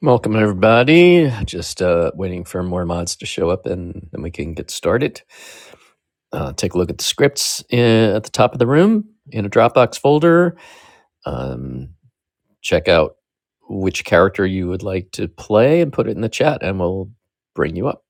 Welcome, everybody. Just uh, waiting for more mods to show up and then we can get started. Uh, take a look at the scripts uh, at the top of the room in a Dropbox folder. Um, check out which character you would like to play and put it in the chat, and we'll bring you up.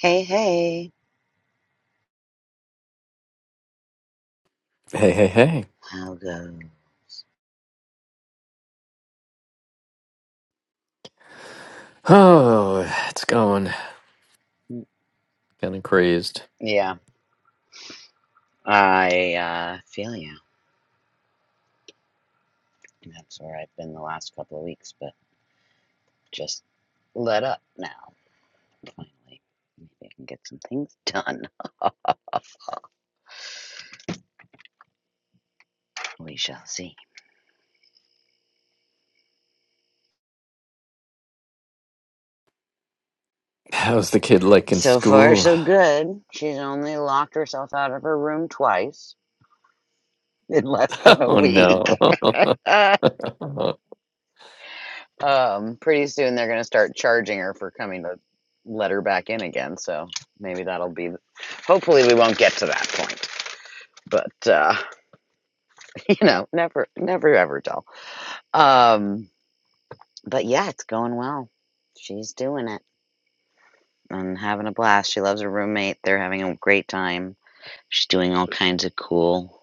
Hey, hey, Hey, hey, hey. how go? Oh, it's going. Mm, Kind of crazed. Yeah, I uh, feel you. That's where I've been the last couple of weeks, but just let up now, finally. Maybe I can get some things done. We shall see. How's the kid like in So far, school? so good. She's only locked herself out of her room twice in less than a Oh week. no. Uh, um, pretty soon they're going to start charging her for coming to let her back in again, so maybe that'll be. Hopefully, we won't get to that point. but uh, you know, never, never ever dull. Um, but yeah, it's going well. She's doing it and having a blast. She loves her roommate. They're having a great time. She's doing all kinds of cool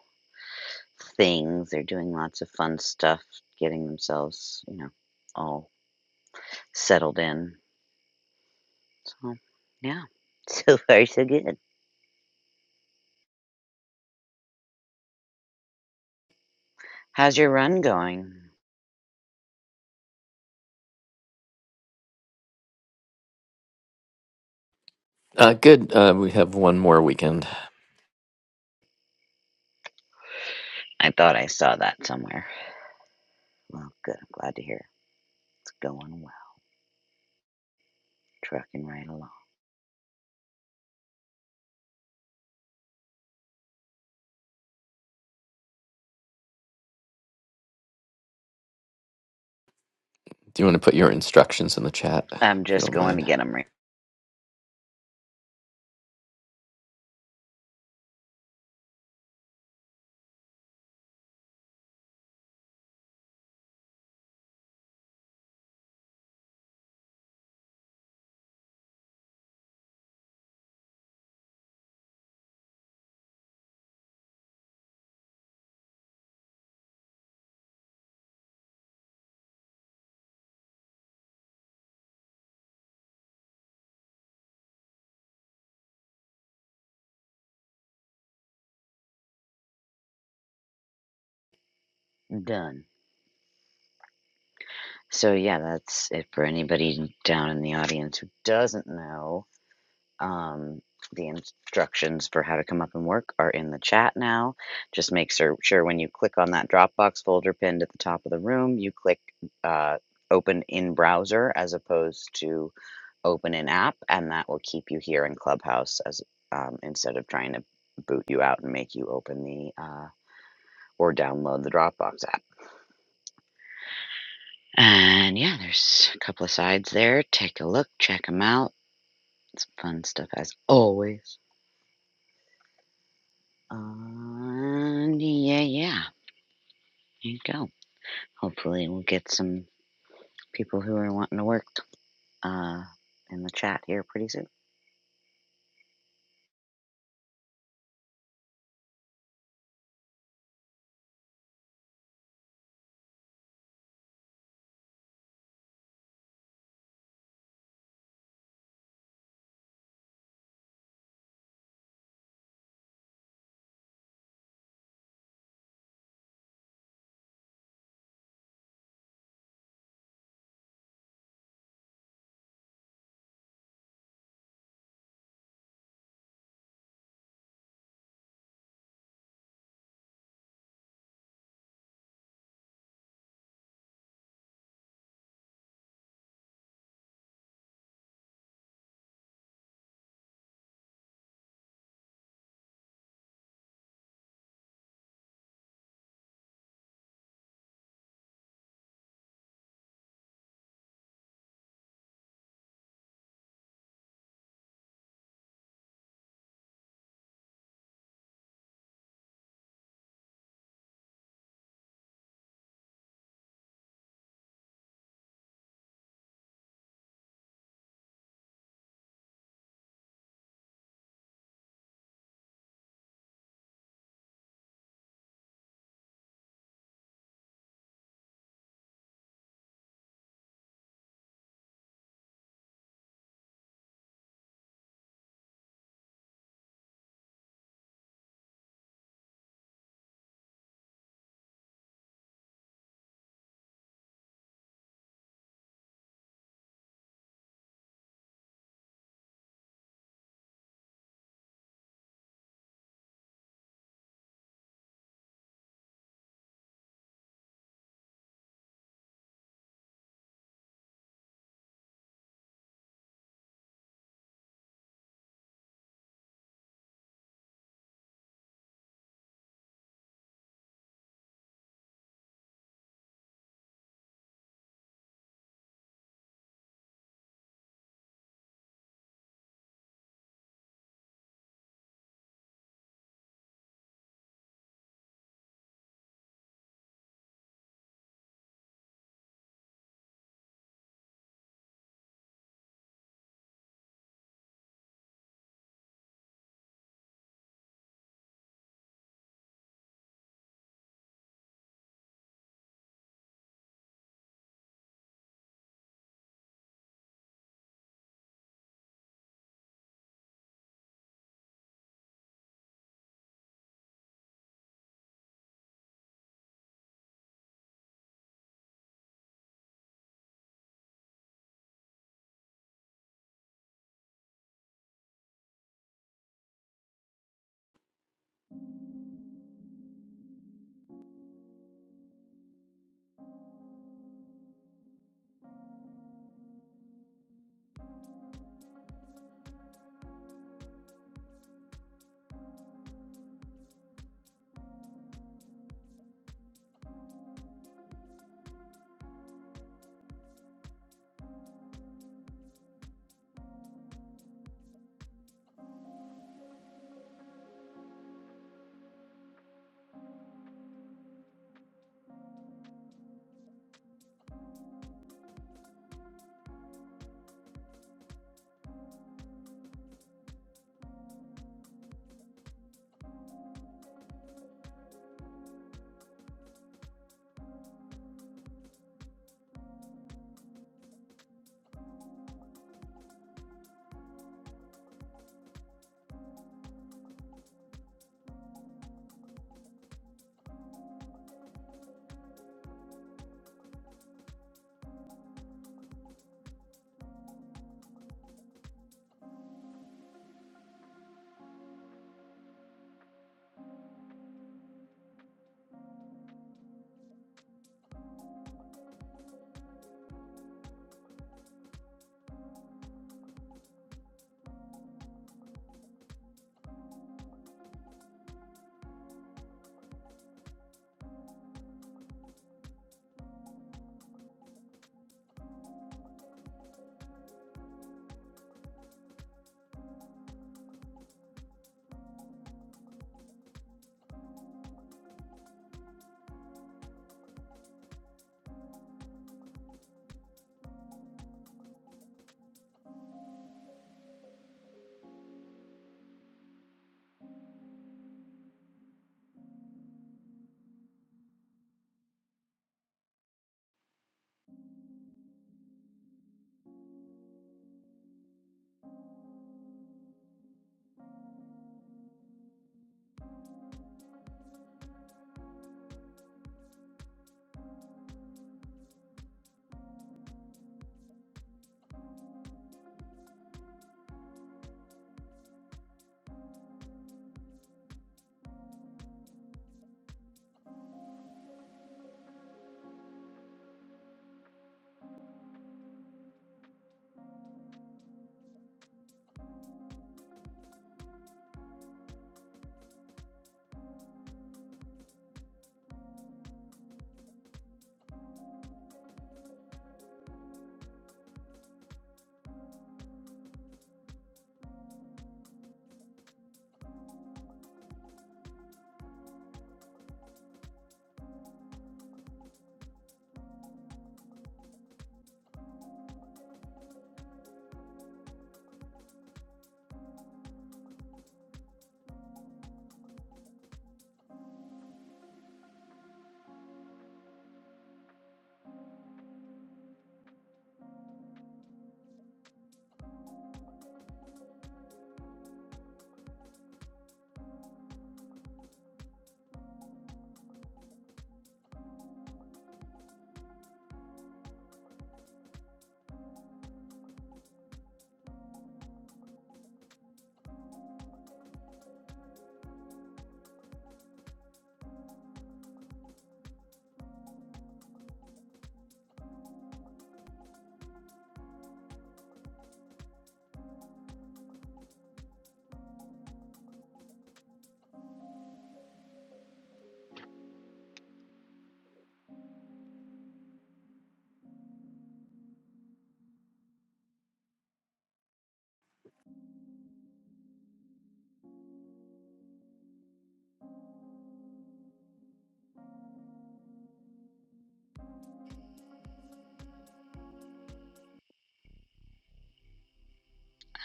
things. They're doing lots of fun stuff, getting themselves, you know, all settled in. So yeah, so far so good. How's your run going? uh, good. Uh, we have one more weekend. I thought I saw that somewhere. Well, good. I'm glad to hear it's going well. Trucking right along. Do you want to put your instructions in the chat if I'm you just don't going to mind? get get 'em Done. So yeah, that's it for anybody down in the audience who doesn't know. Um, the instructions for how to come up and work are in the chat now. Just make sure, sure when you click on that Dropbox folder pinned at the top of the room, you click uh, open in browser as opposed to open in app, and that will keep you here in Clubhouse as um, instead of trying to boot you out and make you open the uh, or download the Dropbox app. And yeah, there's a couple of sides there. Take a look, check them out. It's fun stuff as always. And yeah, yeah, there you go. Hopefully, we'll get some people who are wanting to work uh, in the chat here pretty soon.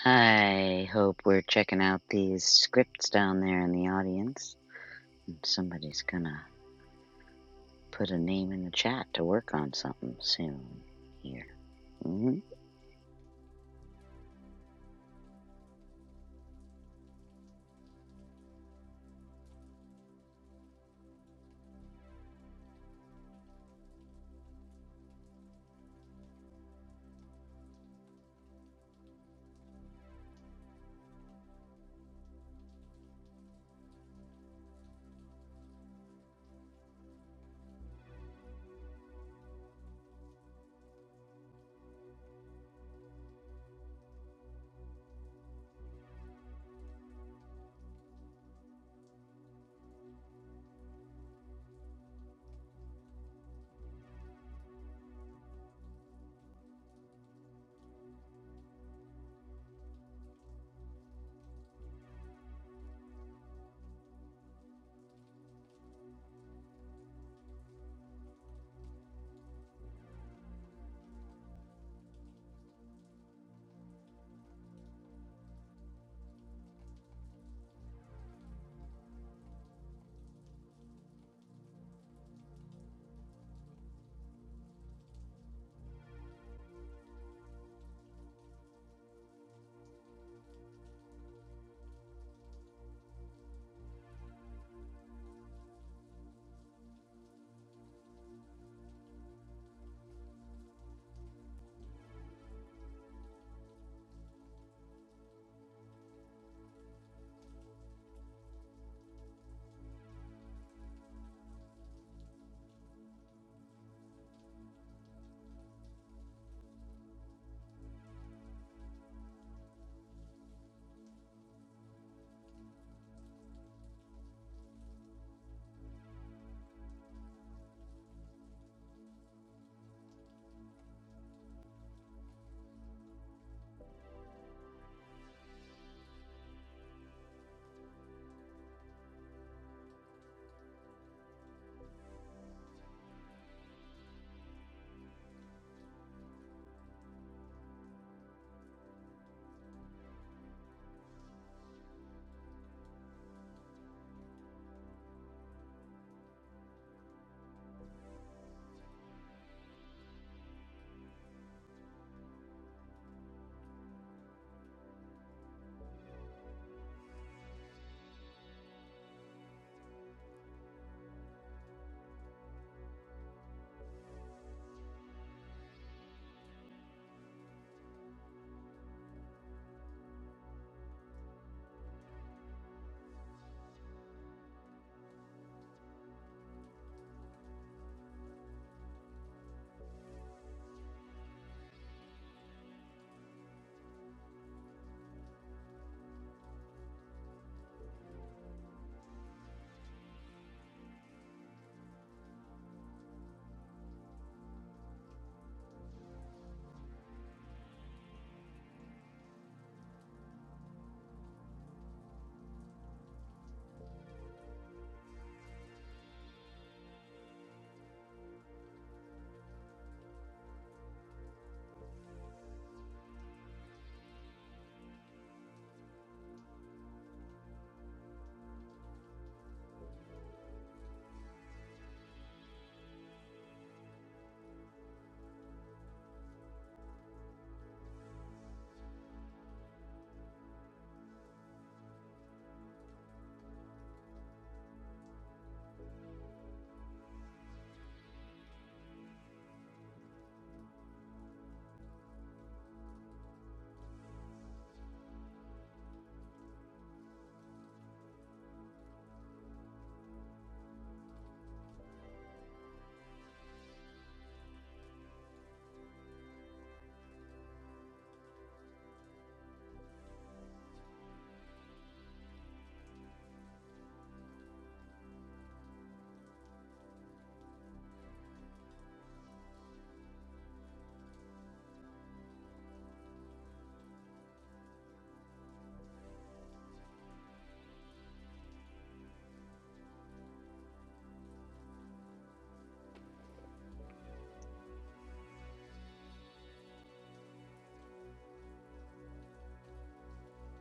I hope we're checking out these scripts down there in the audience. And Somebody's gonna put a name in the chat to work on something soon here. Mm-hmm.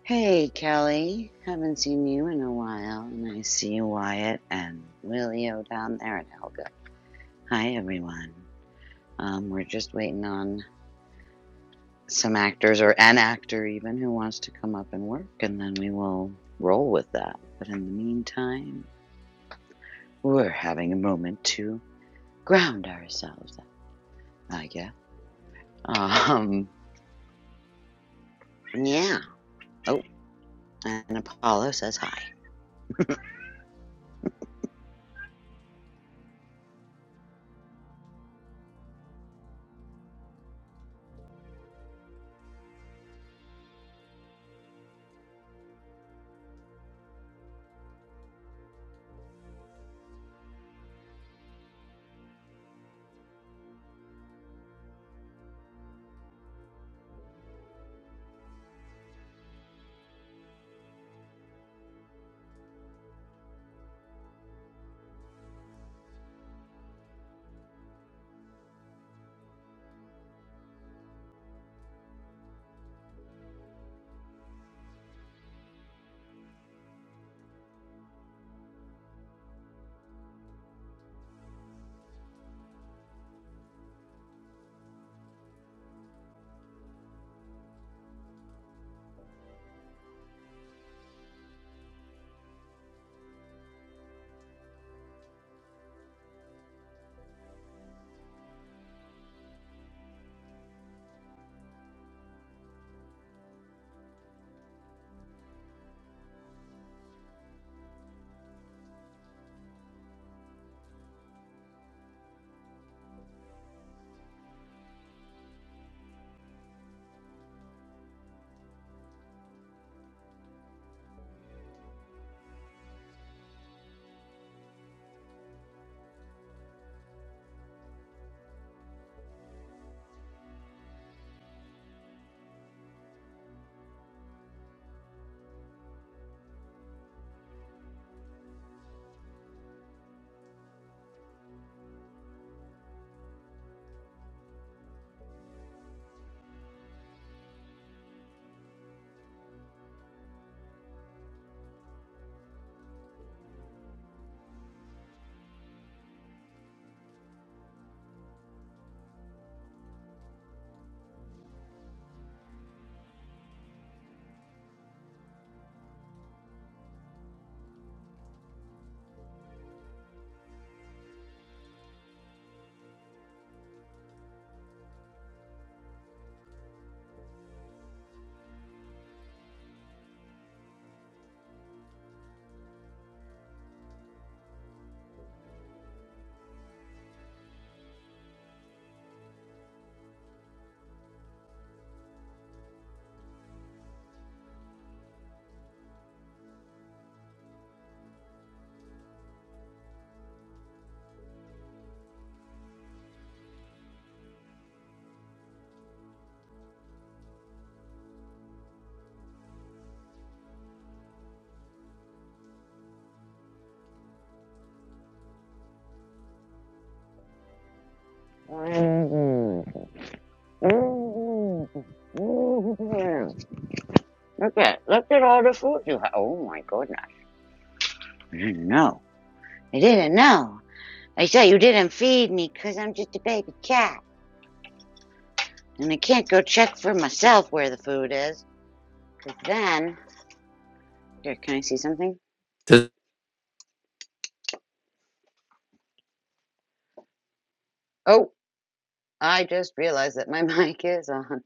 Hey, Kelly. Haven't seen you in a while, and I see Wyatt and Willio down there and Helga. Hi, everyone. Um, we're just waiting on some actors or an actor even who wants to come up and work, and then we will roll with that. But in the meantime, we're having a moment to ground ourselves, I guess. Um, yeah. Oh, and Apollo says hi. Look at look at all the food you have. Oh my goodness! I didn't know. I didn't know. I said you didn't feed me because I'm just a baby cat, and I can't go check for myself where the food is. Because then, here, can I see something? Does- Oh, I just realized that my mic is on.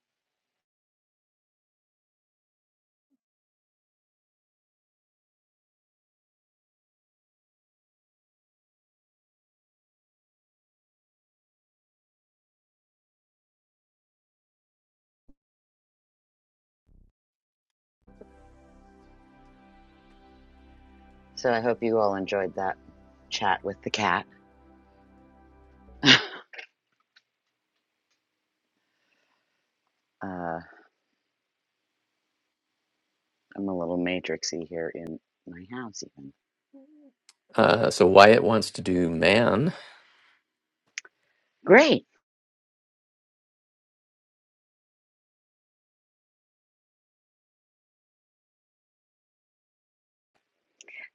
So I hope you all enjoyed that chat with the cat. uh, I'm a little matrixy here in my house, even. Uh, so Wyatt wants to do man. Great,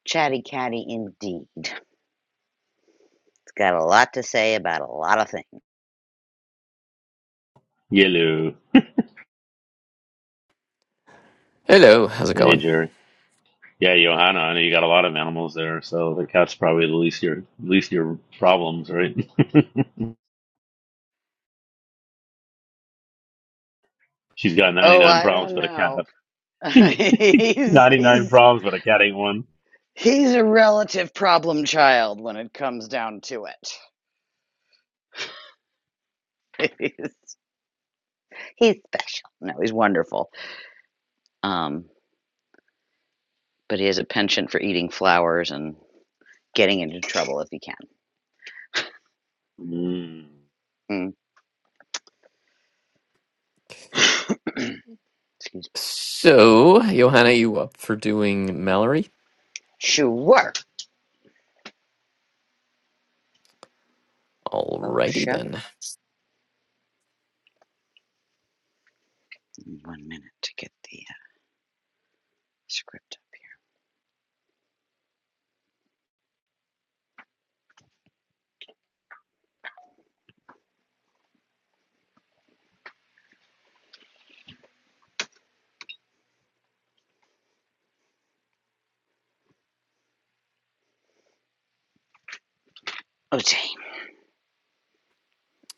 chatty catty indeed. It's got a lot to say about a lot of things. Yellow, Hello, how's it hey going? Jerry. Yeah, Johanna, I know you got a lot of animals there, so the cat's probably the least your least your problems, right? She's got ninety Oh, nine I problems, don't but a know. cat he's ninety nine he's problems, but a cat ain't one. he's a relative problem child when it comes down to it. he's, he's special. No, he's wonderful. Um, but he has a penchant for eating flowers and getting into trouble if he can. Mm, Mm. Excuse me. So, Johanna, you up for doing Mallory? Sure. Oh, Alrighty sure. then. One minute to get the uh, script up here. Okay.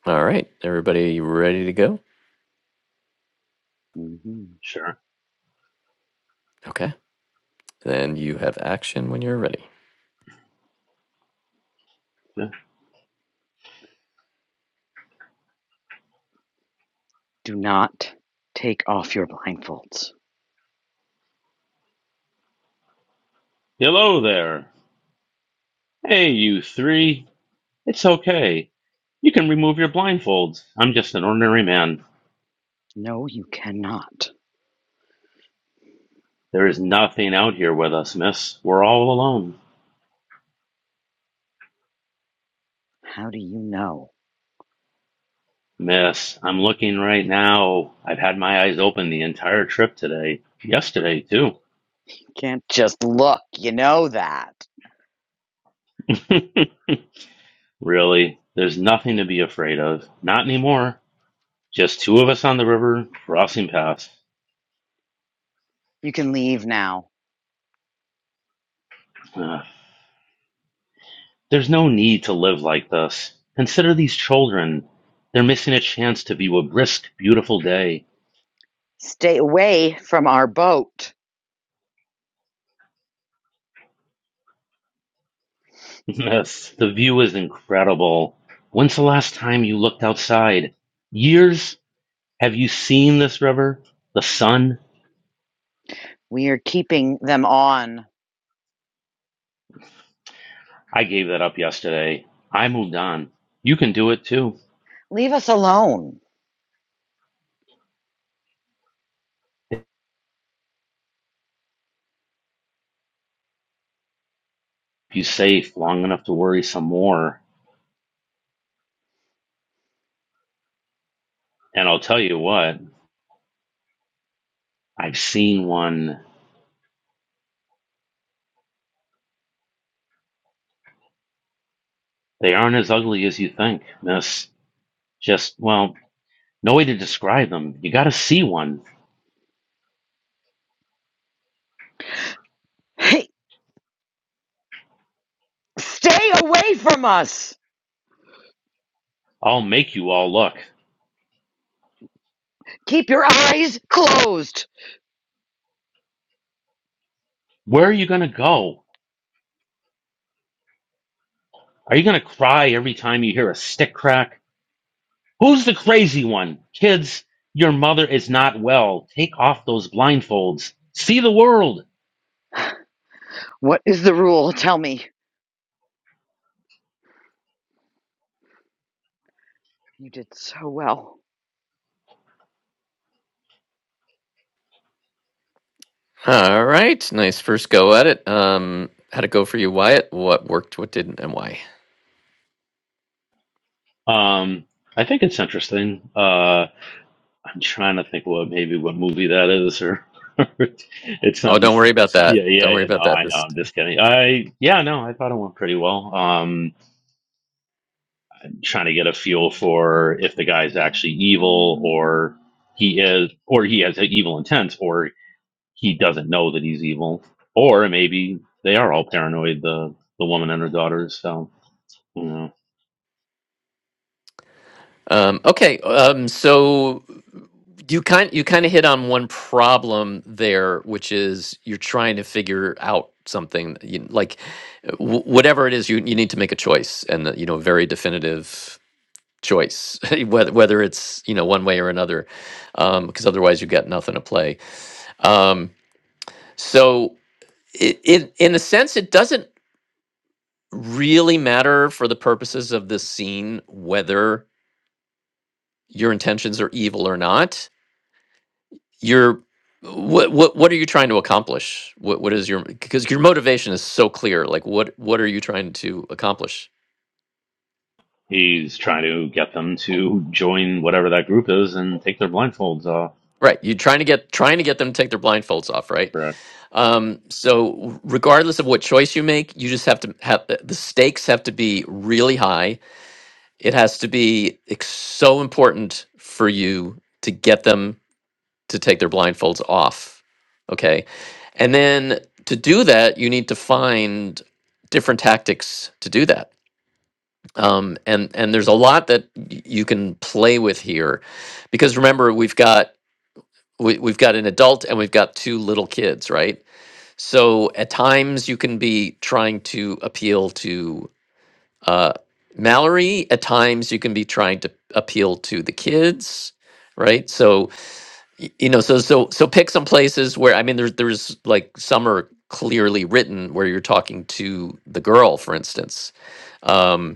All right, everybody ready to go? hmm sure. Okay. Then you have action when you're ready. Yeah. Do not take off your blindfolds. Hello there. Hey, you three. It's okay. You can remove your blindfolds. I'm just an ordinary man. No, you cannot. There is nothing out here with us, miss. We're all alone. How do you know? Miss, I'm looking right now. I've had my eyes open the entire trip today. Yesterday, too. You can't just look. You know that. really, there's nothing to be afraid of. Not anymore. Just two of us on the river, crossing paths. You can leave now. Ugh. There's no need to live like this. Consider these children. They're missing a chance to view a brisk, beautiful day. Stay away from our boat. Miss, the view is incredible. When's the last time you looked outside? Years? Have you seen this river? The sun? We are keeping them on. I gave that up yesterday. I moved on. You can do it too. Leave us alone. If you safe long enough to worry some more. And I'll tell you what, I've seen one. They aren't as ugly as you think, miss. Just, well, no way to describe them. You gotta see one. Hey, stay away from us. I'll make you all look. Keep your eyes closed. Where are you gonna go? Are you gonna cry every time you hear a stick crack? Who's the crazy one? Kids, your mother is not well. Take off those blindfolds. See the world. What is the rule? Tell me. You did so well. All right, nice first go at it. Um, how'd it go for you, Wyatt? What worked, what didn't, and why? Um, I think it's interesting. Uh, I'm trying to think what maybe what movie that is, or it Oh, don't sounds. worry about that. Yeah, Don't yeah, worry yeah. No, about that. I know. Just I'm just kidding. I yeah, no, I thought it went pretty well. Um, trying to get a feel for if the guy's actually evil, or he is, or he has evil intent, or he doesn't know that he's evil, or maybe they are all paranoid. The the woman and her daughters. So. Um, okay, um, so you kind you kind of hit on one problem there, which is you're trying to figure out something you, like w- whatever it is you you need to make a choice and a, you know very definitive choice whether whether it's you know one way or another because otherwise you've got nothing to play. Um, so it, it in a sense it doesn't really matter for the purposes of this scene whether your intentions are evil or not you're what what what are you trying to accomplish what what is your because your motivation is so clear like what what are you trying to accomplish He's trying to get them to join whatever that group is and take their blindfolds off. right you're trying to get trying to get them to take their blindfolds off right Correct. um so regardless of what choice you make you just have to have the stakes have to be really high it has to be ex- so important for you to get them to take their blindfolds off okay and then to do that you need to find different tactics to do that um, and and there's a lot that y- you can play with here, because remember we've got we, we've got an adult and we've got two little kids, right? So at times you can be trying to appeal to uh, Mallory. At times you can be trying to appeal to the kids, right? So y- you know, so so so pick some places where I mean, there's there's like some are clearly written where you're talking to the girl, for instance. Um,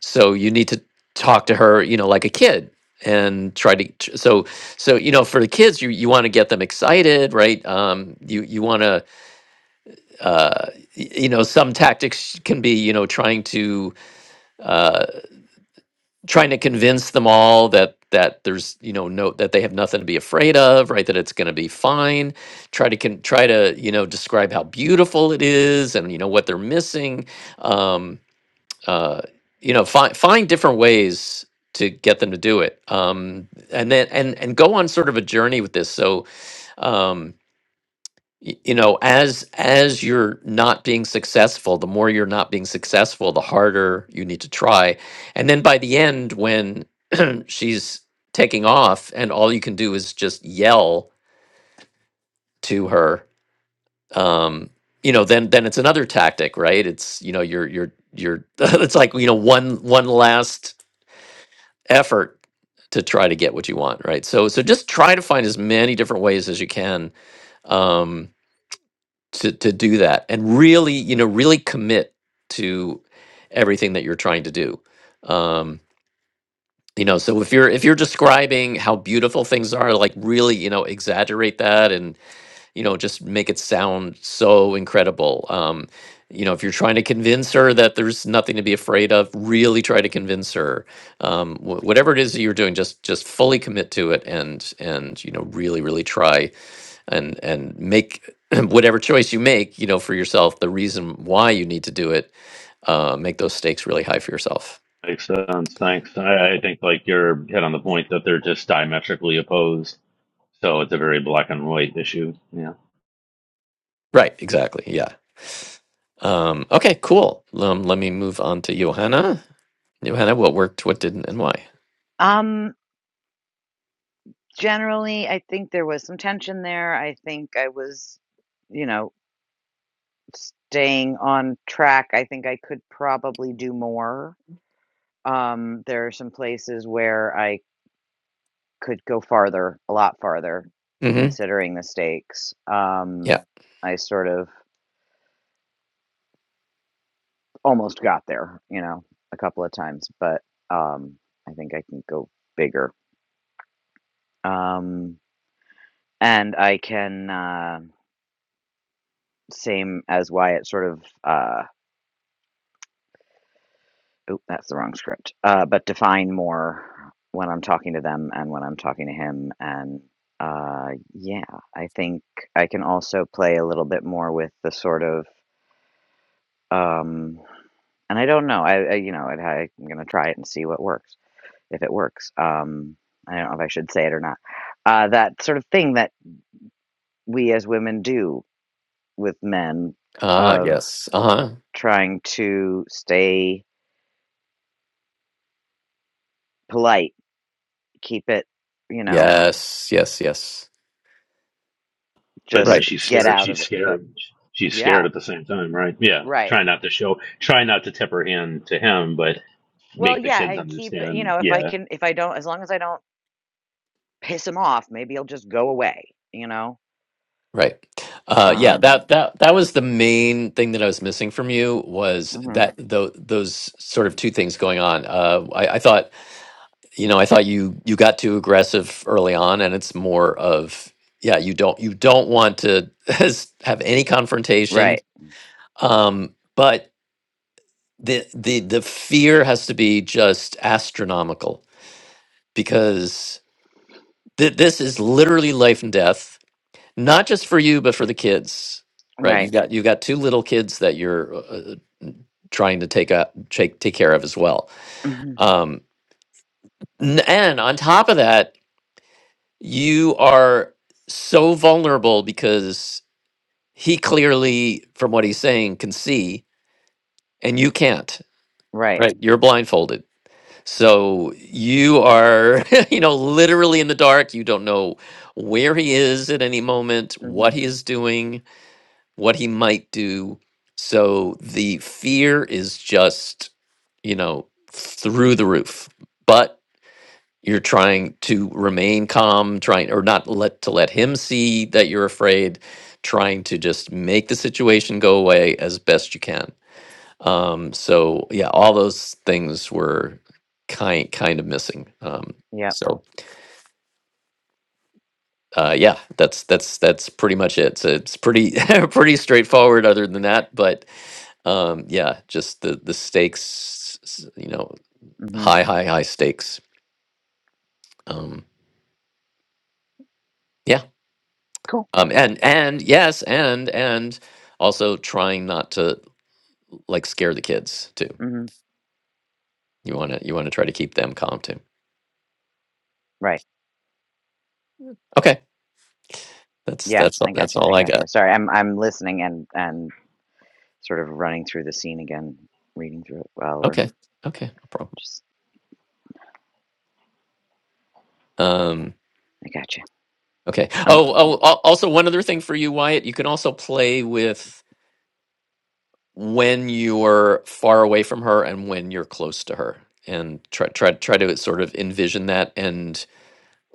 so you need to talk to her you know like a kid and try to tr- so so you know for the kids you you want to get them excited right um you you want to uh y- you know some tactics can be you know trying to uh trying to convince them all that that there's you know no that they have nothing to be afraid of right that it's going to be fine try to can try to you know describe how beautiful it is and you know what they're missing Um, uh, you know find find different ways to get them to do it um and then and and go on sort of a journey with this so um y- you know as as you're not being successful the more you're not being successful the harder you need to try and then by the end when she's taking off and all you can do is just yell to her um you know then then it's another tactic right it's you know you're you're you're it's like you know one one last effort to try to get what you want, right? So so just try to find as many different ways as you can um, to to do that, and really, you know, really commit to everything that you're trying to do. Um, you know, so if you're if you're describing how beautiful things are, like really, you know, exaggerate that and you know, just make it sound so incredible. Um, you know, if you're trying to convince her that there's nothing to be afraid of, really try to convince her. Um, wh- whatever it is that you're doing, just just fully commit to it, and and you know, really, really try and and make whatever choice you make, you know, for yourself, the reason why you need to do it, uh, make those stakes really high for yourself. Makes sense. Thanks. I, I think like you're hit on the point that they're just diametrically opposed. So it's a very black and white issue. Yeah. Right? Exactly. Yeah. Um, okay. Cool. Um, let me move on to Johanna. Johanna, what worked, what didn't, and why? Um, generally, I think there was some tension there. I think I was, you know, staying on track. I think I could probably do more. Um, there are some places where I Could go farther, a lot farther, Mm-hmm. considering the stakes. Um, Yeah. I sort of almost got there, you know, a couple of times, but, um, I think I can go bigger. Um, and I can, uh, same as why it sort of, uh, oop, that's the wrong script, uh, but define more when I'm talking to them and when I'm talking to him. And, uh, yeah, I think I can also play a little bit more with the sort of, um, and I don't know. I, I you know, I, I'm gonna try it and see what works. If it works, um, I don't know if I should say it or not. Uh, that sort of thing that we as women do with men Ah, of yes. Uh-huh. trying to stay polite, keep it, you know, Yes, yes, yes. But then just Right. she's get scared. out She's of it. But scared. She's scared yeah, at the same time, right? Yeah. right. Try not to show, try not to tip her hand to him, but Well, make the yeah, kids and keep it. You understand. know, if I Yeah. can, if I don't, as long as I don't piss him off, maybe he'll just go away. You know. Right. Uh yeah, Um. that that that was the main thing that I was missing from you was mhm. that tho- those sort of two things going on. Uh I, I thought, you know, I thought you you got too aggressive early on and it's more of yeah, you don't you don't want to have any confrontation. Right. Um but the the the fear has to be just astronomical because th- this is literally life and death not just for you but for the kids right Right. you've got you've got two little kids that you're uh, uh, trying to take a take, take care of as well Mhm. um n- and on top of that you are so vulnerable because he clearly from what he's saying can see and you can't Right. right you're blindfolded so you are you know literally in the dark you don't know where he is at any moment hmm what he is doing what he might do. So the fear is just, you know, through the roof. But you're trying to remain calm, trying or not let to let him see that you're afraid, trying to just make the situation go away as best you can. Um, so yeah, all those things were kind kind of missing. Um, Yep. so Uh, yeah, that's that's that's pretty much it. So it's pretty pretty straightforward other than that, but um, yeah, just the the stakes, s- you know, Mhm. high high high stakes. Um, yeah. Cool. Um, and and yes, and and also trying not to like scare the kids too. Mhm. You want to you want to try to keep them calm too. Right. Okay. That's Yeah, that's all, I that's gotcha. all I I gotcha. got. Sorry, I'm I'm listening and and sort of running through the scene again, reading through it while we're Okay. Okay. No problem. just Um, I gotcha. okay. Um Oh, yeah. oh, al- also one other thing for you, Wyatt. You can also play with when you're far away from her and when you're close to her and try try try to sort of envision that and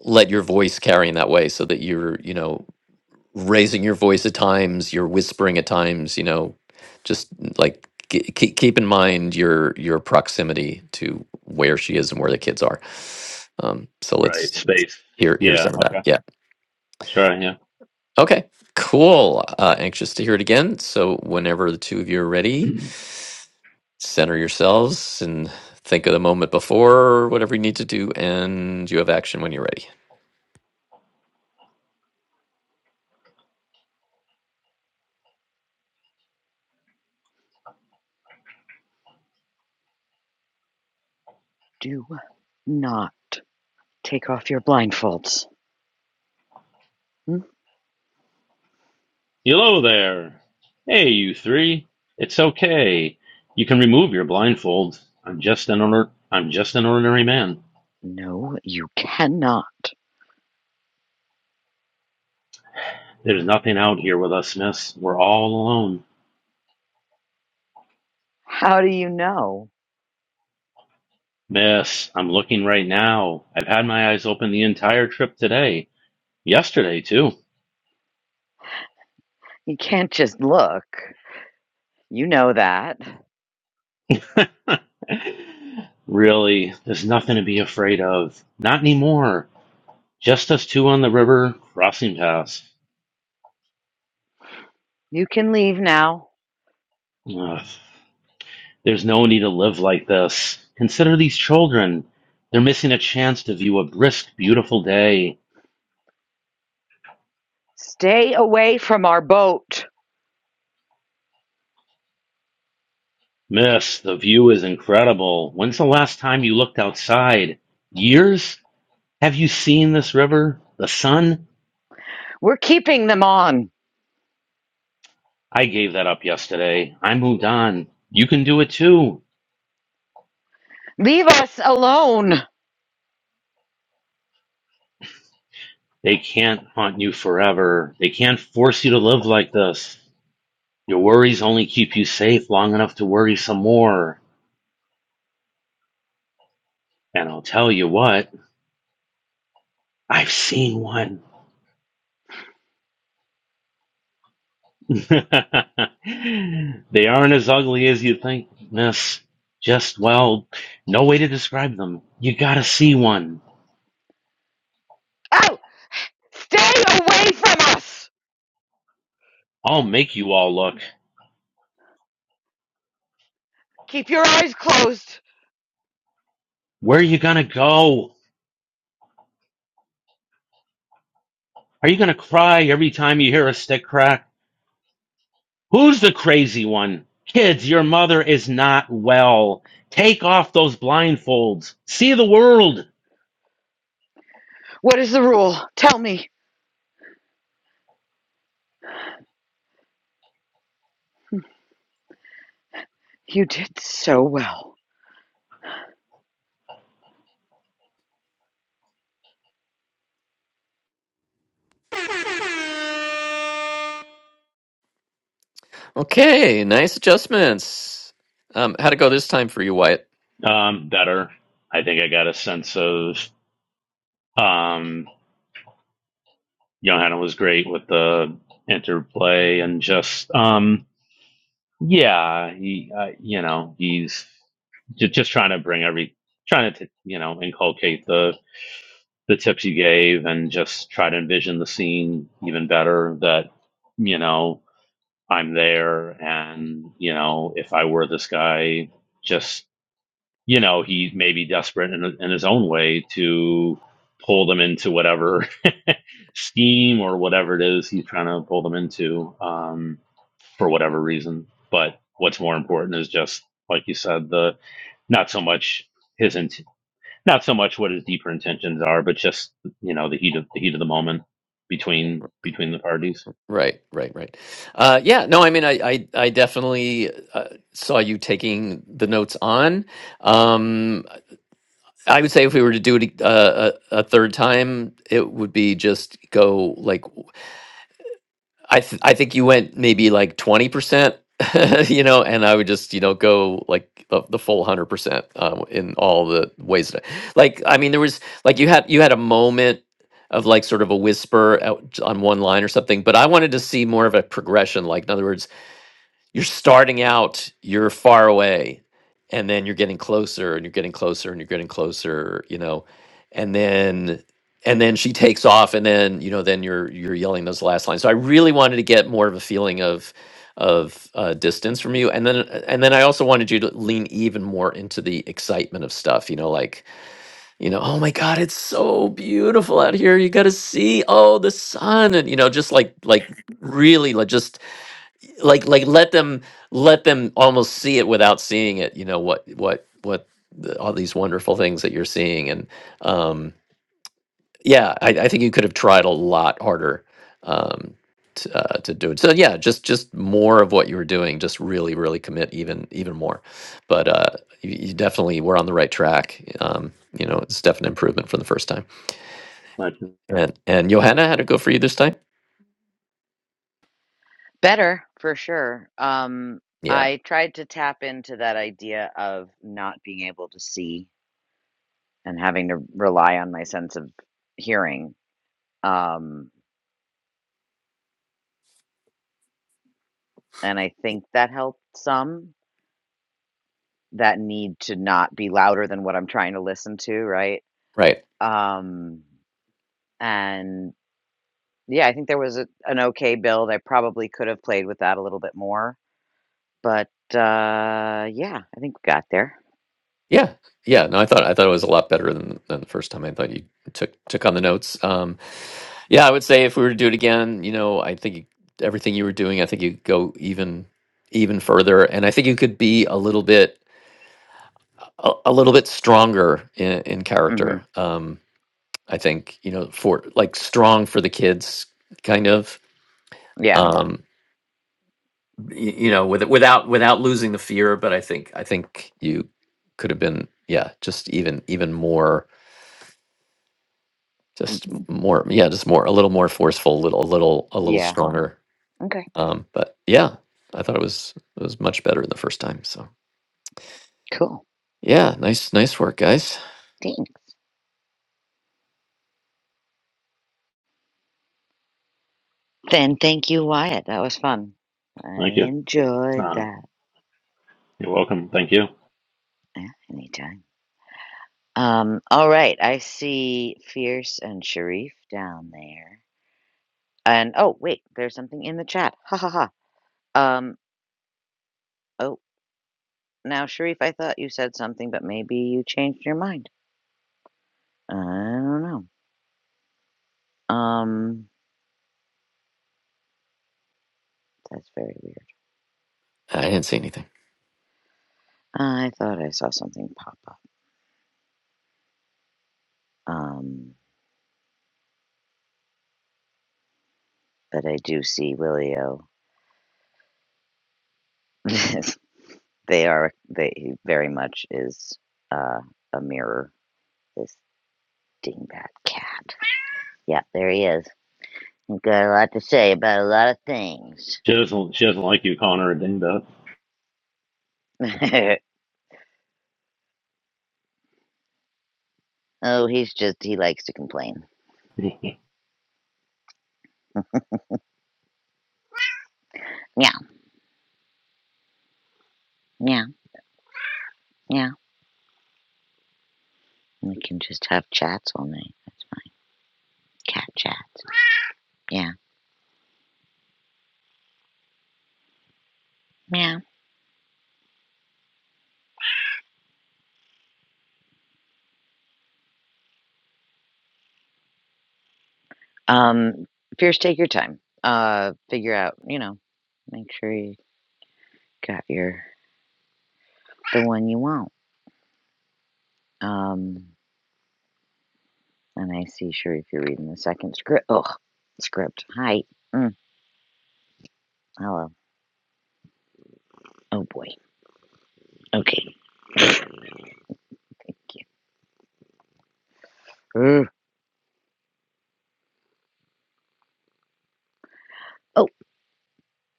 let your voice carry in that way so that you're you know raising your voice at times you're whispering at times you know just mm, like keep keep in mind your your proximity to where she is and where the kids are um so Right. let's Space. hear hear Yeah. some of that Okay. yeah I'll try. Yeah. okay cool uh anxious to hear it again so whenever the two of you are ready center yourselves and think of the moment before or whatever you need to do and you have action when you're ready Do not take off your blindfolds. Hmm? Hello there. Hey, you three. It's okay. You can remove your blindfolds. I'm just an order- I'm just an ordinary man. No, you cannot. There's nothing out here with us, miss. We're all alone. How do you know? Miss, I'm looking right now. I've had my eyes open the entire trip today. Yesterday, too. You can't just look. You know that. really, there's nothing to be afraid of. Not anymore. Just us two on the river crossing paths. You can leave now. Ugh. There's no need to live like this. Consider these children. They're missing a chance to view a brisk, beautiful day. Stay away from our boat. Miss, the view is incredible. When's the last time you looked outside? Years? Have you seen this river? The sun? We're keeping them on. I gave that up yesterday. I moved on. You can do it too. Leave us alone. They can't haunt you forever. They can't force you to live like this. Your worries only keep you safe long enough to worry some more. And I'll tell you what, I've seen one. they aren't as ugly as you think, miss. Just, well, no way to describe them. You gotta see one. Out! Stay away from us! I'll make you all look. Keep your eyes closed. Where are you gonna go? Are you gonna cry every time you hear a stick crack? Who's the crazy one? Kids, your mother is not well. Take off those blindfolds. See the world. What is the rule? Tell me. You did so well. okay nice adjustments um how'd it go this time for you wyatt Um, better. I think I got a sense of. Um, Johanna was great with the interplay and just um yeah he uh, you know he's just, just trying to bring every trying to you know inculcate the the tips you gave and just try to envision the scene even better that you know I'm there and you know if I were this guy just you know, he may be desperate in, in his own way to pull them into whatever scheme or whatever it is he's trying to pull them into um, for whatever reason. But what's more important is just, like you said, the not so much his int- not so much what his deeper intentions are, but just you know the heat of the heat of the moment between between the parties. right right right uh yeah no i mean i i, I definitely uh, saw you taking the notes on um i would say if we were to do it uh, a, a third time it would be just go like I th- I think you went maybe like twenty percent, you know, and I would just you know go like the, the full hundred percent um, in all the ways that, I, like I mean there was like you had you had a moment of like sort of a whisper out on one line or something, but I wanted to see more of a progression. Like in other words, you're starting out, you're far away, and then you're getting closer and you're getting closer and you're getting closer, you know, and then and then she takes off and then you know then you're you're yelling those last lines. So I really wanted to get more of a feeling of of uh, distance from you and then and then I also wanted you to lean even more into the excitement of stuff you know like you know oh my god it's so beautiful out here you got to see oh the sun and you know just like like really like just like like let them let them almost see it without seeing it you know what what what the, all these wonderful things that you're seeing and um yeah i, I think you could have tried a lot harder um to, uh, to do it so yeah just just more of what you were doing just really really commit even even more but uh you, you definitely were on the right track um you know it's definite improvement from the first time Thank you. and and johanna had it go for you this time Better for sure. Um, yeah I tried to tap into that idea of not being able to see and having to rely on my sense of hearing. Um, and I think that helped some that need to not be louder than what I'm trying to listen to, right? right Um, and. Yeah, I think there was a an okay build. I probably could have played with that a little bit more, but, uh, yeah, I think we got there. Yeah, yeah. No, I thought I thought it was a lot better than than the first time. I thought you took took on the notes. Um, yeah, I would say if we were to do it again, you know, I think you, everything you were doing, I think you go even even further, and I think you could be a little bit a, a little bit stronger in, in character. Mhm. Um, I think you know for like strong for the kids, kind of. Yeah, Um, y- you know, with, without without losing the fear, but I think I think you could have been yeah, just even even more Just m- more, yeah, just more, a little more forceful, a little, a little, a little yeah. stronger. Okay, Um, but yeah, I thought it was it was much better the first time. So cool. yeah, nice, nice work, guys. Thanks. Then thank you, Wyatt. That was fun. I Thank you. enjoyed Uh, that. you're welcome. Thank you. Yeah, anytime. Um, all right. I see Fierce and Sharif down there. And oh, wait, there's something in the chat. Ha ha ha. Um, oh, now Sharif, I thought you said something, but maybe you changed your mind. I don't know. Um, that's very weird. I didn't see anything. I thought I saw something pop up. Um, but I do see Willio. they are they he very much is uh a mirror. This dingbat cat. Yeah, there he is. He's got a lot to say about a lot of things. She doesn't. She doesn't like you calling her a dingbat. oh, he's just he likes to complain. Yeah, yeah, yeah. We can just have chats all night. Cat chats. Yeah. yeah. Um, Fierce, take your time. Uh, figure out, you know, make sure you got your the one you want. Um, and I see, sure, if you're reading the second script. Oh, script. Hi. Mm, hello. Oh boy. Okay. Thank you. Ugh. Oh,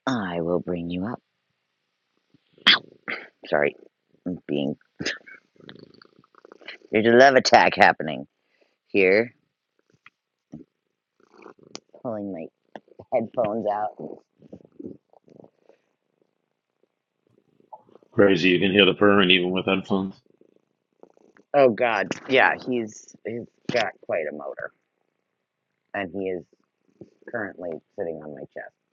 I will bring you up. Sorry, I'm being there's a love attack happening here. Pulling my headphones out. Crazy, you can hear the purring even with headphones. Oh God. Yeah, he's he's got quite a motor, and he is currently sitting on my chest.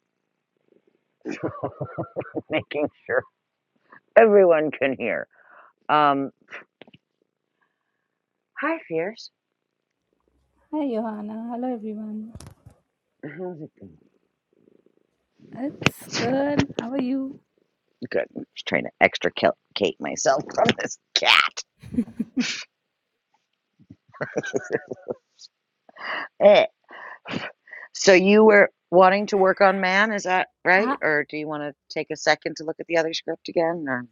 making sure everyone can hear. Um, Hi, Fierce. Hi, Johanna. Hello, everyone. Mm-hmm. It's good. How are you? good. I'm just trying to extricate myself from this cat. Eh. So you were wanting to work on man, is that I, right? Or do you want to take a second to look at the other script again? Or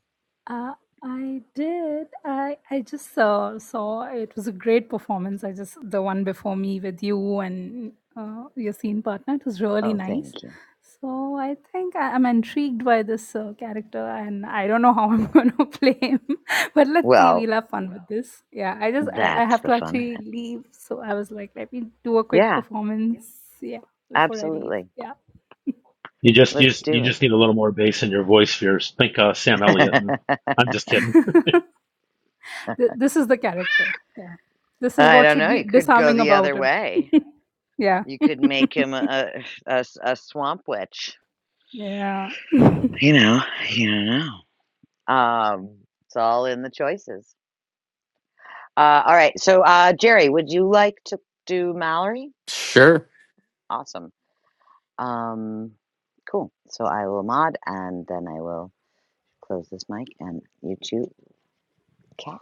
I, I did. I, I just uh, saw it was a great performance. I just the one before me with you and uh, your scene partner. It was really oh, nice. thank you. So I think I, I'm intrigued by this uh, character, and I don't know how I'm going to play him. But let's see. Well, We'll have fun with this. Yeah. I just I, I that's have the to fun of actually it. leave, so I was like, let me do a quick Yeah, performance. Yeah, before I leave. absolutely. Yeah. You just you Let's just, you do just it. need a little more bass in your voice Fears. Think uh, Sam Elliott. And I'm just kidding. Th- this is the character. Yeah. This is I what don't should know. be You could go disarming the about other it. way. yeah. You could make him a a a swamp witch. Yeah. You know, you don't know. Um, it's all in the choices. Uh, all right. So, uh, Jerry, would you like to do Mallory? Sure. Awesome. Um, cool. So I will mod and then I will close this mic and you two, cat.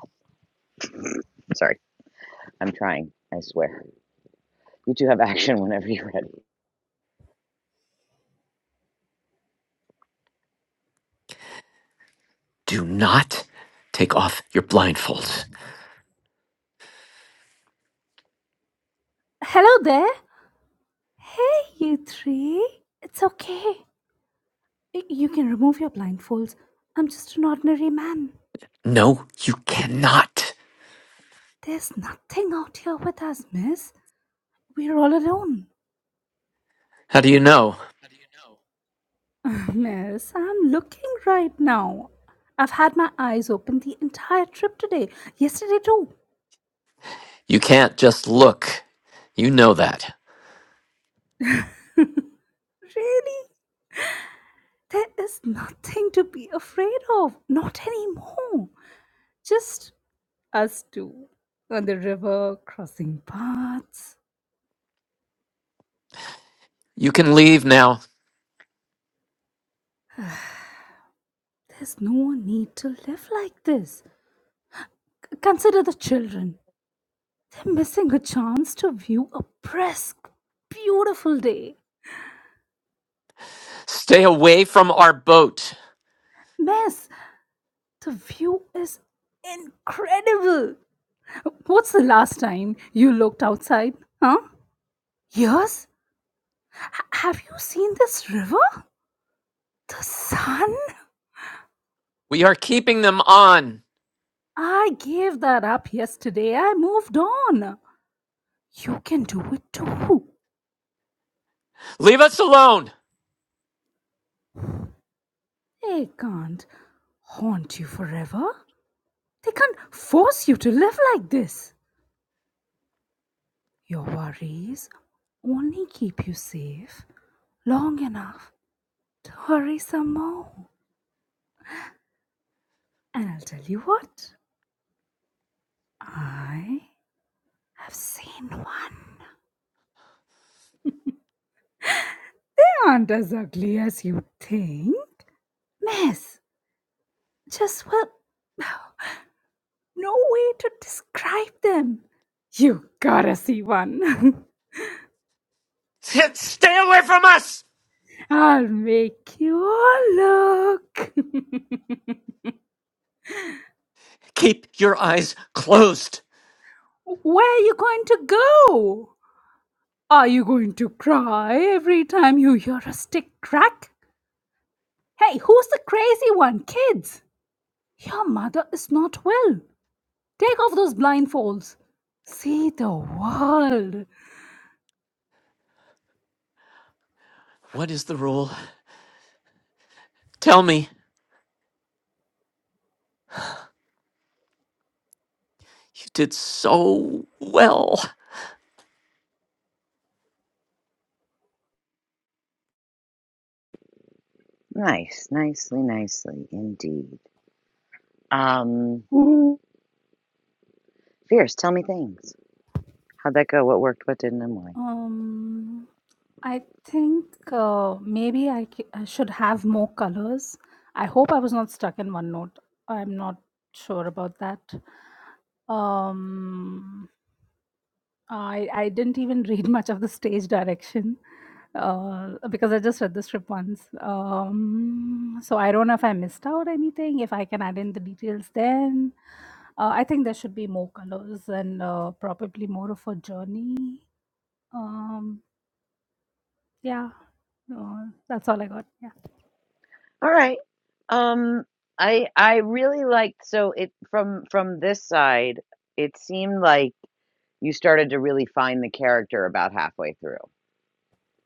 Sorry, I'm trying. I swear. You two have action whenever you're ready. Do not take off your blindfolds. Hello there. Hey, you three. It's okay. Y- You can remove your blindfolds. I'm just an ordinary man. No, you cannot. There's nothing out here with us, miss. We're all alone. How do you know? miss, I'm looking right now. I've had my eyes open the entire trip today. Yesterday, too. You can't just look. You know that. really? There is nothing to be afraid of, not anymore. Just us two on the river, crossing paths. You can leave now. There's no need to live like this. Consider the children. They're missing a chance to view a brisk, beautiful day. Stay away from our boat. Miss, the view is incredible. What's the last time you looked outside? Huh? Years? H- have you seen this river? The sun? We are keeping them on. I gave that up yesterday. I moved on. You can do it too. Leave us alone. They can't haunt you forever. They can't force you to live like this. Your worries only keep you safe long enough to hurry some more. And I'll tell you what, I have seen one. They aren't as ugly as you think. Miss, just well, no way to describe them. You gotta see one. Stay away from us. I'll make you all look. Keep your eyes closed. Where are you going to go? Are you going to cry every time you hear a stick crack? Hey, who's the crazy one? Kids, your mother is not well. Take off those blindfolds. See the world. What is the rule? Tell me. You did so well. Nice, nicely, nicely indeed. Um, Fierce, tell me things. How'd that go? What worked? What didn't? And why? Um, I think uh, maybe I, c- I should have more colors. I hope I was not stuck in one note. I'm not sure about that. Um, I I didn't even read much of the stage direction uh, because I just read the script once. Um, so I don't know if I missed out anything. If I can add in the details, then uh, I think there should be more colors and uh, probably more of a journey. Um, yeah. Uh, that's all I got. Yeah. All right. Um, I I really liked so it from from this side, it seemed like you started to really find the character about halfway through.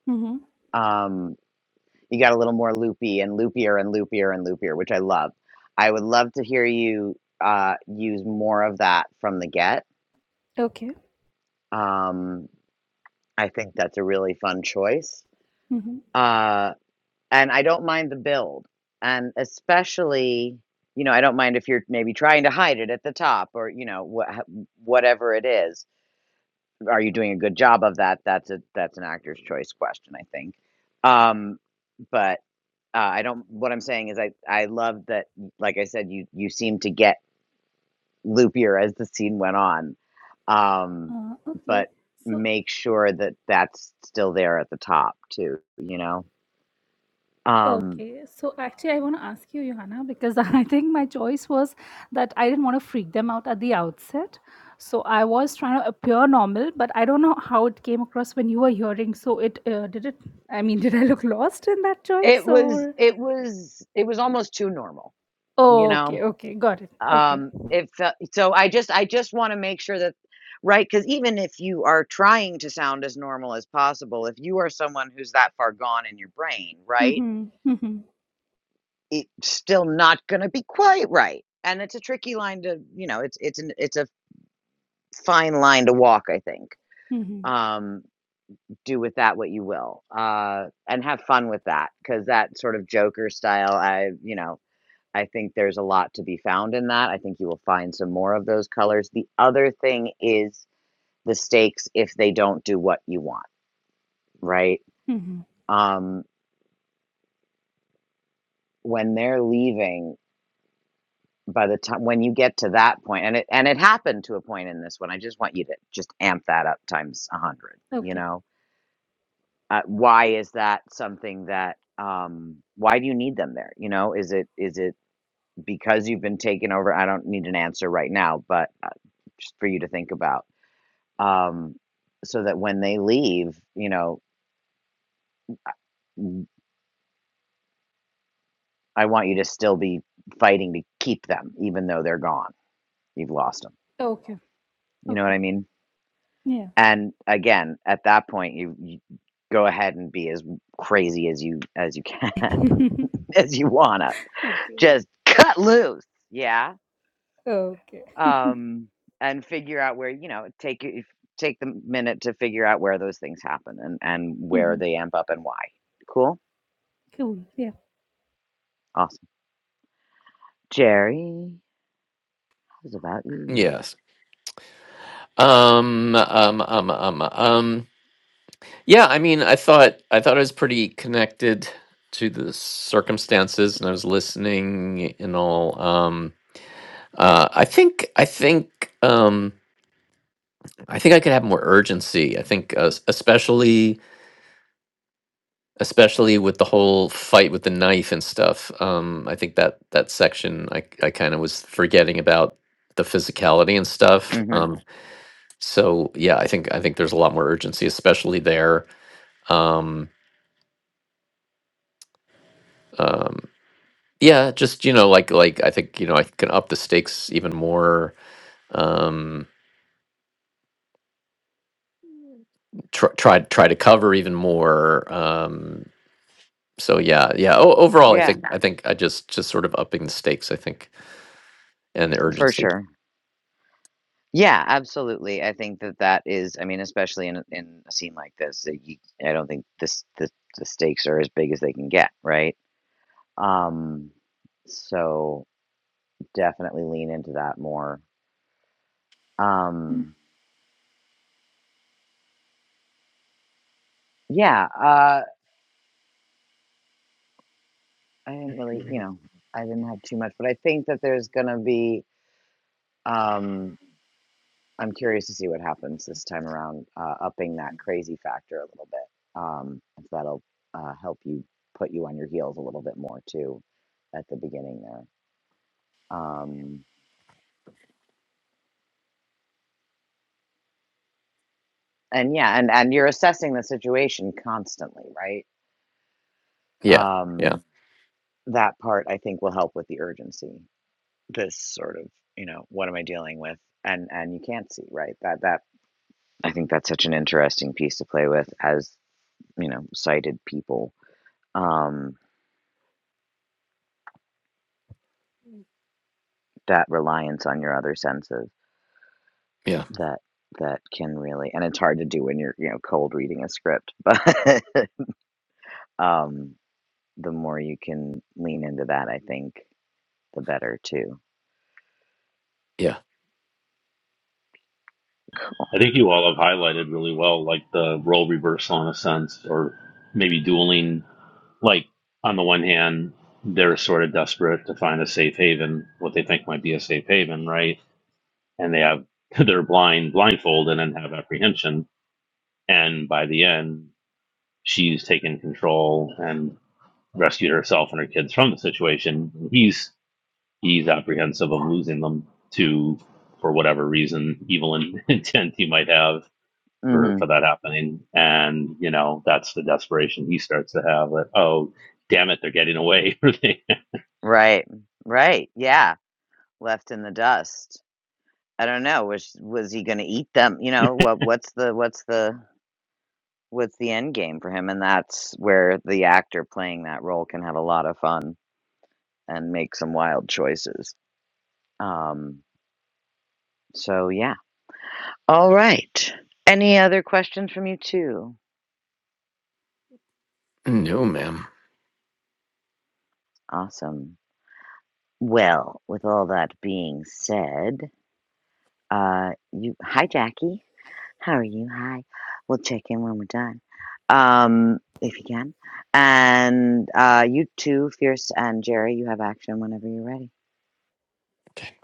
Mm-hmm. Um, you got a little more loopy and loopier and loopier and loopier, which I love. I would love to hear you uh use more of that from the get. Okay. Um, I think that's a really fun choice. Mm-hmm. Uh, and I don't mind the build. And especially, you know, I don't mind if you're maybe trying to hide it at the top or, you know, wha- whatever it is. Are you doing a good job of that? That's a that's an actor's choice question, I think. Um, but uh, I don't. What I'm saying is, I I love that. Like I said, you you seem to get loopier as the scene went on, um, Uh, okay. but So, make sure that that's still there at the top too. You know. Um, okay. So, actually, I want to ask you, Johanna, because I think my choice was that I didn't want to freak them out at the outset. So, I was trying to appear normal, but I don't know how it came across when you were hearing. So, it uh, did it, I mean, did I look lost in that choice It was or? it was it was almost too normal, you Oh, know. okay. Okay. Got it. Okay. Um it felt so I just I just want to make sure that right cuz even if you are trying to sound as normal as possible, if you are someone who's that far gone in your brain, right? Mm-hmm. Mm-hmm. It's still not going to be quite right. And it's a tricky line to, you know, it's it's an it's a fine line to walk, I think. Mm-hmm. Um do with that what you will. Uh and have fun with that cuz that sort of joker style I, you know, I think there's a lot to be found in that. I think you will find some more of those colors. The other thing is the stakes if they don't do what you want, right? Mm-hmm. Um, when they're leaving, by the time when you get to that point, and it and it happened to a point in this one, I just want you to just amp that up times a hundred. You Okay. know, uh, why is that something that? Um, why do you need them there? You know, is it is it because you've been taken over? I don't need an answer right now, but uh, just for you to think about um, so that when they leave, you know, I want you to still be fighting to keep them, even though they're gone. You've lost them. Okay. You know what Okay. I mean? Yeah. And again, at that point, you, you go ahead and be as crazy as you as you can, as you wanna. Okay. Just cut loose, yeah. Okay. Um, and figure out where you know take your- take the minute to figure out where those things happen and and where hmm they amp up and why. Cool, Cool. Yeah. awesome, Jerry. How's about you? Yes. Um, um, um, um, um. Yeah, I mean, I thought I thought I was pretty connected to the circumstances, and I was listening and all. Um, uh, I think I think. Um. I think I could have more urgency. I think, uh, s- especially especially with the whole fight with the knife and stuff. Um, I think that that section I I kind of was forgetting about the physicality and stuff. hmm Um, so yeah, I think I think there's a lot more urgency, especially there. Um, um, yeah, just you know, like like I think you know I can up the stakes even more. Um, try try try to cover even more. Um, so yeah, yeah. O- overall, I Yeah, think I think I just just sort of upping the stakes. I think and the for urgency. sure. Yeah, absolutely. I think that that is. I mean, especially in in a scene like this, that you, I don't think this the the stakes are as big as they can get, right? Um, so definitely lean into that more. Um, yeah. Uh, I didn't really, you know, I didn't have too much, but I think that there's gonna be. Um, I'm curious to see what happens this time around, uh, upping that crazy factor a little bit. Um, if that'll uh, help you put you on your heels a little bit more too at the beginning there. Um, and yeah, and and you're assessing the situation constantly, right? Yeah, Um, yeah, that part I think will help with the urgency. This sort of, you know, what am I dealing with? And and you can't see, right? That that I think that's such an interesting piece to play with as, you know, sighted people. Um, That reliance on your other senses yeah, that that can really and it's hard to do when you're, you know, cold reading a script, but, um, the more you can lean into that, I think the better too. yeah. Cool. I think you all have highlighted really well, like the role reversal in a sense, or maybe dueling. Like on the one hand, they're sort of desperate to find a safe haven, what they think might be a safe haven, right? And they have they're blind, blindfolded, and have apprehension. And by the end, she's taken control and rescued herself and her kids from the situation. He's he's apprehensive of losing them to, for whatever reason, evil in- intent he might have for, Mhm. for that happening. And, you know, that's the desperation he starts to have that, oh, damn it, they're getting away. Right. Right. Yeah. Left in the dust. I don't know. Was was he gonna eat them? You know, what what's the what's the what's the end game for him? And that's where the actor playing that role can have a lot of fun and make some wild choices. Um, so yeah. All right. Any other questions from you too? No, ma'am. Awesome. Well, with all that being said, uh, you hi Jackie. How are you? Hi. We'll check in when we're done, um, if you can. And uh, you too, Fierce and Jerry. You have action whenever you're ready. Okay.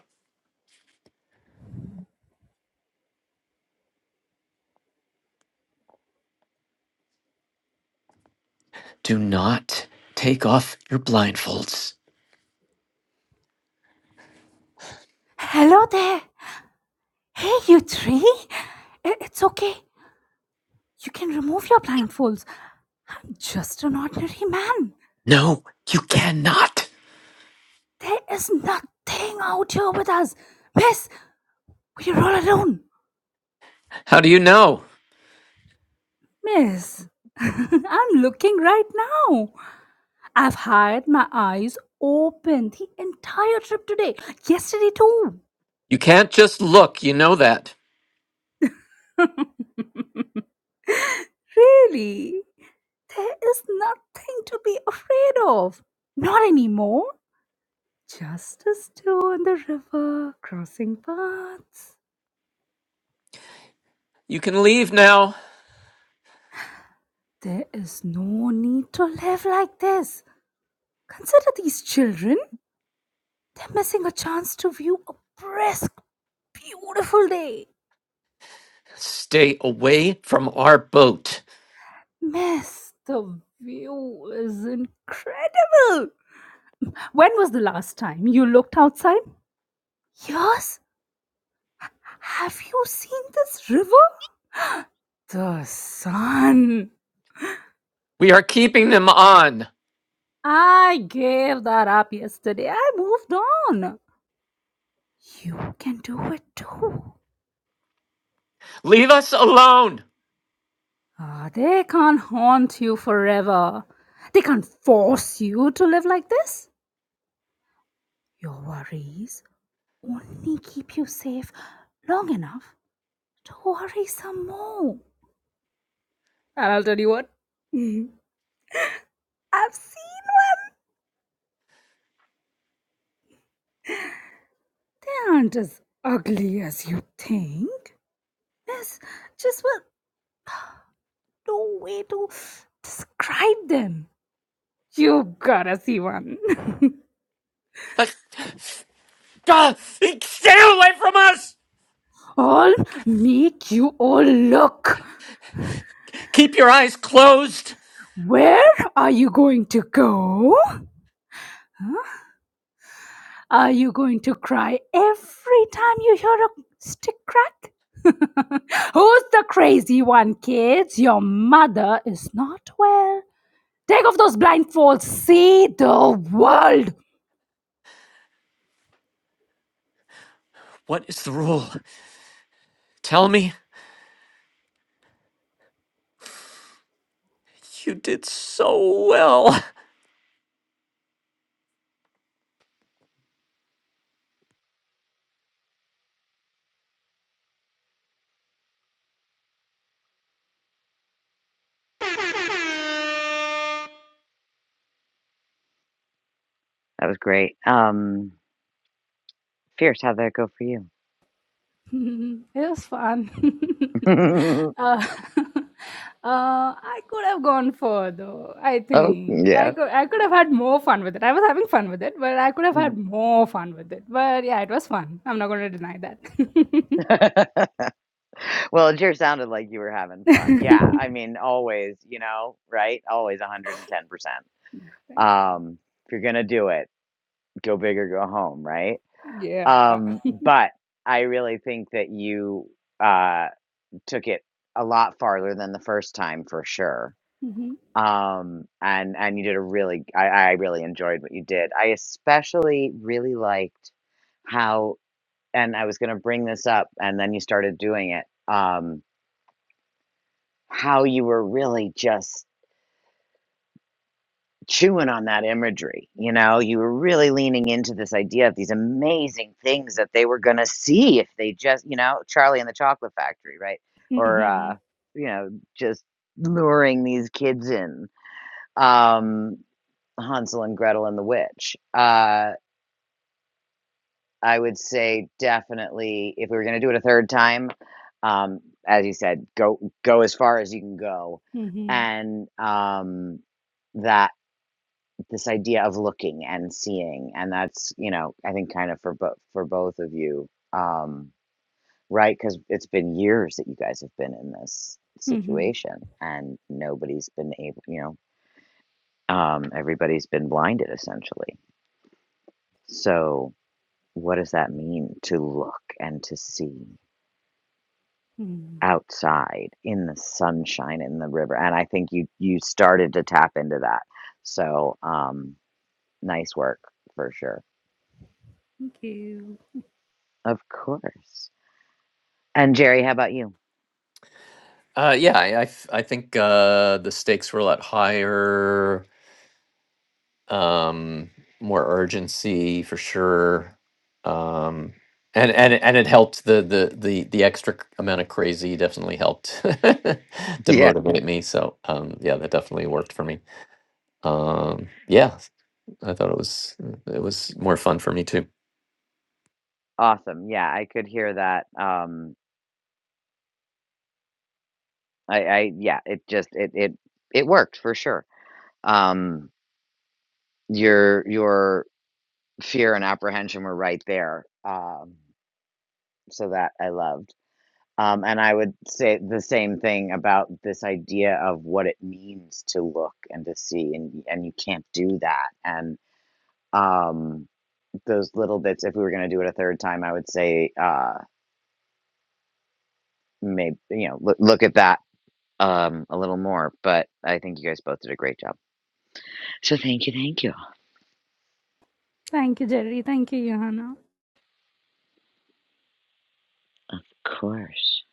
Do not take off your blindfolds. Hello there. Hey, you three. I- It's okay. You can remove your blindfolds. I'm just an ordinary man. No, you cannot. There is nothing out here with us. Miss, we're all alone. How do you know? Miss, I'm looking right now. I've had my eyes open the entire trip today. Yesterday, too. You can't just look. You know that. Really? There is nothing to be afraid of. Not anymore. Just us two on the river, crossing paths. You can leave now. There is no need to live like this. Consider these children. They're missing a chance to view a brisk, beautiful day. Stay away from our boat. Miss, the view is incredible. When was the last time you looked outside? Yes. Have you seen this river? The sun. We are keeping them on. I gave that up yesterday. I moved on. You can do it too. Leave us alone. Ah, they can't haunt you forever. They can't force you to live like this. Your worries only keep you safe long enough to worry some more. And I'll tell you what, Mhm. I've seen one They aren't as ugly as you think. There's just well, no way to describe them. You gotta see one. Ah, God, stay away from us. I'll make you all look. Keep your eyes closed. Where are you going to go? Huh? Are you going to cry every time you hear a stick crack? Who's the crazy one, kids? Your mother is not well. Take off those blindfolds. See the world. What is the rule? Tell me. You did so well. That was great. Um, Fierce, how'd that go for you? it was fun. uh, uh, I could have gone further. I oh think I yeah. could I could have had more fun with it. I was having fun with it, but I could have had more fun with it. But yeah, it was fun. I'm not going to deny that. Well, it sure sounded like you were having fun. Yeah, I Thank mean, always, you know, right? Always 110%. Um, if you're gonna do it, go big or go home, right? you. yeah. Um, but I really think that you, uh, took it a lot farther than the first time for sure. Mhm. Um, and and you did a really I I really enjoyed what you did. I especially really liked how and I was gonna bring this up, and then you started doing it, um, how you were really just chewing on that imagery. You know, you were really leaning into this idea of these amazing things that they were going to see if they just, you know, Charlie and the Chocolate Factory, right? Or, uh, Mhm, you know, just luring these kids in. Um, Hansel and Gretel and the Witch. Uh, I would say definitely if we were going to do it a third time, um, as you said, go go as far as you can go, mhm, and um, that this idea of looking and seeing and that's you know i think kind of for both for both of you um right because it's been years that you guys have been in this mhm, situation and nobody's been able you know um everybody's been blinded essentially so what does that mean to look and to see mhm. outside in the sunshine in the river and i think you you started to tap into that so um nice work for sure Thank you. of course And Jerry, how about you? Uh, yeah, I, I f- I think uh, the stakes were a lot higher, um, more urgency for sure, um, and and it- and it helped the the the the extra c- amount of crazy definitely helped to Yeah. motivate me. So um, yeah, that definitely worked for me. Um, yeah, I thought it was it was more fun for me too. Awesome. Yeah, I could hear that. Um, I, I yeah, it just it it it worked for sure. Um, your your fear and apprehension were right there. Um, so that I loved. Um, and I would say the same thing about this idea of what it means to look and to see, and and you can't do that. And um, those little bits. If we were going to do it a third time, I would say uh, maybe you know look, look at that Um, a little more, but I think you guys both did a great job. So thank you, thank you. Thank you, Jerry. Thank you, Johanna. Of course.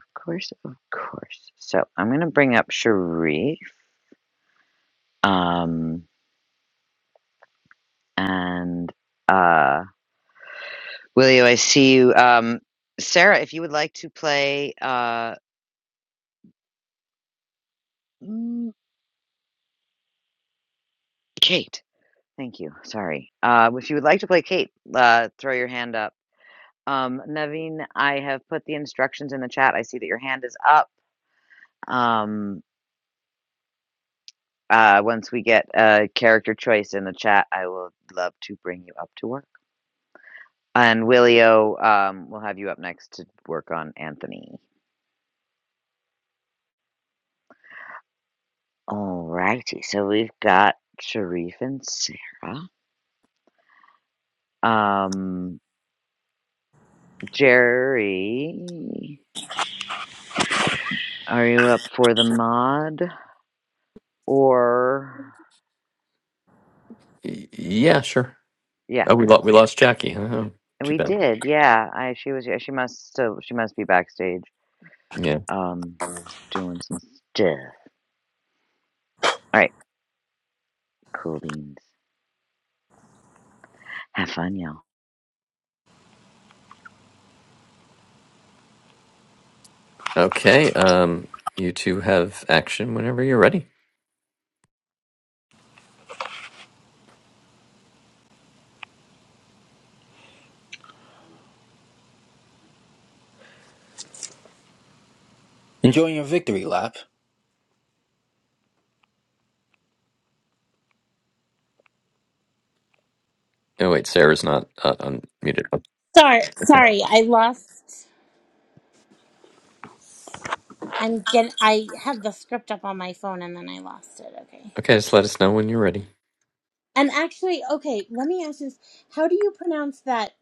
Of course, of course. So I'm gonna bring up Sharif. Um and uh Willie, I see you. Um Sarah, if you would like to play uh mm, Kate. Thank you. Sorry. Uh if you would like to play Kate, uh throw your hand up. Um Naveen, I have put the instructions in the chat. I see that your hand is up. Um Uh, once we get a character choice in the chat, I will love to bring you up to work. And Willio, um, we'll have you up next to work on Anthony. Alrighty, so we've got Sharif and Sarah. Um, Jerry, are you up for the mod? Or Y- Yeah, sure. yeah, Oh, we okay. lost we lost Jackie. huh? Oh, too We bad. did, yeah. I she was yeah, she must still she must be backstage, Yeah. um, doing some stuff. All right, cool beans. Have fun, y'all. Okay. Um, you two have action whenever you're ready. Enjoying your victory lap. Oh wait, Sarah's not uh, unmuted. Sorry, Okay. sorry, I lost. I'm get. I had the script up on my phone and then I lost it. Okay. Okay, just let us know when you're ready. And actually, okay, let me ask this: How do you pronounce that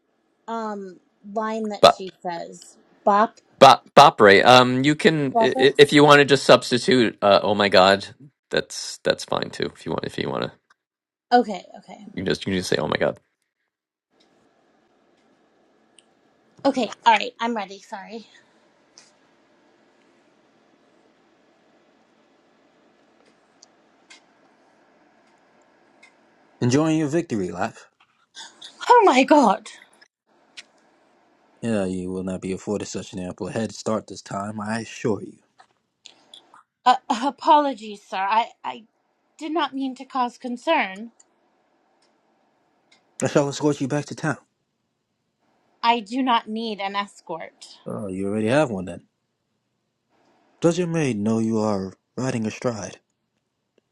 um line that But she says? Bop, but Bopre, um, you can i- bopper. i- if you want to just substitute. Uh, oh my God, that's that's fine too. If you want, if you want to, Okay, okay, you can just you can just say oh my God. okay. All right, I'm ready. Sorry. Enjoying your victory lap. Oh my god. Yeah, you will not be afforded such an ample head start this time, I assure you. Uh, apologies, sir. I I did not mean to cause concern. I shall escort you back to town. I do not need an escort. Oh, you already have one then. Does your maid know you are riding astride?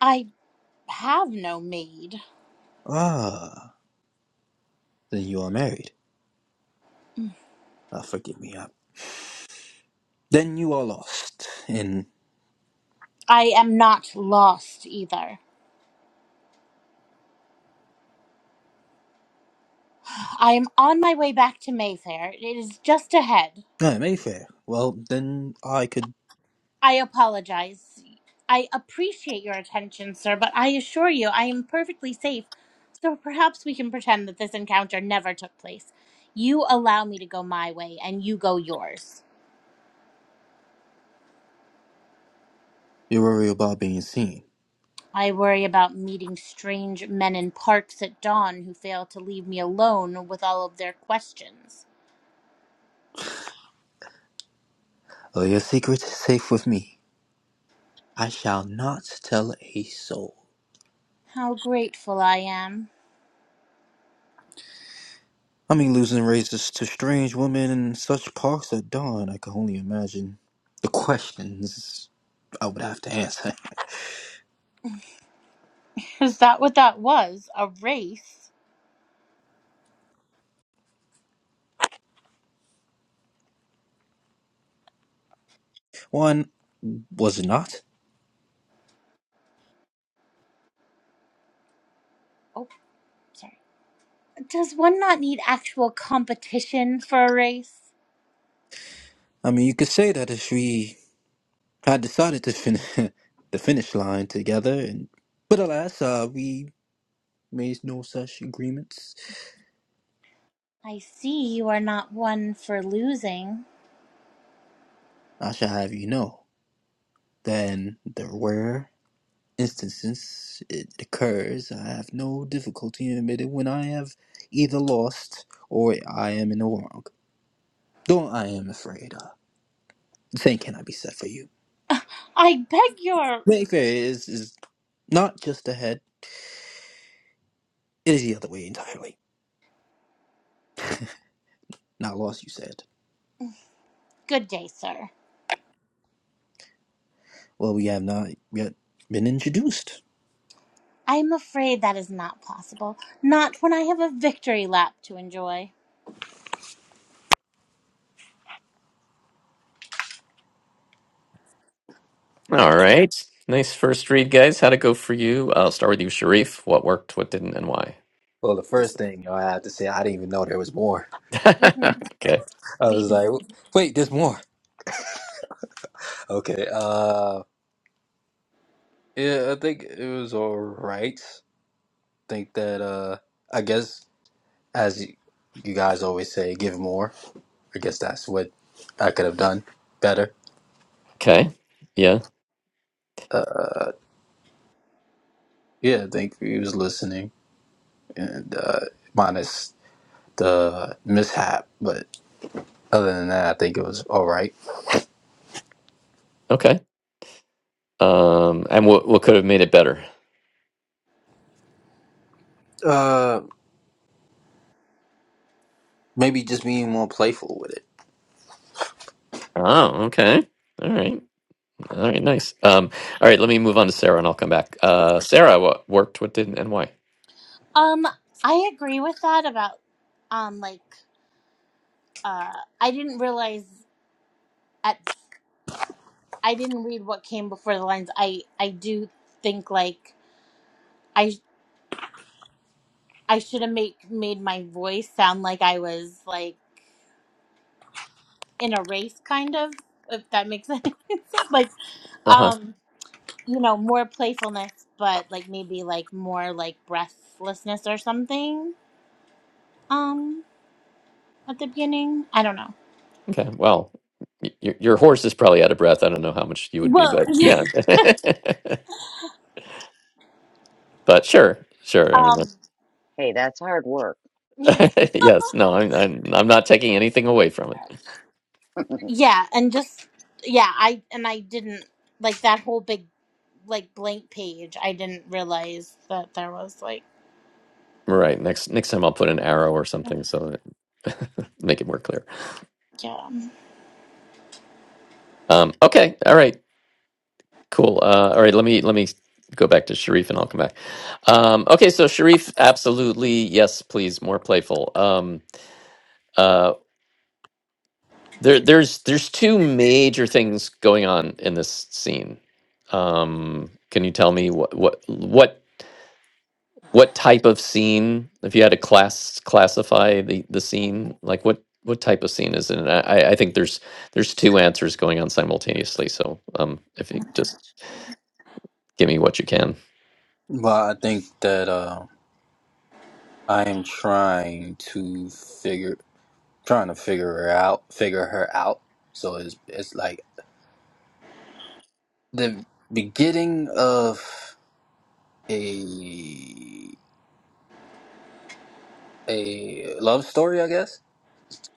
I have no maid. Ah, then you are married. Ah, forgive me. I... Then you are lost in I am not lost either. I am on my way back to Mayfair. It is just ahead. ah, Mayfair. Well, then I could I apologize. I appreciate your attention, sir, but I assure you I am perfectly safe. So perhaps we can pretend that this encounter never took place. You allow me to go my way, and you go yours. be worried about being seen. I worry about meeting strange men in parks at dawn who fail to leave me alone with all of their questions. Oh, your secret is safe with me. I shall not tell a soul. How grateful I am. I mean, losing races to strange women in such parks at dawn, I can only imagine the questions I would have to answer. Is that what that was? A race? One, was it not? Oh, sorry. Does one not need actual competition for a race? I mean, you could say that if we had decided to finish the finish line together, and but alas, uh, we made no such agreements. I see you are not one for losing. I shall have you know. Then the rare instances it occurs, I have no difficulty in admitting when I have either lost or I am in the wrong. Though I am afraid, uh, the same cannot be said for you. I beg your Mayfair is, is not just ahead, it is the other way entirely. Not lost, you said. good day, sir. Well, we have not yet been introduced. I am afraid that is not possible. Not when I have a victory lap to enjoy. All right. Nice first read, guys. How'd it go for you? I'll start with you, Sharif. What worked, what didn't, and why? Well, the first thing you know, I have to say, I didn't even know there was more. Mhm. okay. I Me. too. was like, wait, there's more. Okay, uh, yeah, I think it was alright. Think that, uh, I guess, as you, you guys always say, give more. I guess that's what I could have done better. Okay. Yeah. Uh, yeah, I think he was listening and uh, minus the mishap. But other than that, I think it was all right. Okay. Um, and what what could have made it better? Uh, maybe just being more playful with it. Oh, okay. All right. All right. Nice. Um, all right. Let me move on to Sarah, and I'll come back. Uh, Sarah, what worked, what didn't, and why? Um, I agree with that about um like uh I didn't realize at I didn't read what came before the lines. I I do think like I I should have make made my voice sound like I was like in a race kind of if that makes sense like Uh huh. um you know more playfulness but like maybe like more like breathlessness or something um at the beginning i don't know Okay. Well, y- your your horse is probably out of breath. I don't know how much you would be, well but yeah yeah. but sure, sure. I mean, um Hey, that's hard work. yes, no, I'm, I'm I'm not taking anything away from it. yeah and just yeah i and i didn't like that whole big like blank page i didn't realize that there was like Right. Next next time I'll put an arrow or something so that make it more clear. yeah Um, okay. All right. Cool. Uh, all right. Let me let me go back to Sharif and I'll come back. Um, okay. So Sharif, absolutely yes, please more playful. Um, uh, there there's there's two major things going on in this scene. Um, can you tell me what what what what type of scene if you had to class classify the the scene like what what type of scene is it and i i I think there's there's two answers going on simultaneously so um if you just give me what you can But I think that uh, I am trying to figure, trying to figure her out, figure her out. So it's it's like the beginning of a a love story, I guess.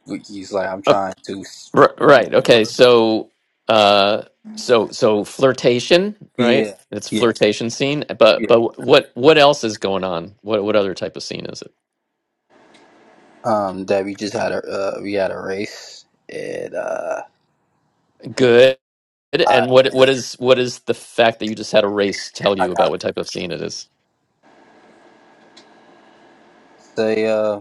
He's like, I'm trying to, R- right. Okay. So, uh, so so flirtation, right? yeah, It's yeah, flirtation scene. yeah. But but what what else is going on? What what other type of scene is it? um, that we just had a uh, we had a race and uh, Good. I And what what is what is the fact that you just had a race tell I you about got what type of scene it is? say uh,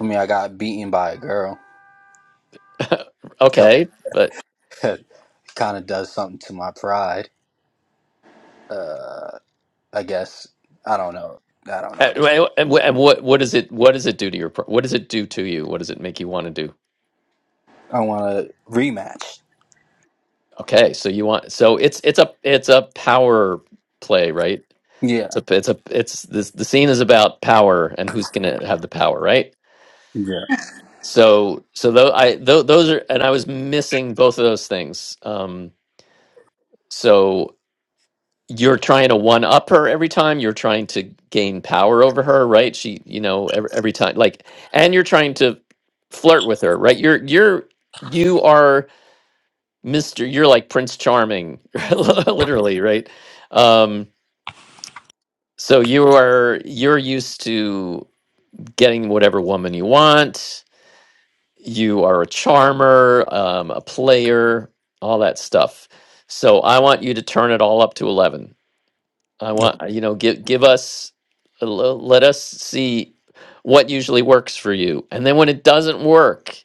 I mean I got beaten by a girl, so okay, but it kind of does something to my pride. Uh, I guess I don't know. I don't know. uh, This well, and wh- and what what does it what does it do to your pro- what does it do to you? What does it make you want to do? I want to rematch. Okay, so you want so it's it's a it's a power play, right? It's Yeah. a, it's a, it's this. The scene is about power and who's going to have the power, right? Yeah. So, so though I, tho- those are, and I was missing both of those things. Um, so you're trying to one up her every time. You're trying to gain power over her, right? She, you know, every, every time, like, and you're trying to flirt with her, right? You're, you're, you are Mister. You're like Prince Charming, literally, right? Um, so you are, you're used to. getting whatever woman you want. You are a charmer, um, a player, all that stuff. So I want you to turn it all up to eleven. I want uh, you know give give us uh, l- let us see what usually works for you, and then when it doesn't work,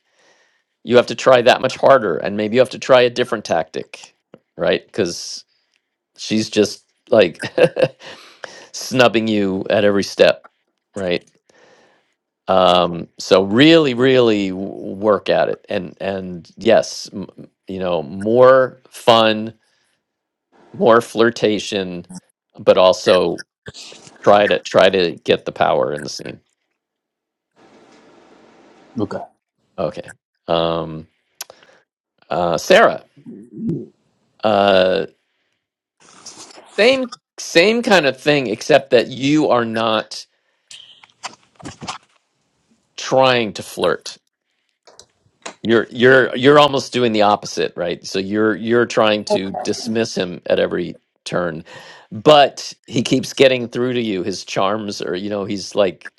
you have to try that much harder, and maybe you have to try a different tactic, right? Because she's just like snubbing you at every step, right? um so really really w- work at it and and yes m- you know more fun more flirtation but also try to try to get the power in the scene Okay. okay um uh sarah uh same same kind of thing except that you are not trying to flirt You're you're you're almost doing the opposite, right? So you're you're trying to dismiss him at every turn, but he keeps getting through to you. His charms are, you know, he's like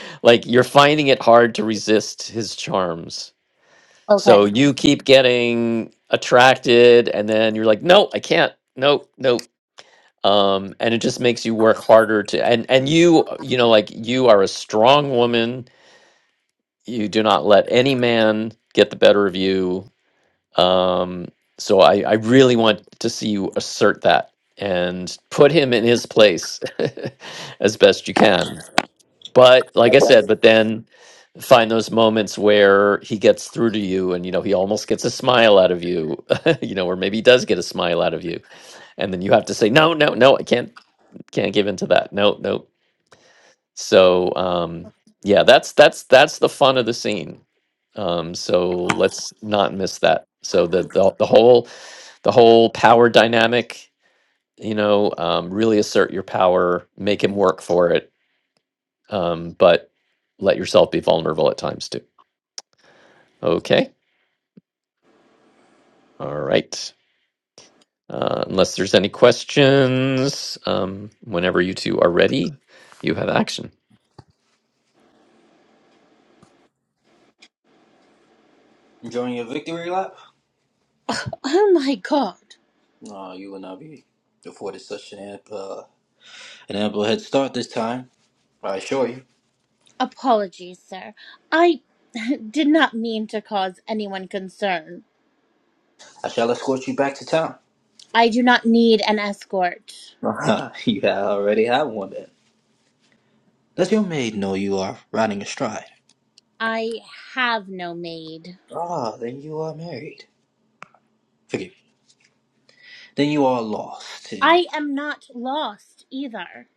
like you're finding it hard to resist his charms. okay So you keep getting attracted and then you're like, "No, I can't. No, no." Um and it just makes you work harder to and and you, you know, like you are a strong woman. You do not let any man get the better of you um, so I, I really want to see you assert that and put him in his place as best you can. But like I said, but then find those moments where he gets through to you and you know he almost gets a smile out of you you know or maybe he does get a smile out of you and then you have to say no no no i can't can't give into that no no so um yeah that's that's that's the fun of the scene um so let's not miss that so the the, the whole the whole power dynamic you know um, really assert your power make him work for it um, but let yourself be vulnerable at times too okay all right uh, unless there's any questions um, whenever you two are ready you have action Enjoying your victory lap? oh my god No, you will not be afforded such an amp, uh, an ample head start this time. I assure you. Apologies, sir. I did not mean to cause anyone concern. I shall escort you back to town. I do not need an escort. you already have one. Does your maid know you are riding astride? I have no maid. Ah, then you are married. Forgive me. Then you are lost in I am not lost either.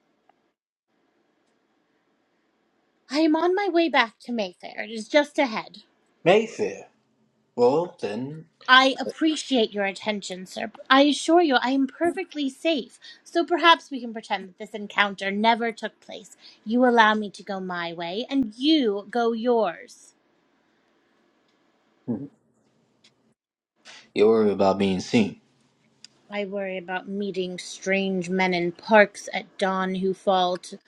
I am on my way back to Mayfair. It is just ahead. Mayfair. Well, then I appreciate your attention, sir. I assure you I am perfectly safe. So perhaps we can pretend that this encounter never took place. You allow me to go my way, and you go yours. you worry about being seen. I worry about meeting strange men in parks at dawn who fall to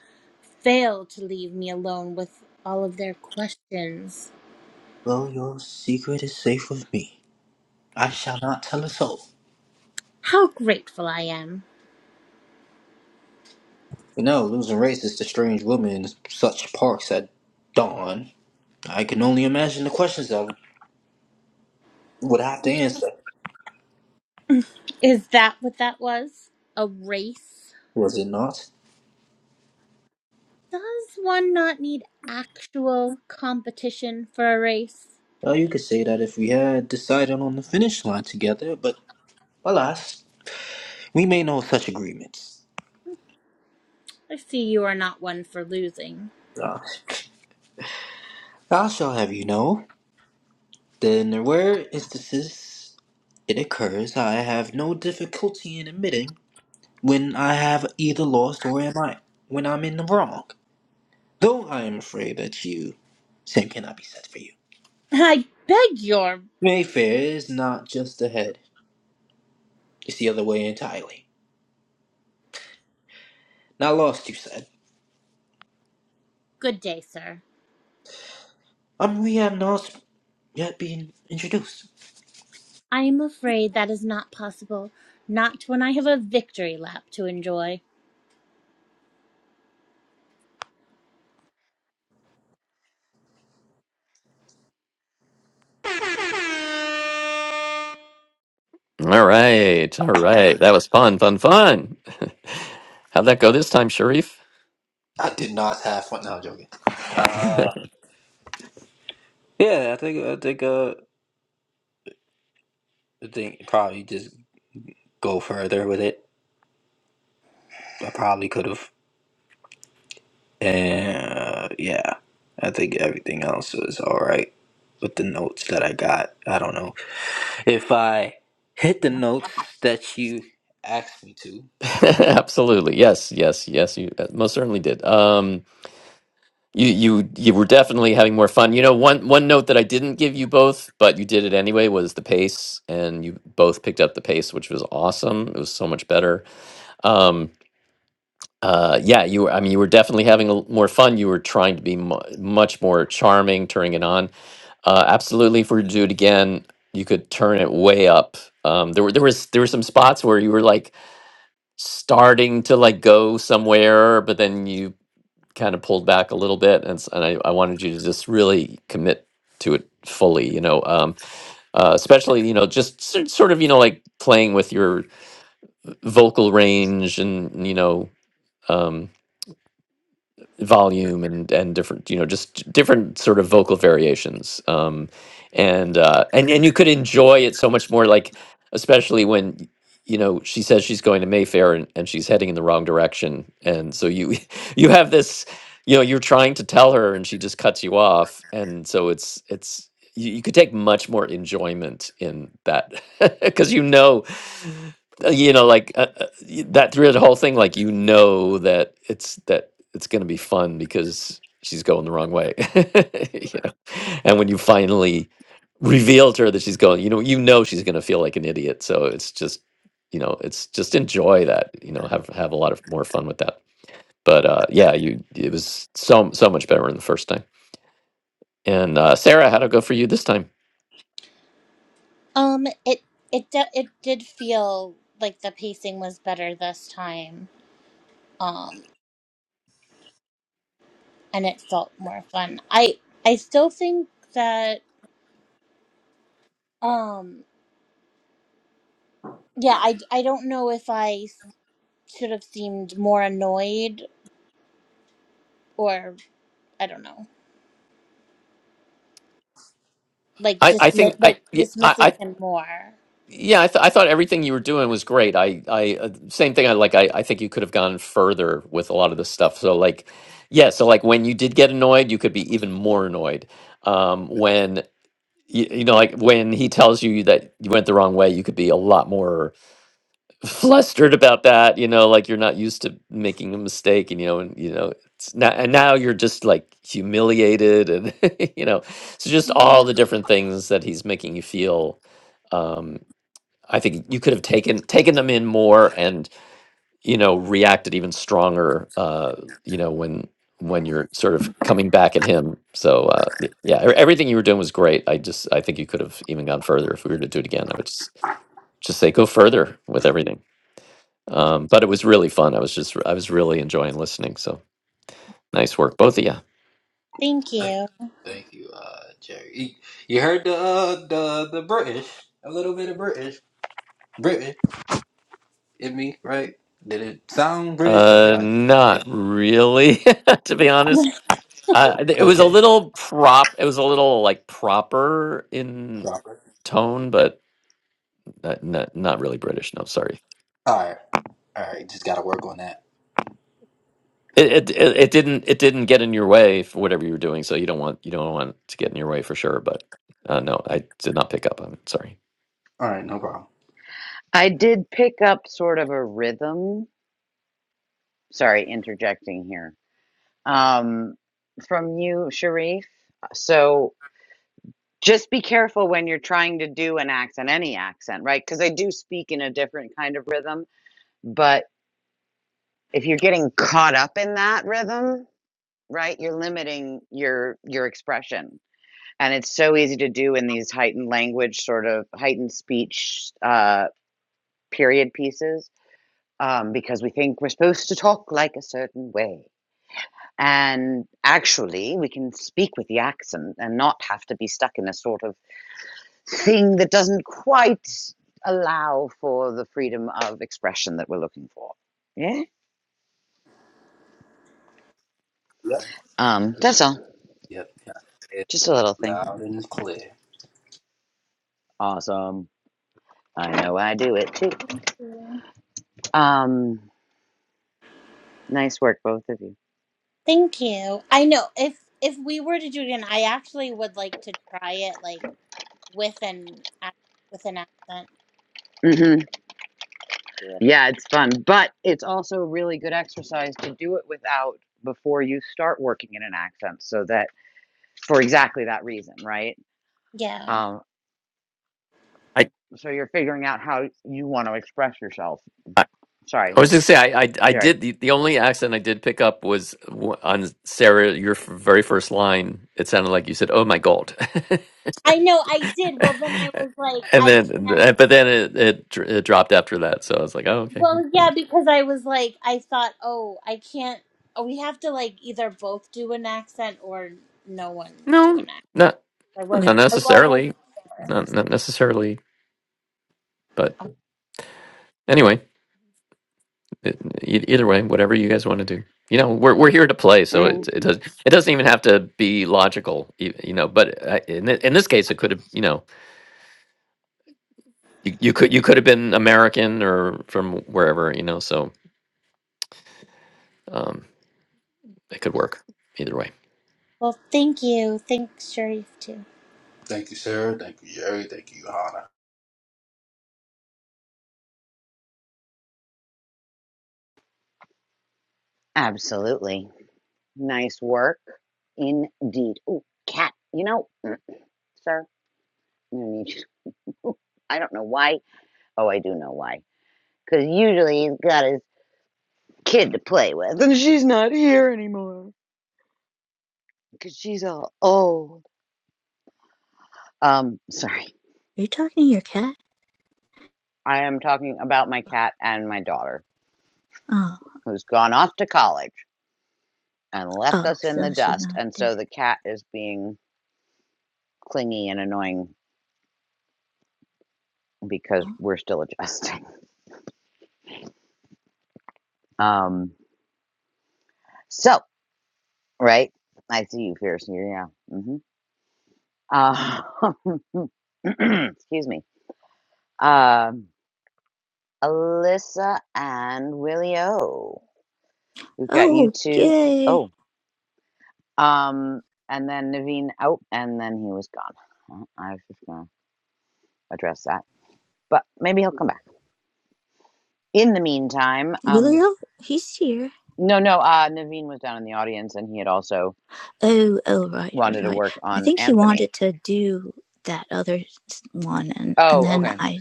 fail to leave me alone with all of their questions. Well, your secret is safe with me. I shall not tell a soul. How grateful I am. You know, losing races to strange women in such parks at dawn. I can only imagine the questions I would have to answer. Is that what that was? A race? Was it not? Does one not need actual competition for a race? Well, you could say that if we had decided on the finish line together, but alas, we made no such agreements. I see you are not one for losing. Uh, I shall have you know that in the rare instances it occurs, I have no difficulty in admitting when I have either lost or am I when I'm in the wrong. Though I am afraid that you same cannot be said for you. I beg your Mayfair is not just the head; it's the other way entirely. Not lost, you said. good day, sir. Um, we have not yet been introduced. I am afraid that is not possible, not when I have a victory lap to enjoy. all right all right that was fun fun fun how'd that go this time sharif I did not have fun. No, I'm joking. Uh, yeah, I think I think uh, I think probably just go further with it. I probably could have. Uh, yeah, I think everything else was all right with the notes that I got. I don't know if I hit the notes that you asked me to. Absolutely. Yes, yes, yes, you uh, most certainly did. Um you you you were definitely having more fun. You know, one one note that I didn't give you both, but you did it anyway was the pace and you both picked up the pace, which was awesome. It was so much better. Um uh yeah, you were I mean you were definitely having a, l- more fun. You were trying to be mu much more charming, turning it on. Uh absolutely if we were to do it again, you could turn it way up. Um there were there was there were some spots where you were like starting to like go somewhere, but then you kind of pulled back a little bit, and, s- and I, I wanted you to just really commit to it fully, you know, um, uh, especially you know just s- sort of you know like playing with your vocal range and you know. um, volume and and different you know just different sort of vocal variations um and uh and and you could enjoy it so much more like especially when you know she says she's going to mayfair and, and she's heading in the wrong direction and so you you have this you know you're trying to tell her and she just cuts you off and so it's it's you, you could take much more enjoyment in that because you know uh, you know like uh, uh, y- that through the whole thing like you know that it's that it's going to be fun because she's going the wrong way you know and when you finally reveal to her that she's going you know you know she's going to feel like an idiot so it's just you know it's just enjoy that you know have have a lot of more fun with that but uh yeah you it was so so much better in the first time and uh sarah how'd it go for you this time Um, it it de- it did feel like the pacing was better this time. Um, and it felt more fun. I I still think that um yeah, I I don't know if I s- should have seemed more annoyed or I don't know, like i i think dismi- like i yeah, dismissing i, him more. Yeah, I, th- I thought everything you were doing was great. I, I, uh, same thing. I like. I, I think you could have gone further with a lot of this stuff. So, like, yeah. So, like, when you did get annoyed, you could be even more annoyed. Um, when you, you know, like, when he tells you that you went the wrong way, you could be a lot more flustered about that. You know, like you're not used to making a mistake, and you know, and you know, it's not, and now you're just like humiliated, and you know, so just Mhm. all the different things that he's making you feel. um, I think you could have taken taken them in more and you know reacted even stronger. Uh, you know when when you're sort of coming back at him. So uh, y- yeah, e- everything you were doing was great. I just I think you could have even gone further if we were to do it again. I would just just say go further with everything. Um, but it was really fun. I was just I was really enjoying listening. So nice work, both of you. Thank Thank, you. thank you, uh, Jerry. You you heard the uh, the the British, a little bit of British, British in me, right? Did it sound British or did Uh, I? not really, to be honest. Uh, it was a Okay, little prop. It was a little like proper in proper. tone, but Not, not, not really British. No, sorry. All right, all right. Just gotta work on that. It, it it it didn't it didn't get in your way for whatever you were doing. So you don't want you don't want to get in your way for sure. But uh, no, I did not pick up on it. Sorry. All right, no problem. I did pick up sort of a rhythm. Sorry, interjecting here. Um, from you, Sharif. So just be careful when you're trying to do an accent, any accent, right? Because I do speak in a different kind of rhythm. But if you're getting caught up in that rhythm, right, you're limiting your your expression, and it's so easy to do in these heightened language, sort of heightened speech uh, period pieces um, because we think we're supposed to talk like a certain way. And actually, we can speak with the accent and not have to be stuck in a sort of thing that doesn't quite allow for the freedom of expression that we're looking for. Yeah. Yep, Um, that's all. yep. yep. It's Just a little Loud thing. and clear. Awesome. I know I do it too. Um, nice work, both of you. Thank you. I know if if we were to do it again, I actually would like to try it like with an ac- with an accent. hmm Yeah, it's fun, but it's also a really good exercise to do it without before you start working in an accent so that for exactly that reason, right? Yeah. Um, I so you're figuring out how you want to express yourself. I, Sorry, I was just say I, I I did Jerry. the, the only accent I did pick up was w- on Sarah your f- very first line. It sounded like you said "Oh my God," I know I did. Well, then I was like, and I then can't. but then it, it dr- it dropped after that. So I was like, oh okay, Well, yeah, because I was like, I thought, oh, I can't. oh, We have to like either both do an accent or no one do an no, accent. not I not wasn't. I, well, I wasn't necessarily, sure. not not necessarily, but. Anyway. E- e- Either way, whatever you guys want to do. You know, we're we're here to play, so it Mm, it does it doesn't even have to be logical, e- you know. But uh, in thi- in this case, it could have, you know, you, you could you could have been American or from wherever, you know. So um, it could work either way. Well, thank you. Thanks, Sharif, too. Thank you, Sarah. Thank you, Jerry. Thank you, Hannah. absolutely. Nice work. Indeed. Ooh, cat. You know, mm, sir, you need you. Ooh, I don't know why. Oh, I do know why. Because usually he's got his kid to play with. And she's not here anymore. Because she's all old. Um, sorry. Are you talking to your cat? I am talking about my cat and my daughter, Oh, who's gone off to college. and left oh, us in the so she's dust. not And so there. the cat is being clingy and annoying because Oh, we're still adjusting. Um, so, right? I see you, Fierce. Yeah. hmm Uh, excuse me. Um, Alyssa and Willie O. We've got you oh, two. yay. Oh, um, and then Naveen out, and then he was gone. Well, I was just going to address that, but maybe he'll come back. In the meantime, um, Willio, he's here. No, no. Uh, Naveen was down in the audience, and he had also Oh, oh, right, right, wanted to right. work I on think he Anthony. wanted to do that other one, and, and Oh, then okay. I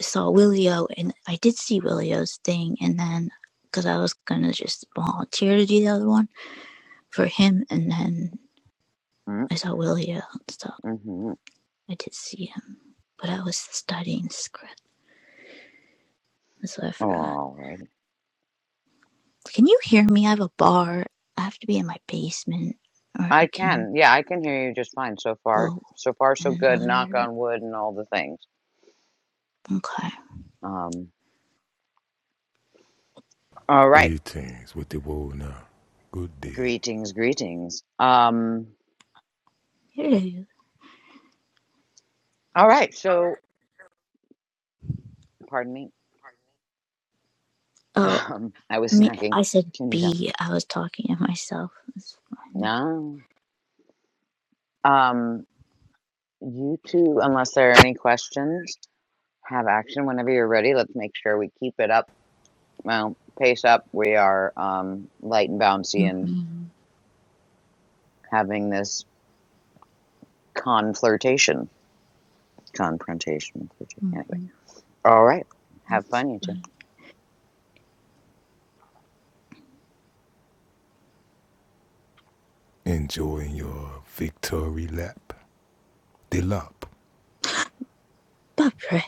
saw Willio, and I did see Willio's thing, and then because I was gonna just volunteer to do the other one for him, and then Mm, I saw Willio, so Mm-hmm. I did see him, but I was studying script, so I forgot. All righty. Can you hear me? I have a bar. I have to be in my basement, or I I can can. Yeah, I can hear you just fine so far. go So far, so in good. another Knock on wood, and all the things. Okay. Um. All right. Greetings with the world now. Good day. Greetings, greetings. Um. Here it is. All right. All So, right. pardon me. Oh, Um. I was me. snacking. I said Can you tell? B. I was talking to myself. It's fine. No. Um. You two, unless there are any questions, have action whenever you're ready. Let's make sure we keep it up. Well, pace up. We are um, light and bouncy and hmm having this con flirtation, Confrontation. flirtation. Anyway. hmm All right. Have That's fun, you two. fine. Enjoying your victory lap. The lap. Barbara,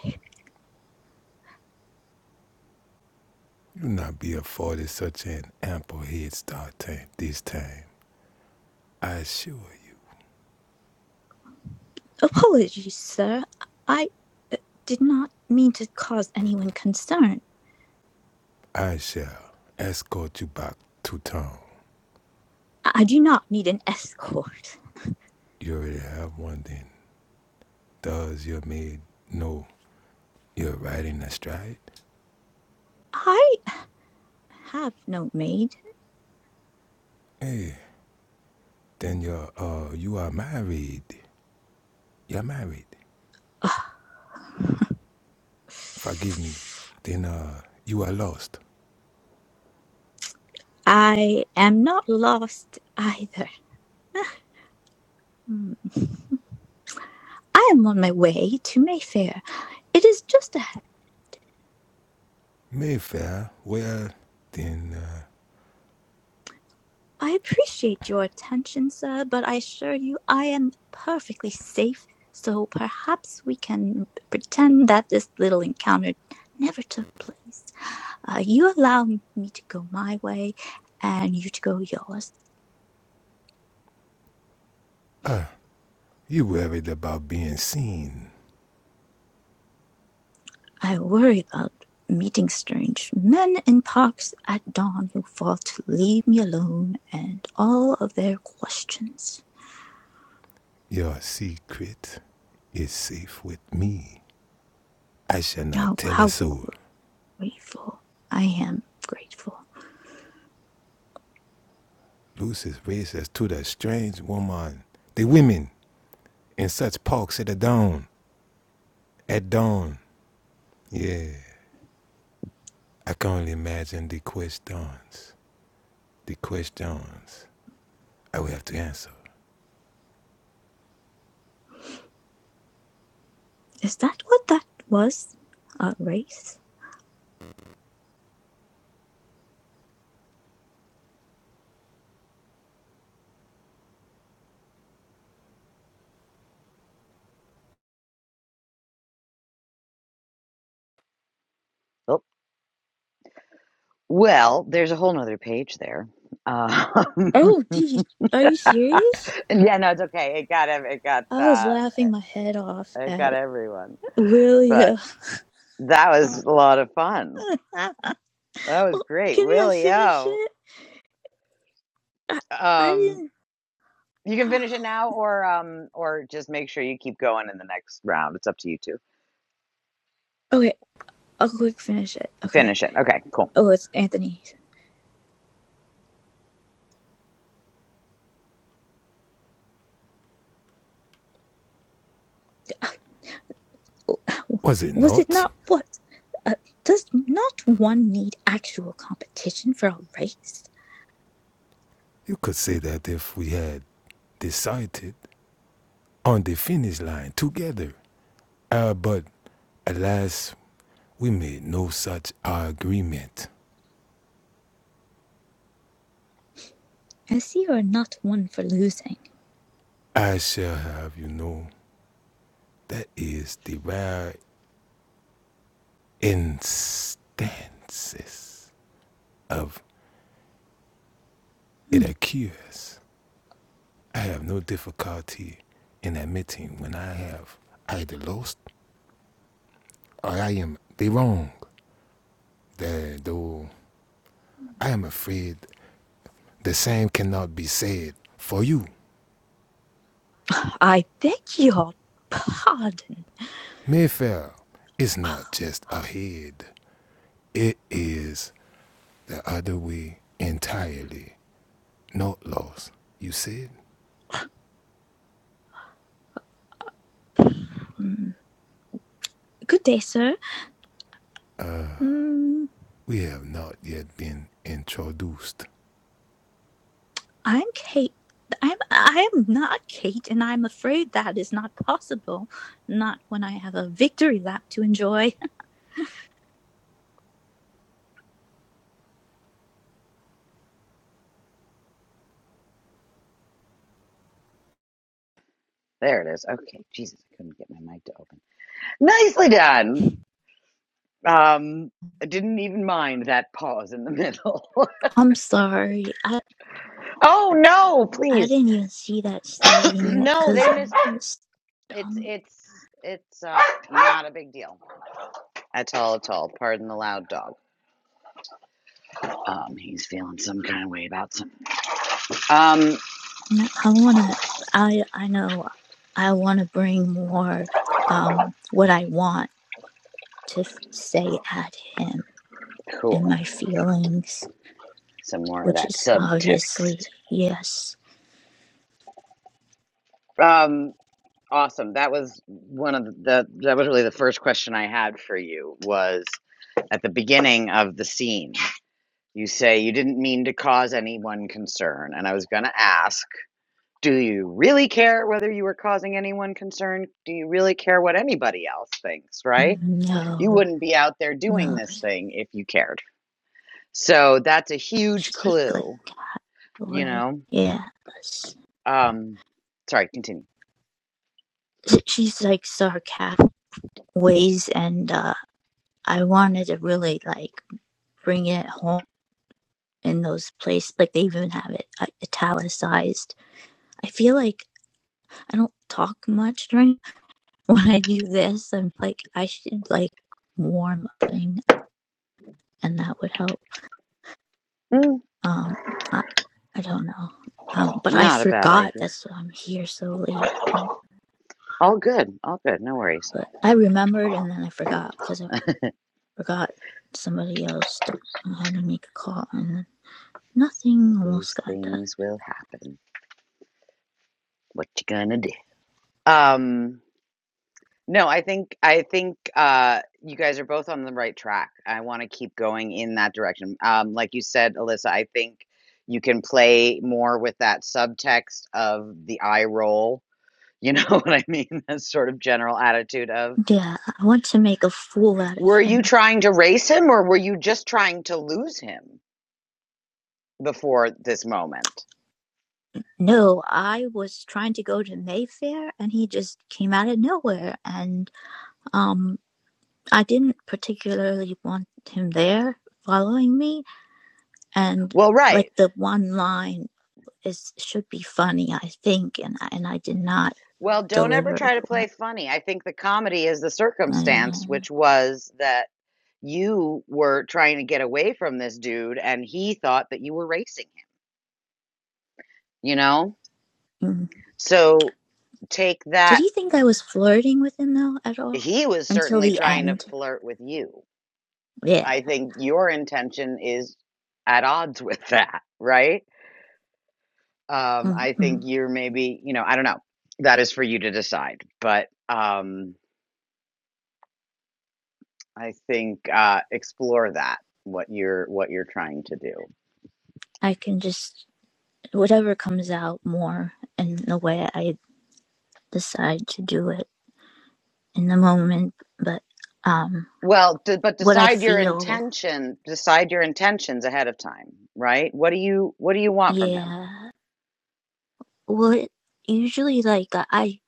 You not be afforded such an ample head start time this time. I assure you, apologies, sir. I uh, did not mean to cause anyone concern. I shall escort you back to town. I I do not need an escort. You already have one then. Does your maid know you're riding astride? I have no maid. Hey, then you're uh you are married. You're married. Ugh. Forgive me. Then uh you are lost. I am not lost either. Mm. I am on my way to Mayfair. It is just ahead. Mayfair, well, then uh, I appreciate your attention, sir, but I assure you I am perfectly safe, so perhaps we can pretend that this little encounter never took place. Uh, you allow me to go my way and you to go yours. you worried about being seen. I worry about meeting strange men in parks at dawn who fall to leave me alone and all of their questions. Your secret is safe with me. I shall not Oh, tell a how soul. grateful. I am grateful. Lucy's racist to the strange woman, the women in such parks at the dawn. At dawn, yeah. I can only imagine the questions. The questions I will have to answer. Is that what that was? A race? Oh. Well, there's a whole nother page there. Uh, Oh, geez, are you serious? yeah, no, it's okay. It got it got I was uh, laughing my head off it got at everyone. But William. that was a lot of fun. That was great, Can I Willie finish O. it? I, I Um, didn't. you can Oh. finish it now, or um, or just make sure you keep going in the next round. It's up to you two. Okay, I'll quick finish it. Okay. Finish it. Okay, cool. Oh, it's Anthony. Was it Was it not? not what? Uh, does not one need actual competition for a race? You could say that if we had decided on the finish line together. Uh, but alas, we made no such agreement. I see you are not one for losing. I shall have you know that is the rare instances of it Hmm. occurs. I have no difficulty in admitting when I have either lost or I am the wrong. That though I am afraid the same cannot be said for you. I beg your pardon. Mayfair is not just a head, it is the other way entirely. Not lost. You said Hmm. Good day, sir. Hmm. we have not yet been introduced. I'm Kate. I'm I am not Kate, and I'm afraid that is not possible. Not when I have a victory lap to enjoy. There it is. Okay. Jesus, I couldn't get my mic to open. Nicely done. Um, I didn't even mind that pause in the middle. I'm sorry. I oh no, I please. didn't even see that studying it no, because they I missed was it's dumb. it's it's uh, not a big deal at all at all. Pardon the loud dog. Um, he's feeling some kind of way about some. Um, No, I want to. I I know. I want to bring more um, what I want to f- say at him cool. and my feelings, Some more of which that is obviously subtext. yes, Um, awesome. That was one of the. That was really the first question I had for you. Was at the beginning of the scene You say you didn't mean to cause anyone concern. And I was going to ask, do you really care whether you were causing anyone concern? Do you really care what anybody else thinks, right? You no, wouldn't be out there doing no. this thing if you cared. So that's a huge She's like, clue, you boy, know? yes. Um, sorry, continue. She's like sarcastic ways, and uh, I wanted to really like bring it home in those places. Like they even have it uh, italicized. I feel like I don't talk much during when I do this. I'm like, I should like warm up thing, and that would help. Mm, Um, I, I don't know. Um, but I not a bad forgot. idea. That's why I'm here so late. And All good. All good. No worries. but I remembered, and then I forgot because I forgot somebody else. To, I had to make a call, and nothing almost These got done. things will happen. What you gonna do? Um, No, I think I think uh, you guys are both on the right track. I want to keep going in that direction. Um, like you said, Alyssa, I think you can play more with that subtext of the eye roll. You know what I mean? That sort of general attitude of, Yeah, I want to make a fool out of were you him. trying to race him or were you just trying to lose him before this moment? No, I was trying to go to Mayfair, and he just came out of nowhere, and um I didn't particularly want him there following me and Well, like right. the one line is should be funny I think and and I did not Well, don't ever deliver it try to play well. funny. I think the comedy is the circumstance, I- uh, which was that you were trying to get away from this dude and he thought that you were racing him, you know? mm. So take Did that. he think I was flirting with him though at all He was until certainly the trying to end? flirt with you. Yeah. I think your intention is at odds with that, right? Um, I think Mm-mm. you're maybe, you know, I don't know. That is for you to decide, but um, I think uh, explore that what you're what you're trying to do. I can just whatever comes out more in the way I decide to do it in the moment but um Well, d but what I decide your feel intention, decide your intentions ahead of time, right? What do you what do you want from him? yeah Well, usually, like uh, I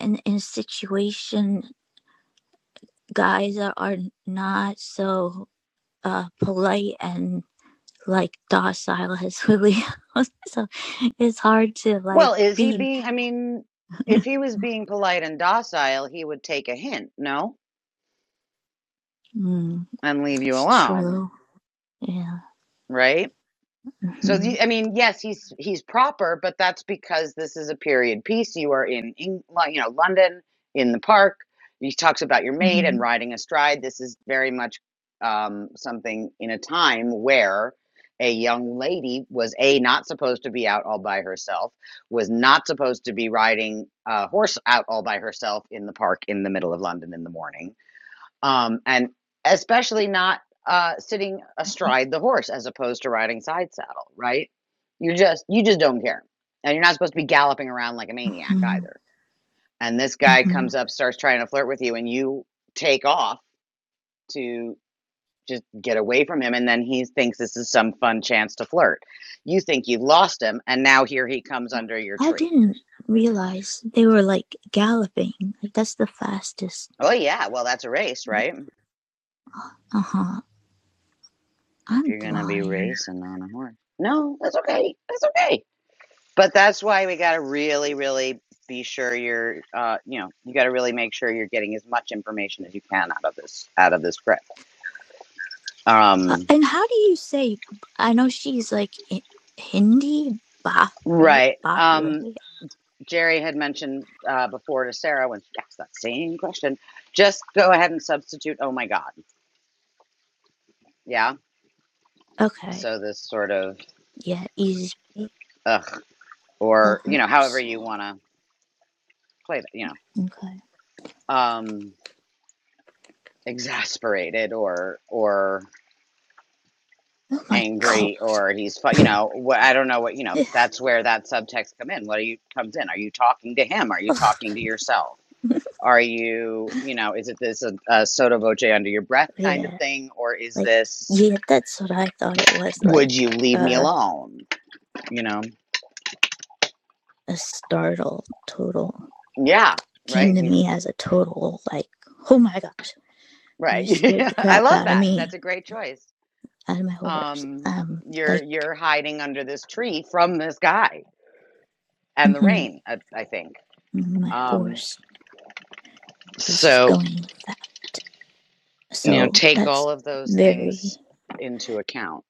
in in situation, guys are, are not so uh polite and like docile as Lily. so it's hard to like Well, is he be. being I mean, if he was being polite and docile, he would take a hint, no? Mm, And leave you that's alone, true. Yeah. right? So hmm the, I mean, yes, he's he's proper, but that's because this is a period piece. You are in, Eng- Lo- you know London in the park. He talks about your maid hmm and riding astride. This is very much um, something in a time where a young lady was a not supposed to be out all by herself, was not supposed to be riding a horse out all by herself in the park in the middle of London in the morning um, and especially not uh, sitting astride the horse as opposed to riding side saddle. Right? You just you just don't care, and you're not supposed to be galloping around like a maniac hmm either. And this guy hmm comes up, starts trying to flirt with you, and you take off to just get away from him. And then he thinks this is some fun chance to flirt. You think you've lost him, and now here he comes under your I tree. didn't realize they were like galloping. Like that's the fastest. Oh yeah, well that's a race, right? Uh huh. If I'm you're gonna be blind. racing on a horse, no, that's okay. That's okay But that's why we got to really, really be sure you're, uh, you know, you got to really make sure you're getting as much information as you can out of this, out of this grip. Uh, Um, and how do you say? I know she's like I- Hindi Bahre right. Bahre. Um, Jerry had mentioned uh, before to Sarah when she asked that same question, just go ahead and substitute. Oh my God. Yeah. Okay, So this sort of, yeah, easy. ugh, That or, you know, however helps. you want to play that, you know, Okay. um, exasperated or, or Oh my god. angry or he's fu- you know wh- i don't know what you know that's where that subtext come in what are you comes in are you talking to him are you talking to yourself are you you know is it this a, a soda voce under your breath kind of yeah, thing or is like this yeah, that's what I thought it was. would Like you leave me uh, alone you know a startle total yeah came right to you- me as a total like, oh my gosh, right you scared the i crap love out of that that's me, a great choice out of my horse. um Um, you're like, you're hiding under this tree from this guy and the hmm rain i, I think my um horse is so going fast. you know, So take that's all of those very, things into account.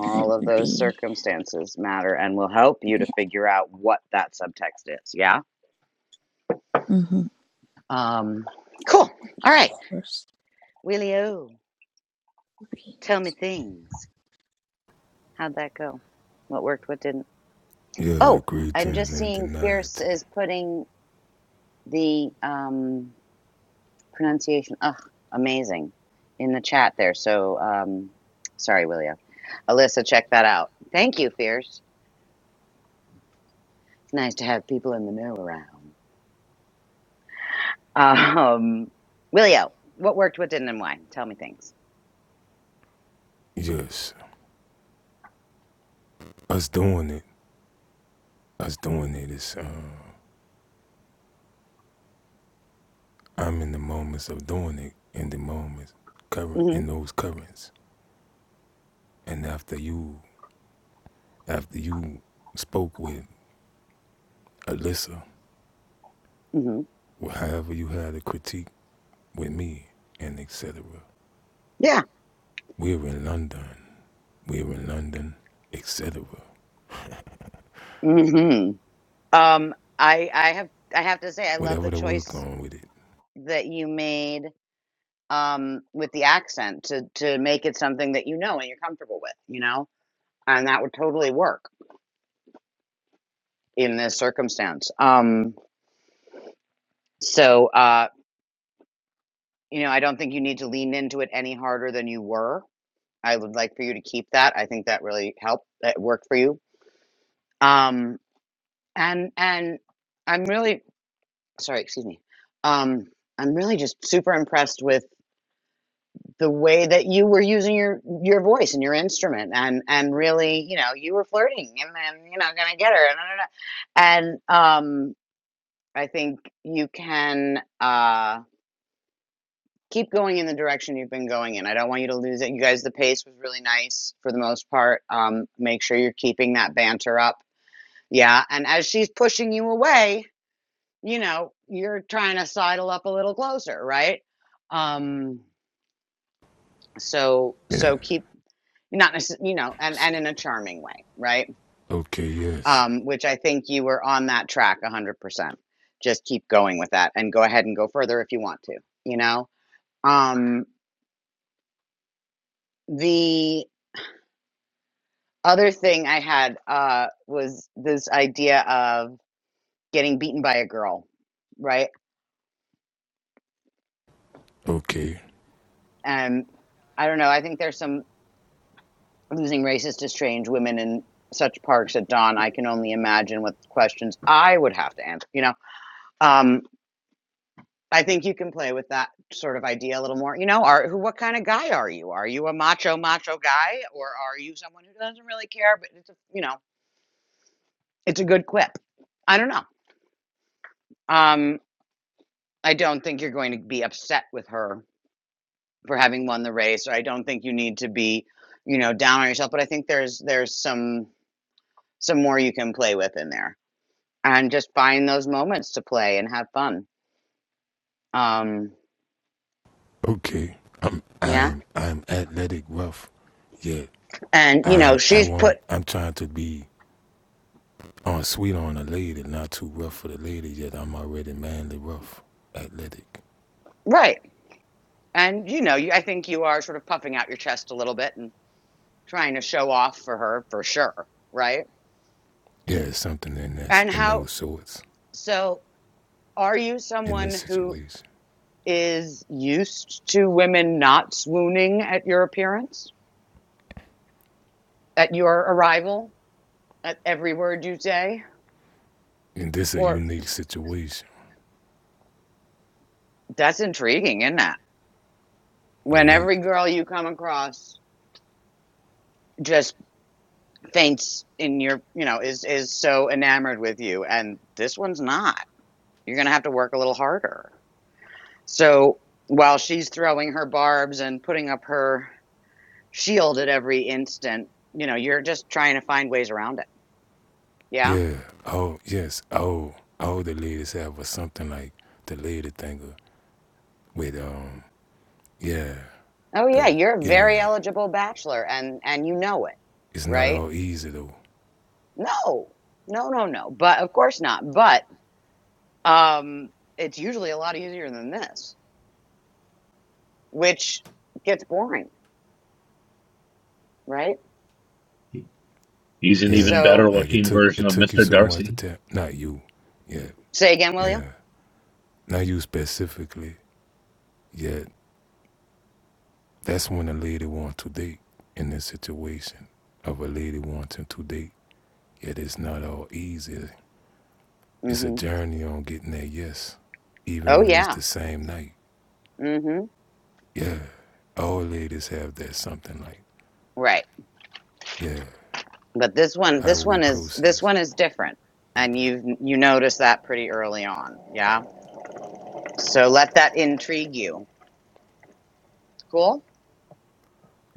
that of would those be, circumstances matter and will help you to yeah, figure out what that subtext is. Yeah. mm-hmm, Um, cool. All right. course Willie reading. tell me things. How'd that go? What worked? What didn't? Yeah, Oh, I'm greetings just and seeing denied. Fierce is putting the um, pronunciation, ugh, amazing, in the chat there. So um, sorry, Willie Alyssa, check that out. Thank you, Fierce. It's nice to have people in the know around. Um, Willio, what worked, what didn't, and why? Tell me things. Yes, us doing it, us doing it is, uh, I'm in the moments of doing it, in the moments, current, hmm in those currents. And after you, after you spoke with Alyssa, hmm or however you had a critique with me, and etc. Yeah. We're in London. We're in London, etc. hmm Um, I I have I have to say I love Whatever the the word choice going with it. that you made um with the accent to to make it something that you know and you're comfortable with, you know, and that would totally work in this circumstance. Um, so uh, you know, I don't think you need to lean into it any harder than you were. I would like for you to keep that. I think that really helped. That worked for you um and and i'm really sorry excuse me um i'm really just super impressed with the way that you were using your your voice and your instrument and and really you know you were flirting and then you know gonna get her and da, da, da. and um i think you can uh keep going in the direction you've been going in i don't want you to lose it you guys the pace was really nice for the most part um make sure you're keeping that banter up yeah and as she's pushing you away you know, you're trying to sidle up a little closer, right? Um, so so Yes. keep not necess- you know, and and in a charming way, right? Okay, yes. Um, which I think you were on that track 100%. Just keep going with that and go ahead and go further if you want to, you know? Um, the other thing I had uh was this idea of getting beaten by a girl, right? Okay. And I don't know, I think there's some losing races to strange women in such parks at dawn i can only imagine what questions i would have to answer you know um i think you can play with that sort of idea a little more you know are who what kind of guy are you are you a macho macho guy or are you someone who doesn't really care but it's a you know it's a good quip i don't know um i don't think you're going to be upset with her for having won the race or i don't think you need to be you know down on yourself but i think there's there's some some more you can play with in there and just find those moments to play and have fun. Um, Okay. I'm yeah. I'm I'm athletic rough. Yeah. And, you know, I'm I she's put, want I'm trying to be on sweet on a lady, not too rough for the lady, yet I'm already manly rough. Athletic. right. And, you know, you, I think you are sort of puffing out your chest a little bit and trying to show off for her for sure. Right. Yeah, it's something in that And in how, those sorts. so are you In someone this who situation. is used to women not swooning at your appearance, at your arrival, at every word you say? And this is a Or unique situation. that's intriguing, isn't that? When Unique. every girl you come across, just. faints in your you know is is so enamored with you and this one's not you're going to have to work a little harder so while she's throwing her barbs and putting up her shield at every instant you know you're just trying to find ways around it yeah Yeah. Oh, yes. Oh, oh, the lady said was something like the lady thinker with, um, yeah, oh yeah though. you're a Yeah. very eligible bachelor and and you know it It's not right all easy, though. no no no no but of course not but um it's usually a lot easier than this which gets boring right he's an Yeah. even better so Like it looking took, version it of took you Mr. so much to Darcy. tell. Not you. Yeah. Say again, William. Yeah. Not you specifically. Yeah. That's when a lady wants to date in this situation of a lady wanting to date. Yet it's not all easy. It's a Mm-hmm. journey on getting that yes, even Oh when it's yeah. the same night. Mm-hmm. Yeah, all ladies have that something like, Right. yeah, But this one, how will this we one is this process? one is different, and you have you notice that pretty early on. Yeah. So let that intrigue you. Cool.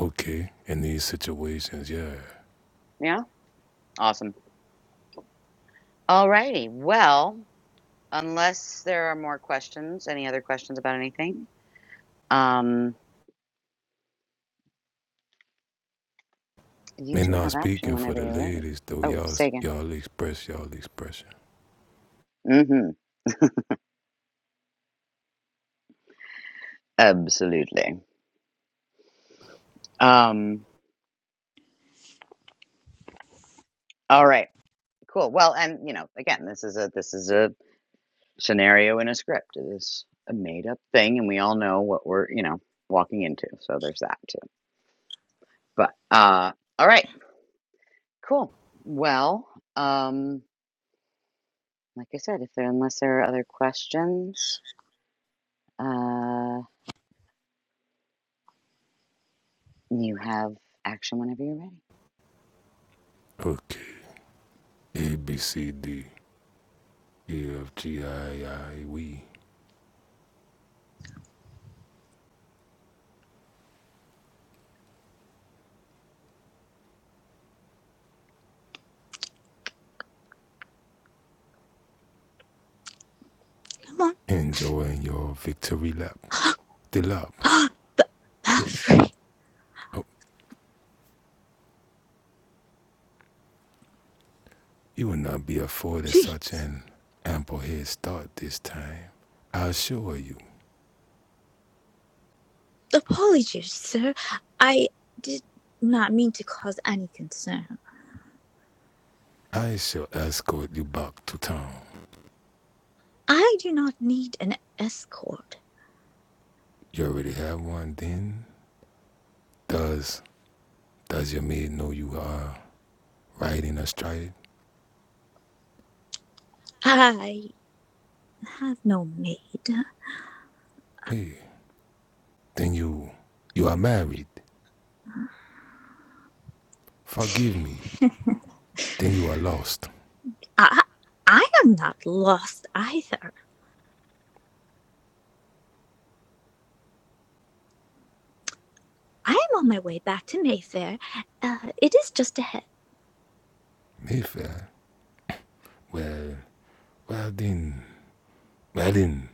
Okay, in these situations, yeah. Yeah. Awesome. All righty. Well, unless there are more questions, any other questions about anything? Um, you And two now have action speaking for whenever the you're ready. ladies though, Oh, y'all say again. y'all express y'all expression. Mm-hmm. Absolutely. Um. All right. Cool. Well, and you know, again, this is a this is a scenario in a script. It is a made up thing, and we all know what we're, you know, walking into. So there's that too. But uh, all right, cool. Well, um, like I said, if there unless there are other questions, uh, you have action whenever you're ready. Okay, A B C D E F G I I we Come on. enjoying your victory lap, the lap. Ah, Yes. Oh, you will not be afforded such an ample head start this time. I assure you, apologies, sir. I did not mean to cause any concern. I shall escort you back to town. I do not need an escort. you already have one, then does does your maid know you are riding astride? I have no maid. Hey, then you you are married. Forgive me. Then you are lost. I, I am not lost either. I am on my way back to Mayfair. Uh, it is just ahead. Mayfair. Well, well then, well then,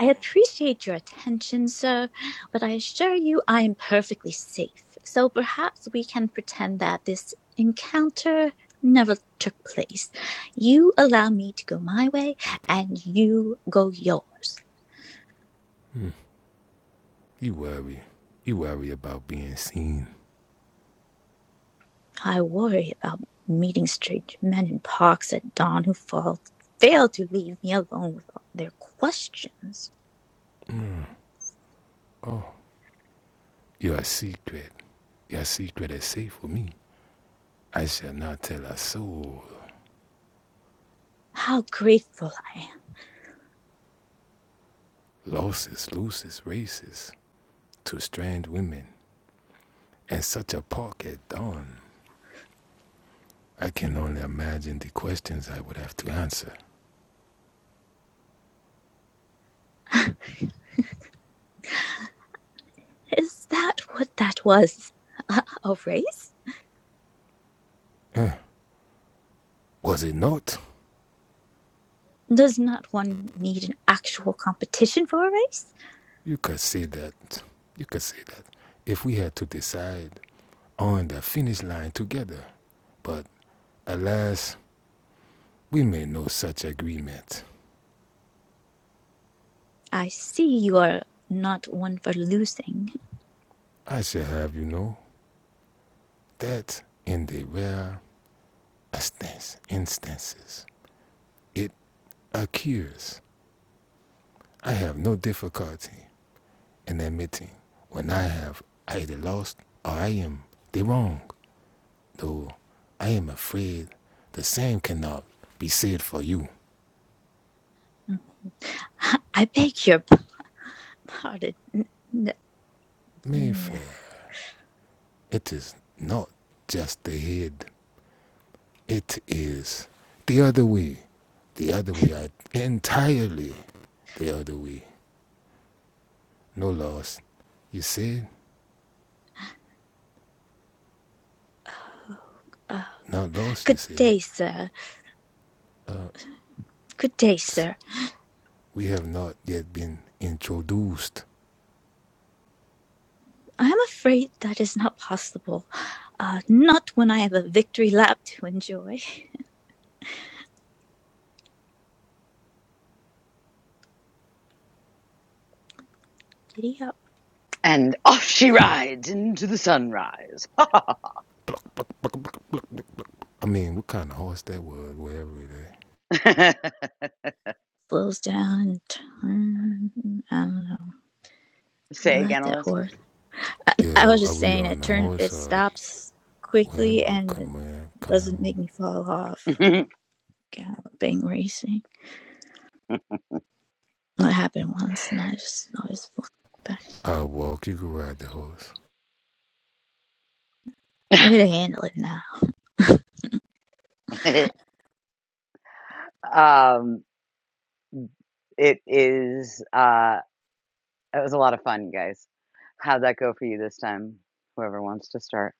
I appreciate your attention, sir, but I assure you I am perfectly safe. So perhaps we can pretend that this encounter never took place. You allow me to go my way, and you go yours. you worry. You worry about being seen. I worry about meeting strange men in parks at dawn who fall, fail to leave me alone with all their questions. Your secret, your secret is safe with me. I shall not tell a soul. How grateful. Losses, loses, races to strange women, and such a park at dawn. I can only imagine the questions I would have to answer. Is that what that was? A race? Eh, was it not? Does not one need an actual competition for a race? You could say that. You could say that. If we had to decide on the finish line together. But alas, we made no such agreement. I see you are not one for losing. I shall have you know that in the rare instance, instances it occurs, I have no difficulty in admitting when I have either lost or I am the wrong. though I am afraid the same cannot be said for you. I beg your pardon. No. Mayfair, it is not just the head, it is the other way. The other way, I, entirely the other way. No loss. You said, Uh, not lost, you good said. day, sir. Good day, sir. We have not yet been introduced. I am afraid that is not possible. Uh, not when I have a victory lap to enjoy. Giddy up. And off she rides into the sunrise. I mean, what kind of horse that was, whatever it is. Slows down. Turn. I don't know. I Say like again, that Alyssa. horse. I, I Yeah, was are just we saying on it the Yeah. turns. horse It or the, stops whatever, quickly and come on, come doesn't on. make me fall off. Bing Racing. It happened once, and I just always look back. I'll walk, you can ride the horse. I could handle it now. um, it is. Uh, it was a lot of fun, guys. How'd that go for you this time? Whoever wants to start.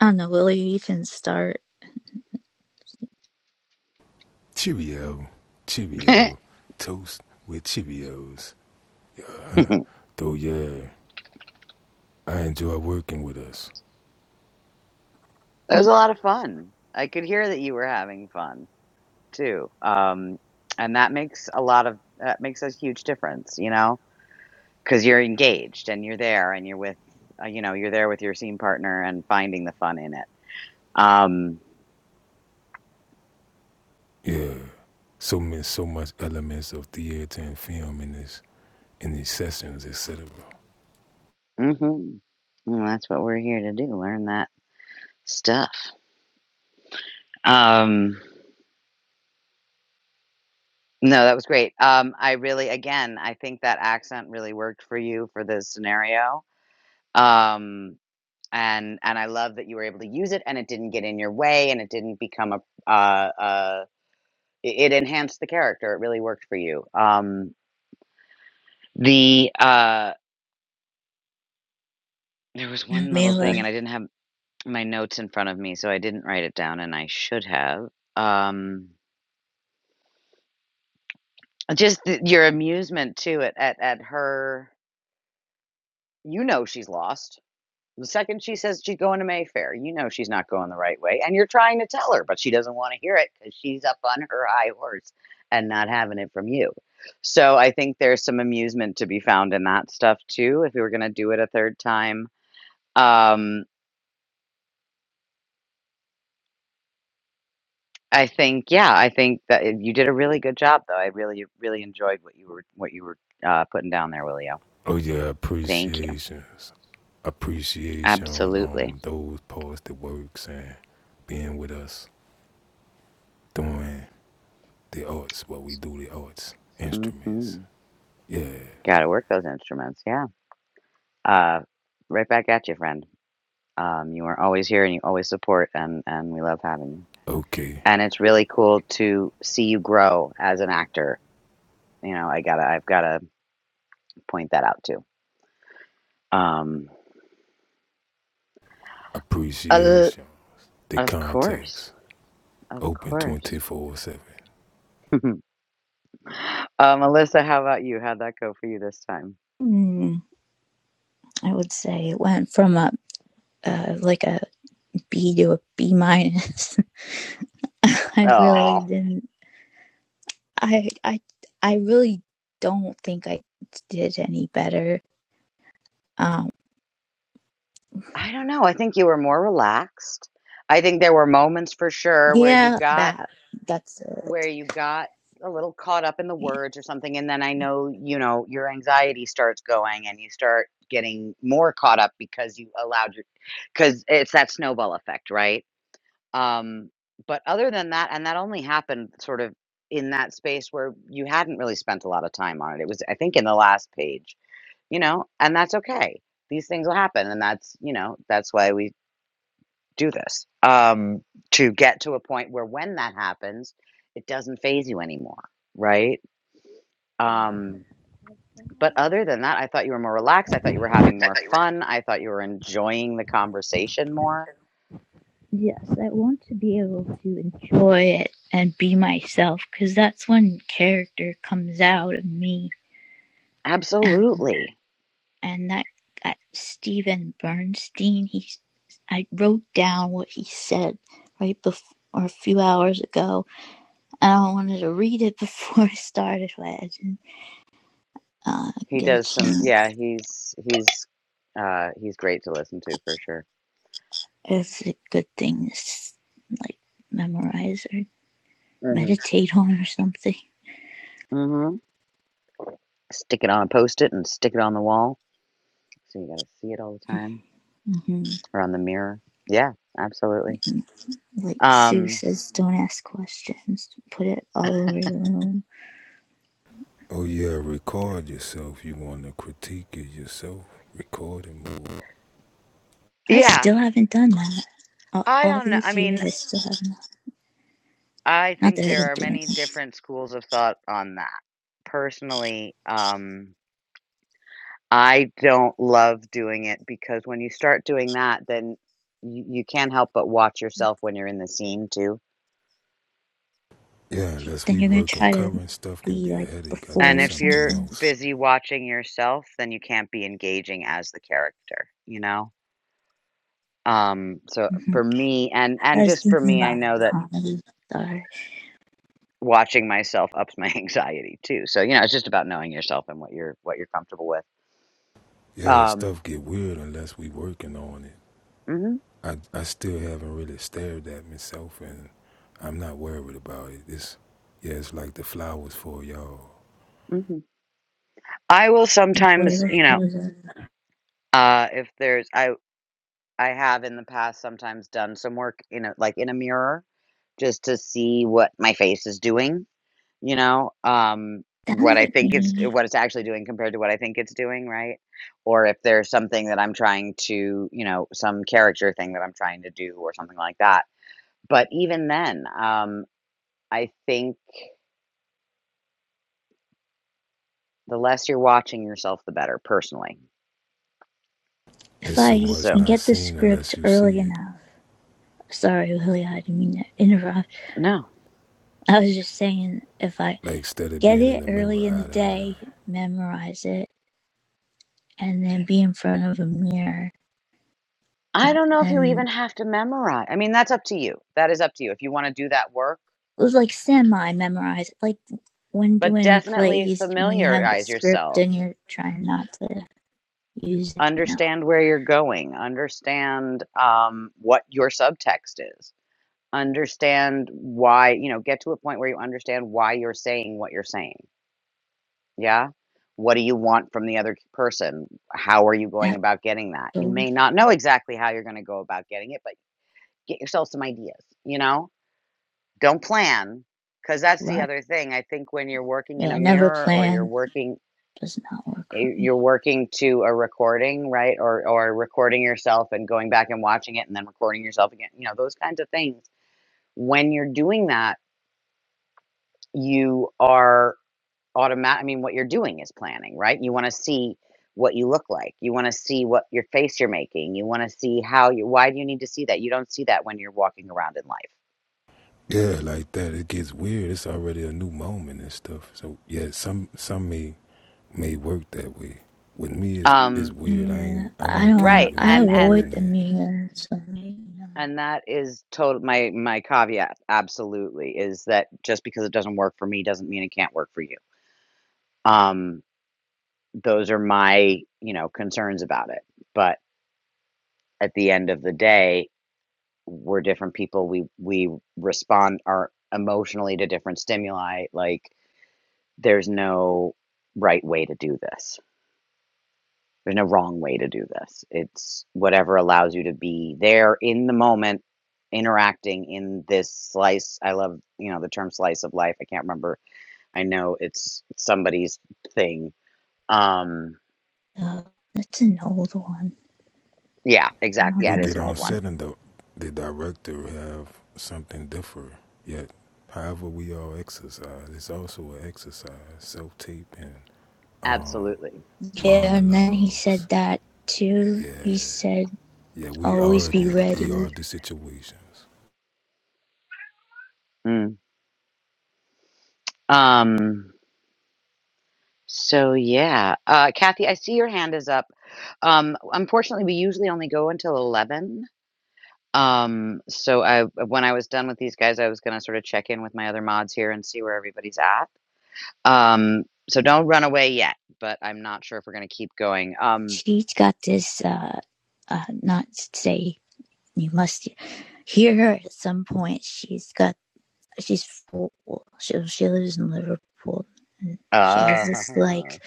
I don't know, Willie. You can start. Cheerio, Cheerio, toast with Cheerios. Though, yeah, I enjoy working with us. It was a lot of fun. I could hear that you were having fun too. Um, and that makes a lot of that makes a huge difference, you know, because you're engaged and you're there and you're with, uh, you know, you're there with your scene partner and finding the fun in it. Um, Yeah, so many, so much elements of theater and film in this, in these sessions, etc. hmm Well, that's what we're here to do, learn that stuff. Um, no, that was great. Um, I really, again, I think that accent really worked for you for this scenario um and and i love that you were able to use it and it didn't get in your way and it didn't become a uh uh it it enhanced the character it really worked for you um the uh there was one little Mila. thing and i didn't have my notes in front of me so i didn't write it down and i should have um just th- your amusement too at at, at her you know she's lost The second she says she's going to Mayfair, you know she's not going the right way. And you're trying to tell her, but she doesn't want to hear it because she's up on her high horse and not having it from you. So I think there's some amusement to be found in that stuff too. If we were going to do it a third time, um, I think yeah, I think that it- you did a really good job though. I really really enjoyed what you were what you were uh, putting down there, Willio. Oh yeah, Thank you. appreciations, appreciations Absolutely. on those parts that works and being with us doing the arts, what we do the arts, instruments. hmm Yeah, Got to work those instruments. Yeah. Uh, right back at you, friend. Um, you are always here and you always support, and, and we love having you. okay, And it's really cool to see you grow as an actor. You know, I gotta, I've gotta point that out too. Um, uh, appreciation, the of course, context, of open course. twenty four seven. um, Alyssa, how about you? How'd that go for you this time? Mm, I would say it went from a uh, like a B to a B minus. I really Oh, didn't. I I I really don't think I did any better. Um, I don't know. I think you were more relaxed. I think there were moments for sure where you yeah, got that that's Where it. you got a little caught up in the Yeah. words or something, and then I know, you know, your anxiety starts going and you start getting more caught up because you allowed your, because it's that snowball effect, right? Um, but other than that and that only happened sort of in that space where you hadn't really spent a lot of time on it. It was, I think, in the last page, you know, and that's okay. These things will happen, and that's, you know, that's why we do this um, to get to a point where when that happens, it doesn't phase you anymore, right? Um, but other than that, I thought you were more relaxed. I thought you were having more fun. I thought you were enjoying the conversation more. Yes, I want to be able to enjoy it and be myself because that's when character comes out of me. And Absolutely. and that, that Stephen Bernstein, he I wrote down what he said right before or a few hours ago, and I wanted to read it before I started, but I didn't uh, He get a does some, chance. yeah, he's, he's, uh, he's great to listen to for sure. It's a good thing to like memorize or hmm meditate on or something. hmm Stick it on a post it and stick it on the wall. So you got to see it all the time hmm or on the mirror. Yeah, absolutely. Like Sue Um, says, don't ask questions. Put it all over the room. Oh yeah, record yourself. You want to critique it yourself? Record it more. I yeah. still haven't done that. All, I all don't know. I these mean, years, I still haven't. I Not think that I've been there are doing many it. different schools of thought on that. Personally, um, I don't love doing it because when you start doing that, then you, you can't help but watch yourself when you're in the scene too. Yeah, Like, unless Then we you're gonna working try to current stuff can be be a like headache. I do And before or if something you're something. else. busy watching yourself, then you can't be engaging as the character, you know? Um, so hmm for me and I and was just for thinking me, I about know a that comedy star watching myself ups my anxiety too. So, you know, it's just about knowing yourself and what you're what you're comfortable with. Yeah, Um stuff get weird unless we working on it. Mhm, I I still haven't really stared at myself, and I'm not worried about it. It's yeah, it's like the flowers for y'all. mhm. I will and sometimes, whatever you know, shows up. uh, if there's I I have in the past sometimes done some work in a like in a mirror just to see what my face is doing, you know, um, That what I might think it's me. what it's actually doing compared to what I think it's doing, right? Or if there's something that I'm trying to, you know, some character thing that I'm trying to do or something like that. But even then, um, I think the less you're watching yourself, the better, personally. If It's so I much So can not get the seen script unless you early see it. enough. Sorry, Willie, I didn't mean to interrupt. no. I was just saying if I Like instead of get being in it the mirror early in the eye to eye. day, memorize it, and then be in front of a mirror. I And don't know if you even then have to memorize. I mean, that's up to you. That is up to you if you want to do that work, it was like semi memorized, like when but doing definitely plays, when you have the familiarize script yourself. and you're trying not to use it, you know, Understand where you're going. Understand um, what your subtext is. Understand why, you know, get to a point where you understand why you're saying what you're saying. Yeah. What do you want from the other person? How are you going that's about getting that? You those may not know exactly how you're going to go about getting it, but get yourself some ideas, you know? Don't plan because that's the vibe. other thing. I think when you're working in a Yeah, never mirror or you're plan working does not work for eh, me. you're working to a recording, right? Or or recording yourself and going back and watching it and then recording yourself again. You know, those kinds of things. When you're doing that, you are automatic I mean what you're doing is planning, right? You want to see what you look like. You want to see what your face you're making. You want to see how you why do you need to see that? You don't see that when you're walking around in life. Yeah, like that. It gets weird. It's already a new moment and stuff. So yeah, some some me may work that way. With me, it's, it's Um weird. I Yeah, ain't, I'm I don't okay want to, right. I without And and avoid doing the that. mirror, so maybe, And no. that is total my my caveat absolutely is that just because it doesn't work for me doesn't mean it can't work for you. Um, those are my, you know, concerns about it. But at the end of the day, we're different people. We we respond are emotionally to different stimuli. Like there's no right way to do this. There's no wrong way to do this. It's whatever allows you to be there in the moment, interacting in this slice. I love, you know, the term slice of life. I can't remember. I know it's somebody's thing. Um, uh, that's an old one. yeah, exactly. Um, Yeah, We it is get an on old one. set and the, the director have something different. Yet, however we all exercise, it's also an exercise. Self-taping, um, Absolutely. Yeah, and then he monologues. said that too. Yeah, He said, yeah, we always are be the, we ready are the situations. Mm. Um, so yeah, uh, Kathy, I see your hand is up. Um, unfortunately, we usually only go until 11. Um, so I when I was done with these guys, I was gonna sort of check in with my other mods here and see where everybody's at. Um, so don't run away yet, but I'm not sure if we're gonna keep going. Um, she's got this uh uh not to say you must hear her at some point she's got she's full she, she lives in liverpool and she has uh, this like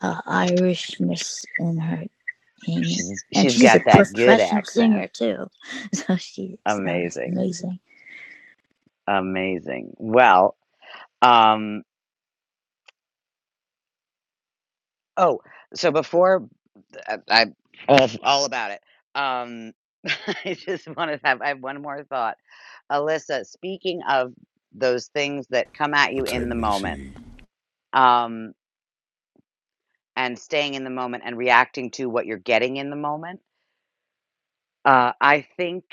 uh irishness in her and, she's and she's she's a got that good professional accent. singer too so she sounds Amazing, amazing amazing. Well, um, oh, so before I, I all, all about it. Um, I just want to have I have one more thought, Alyssa. Speaking of those things that come at you What type in of the me moment she? um, and staying in the moment and reacting to what you're getting in the moment. Uh, I think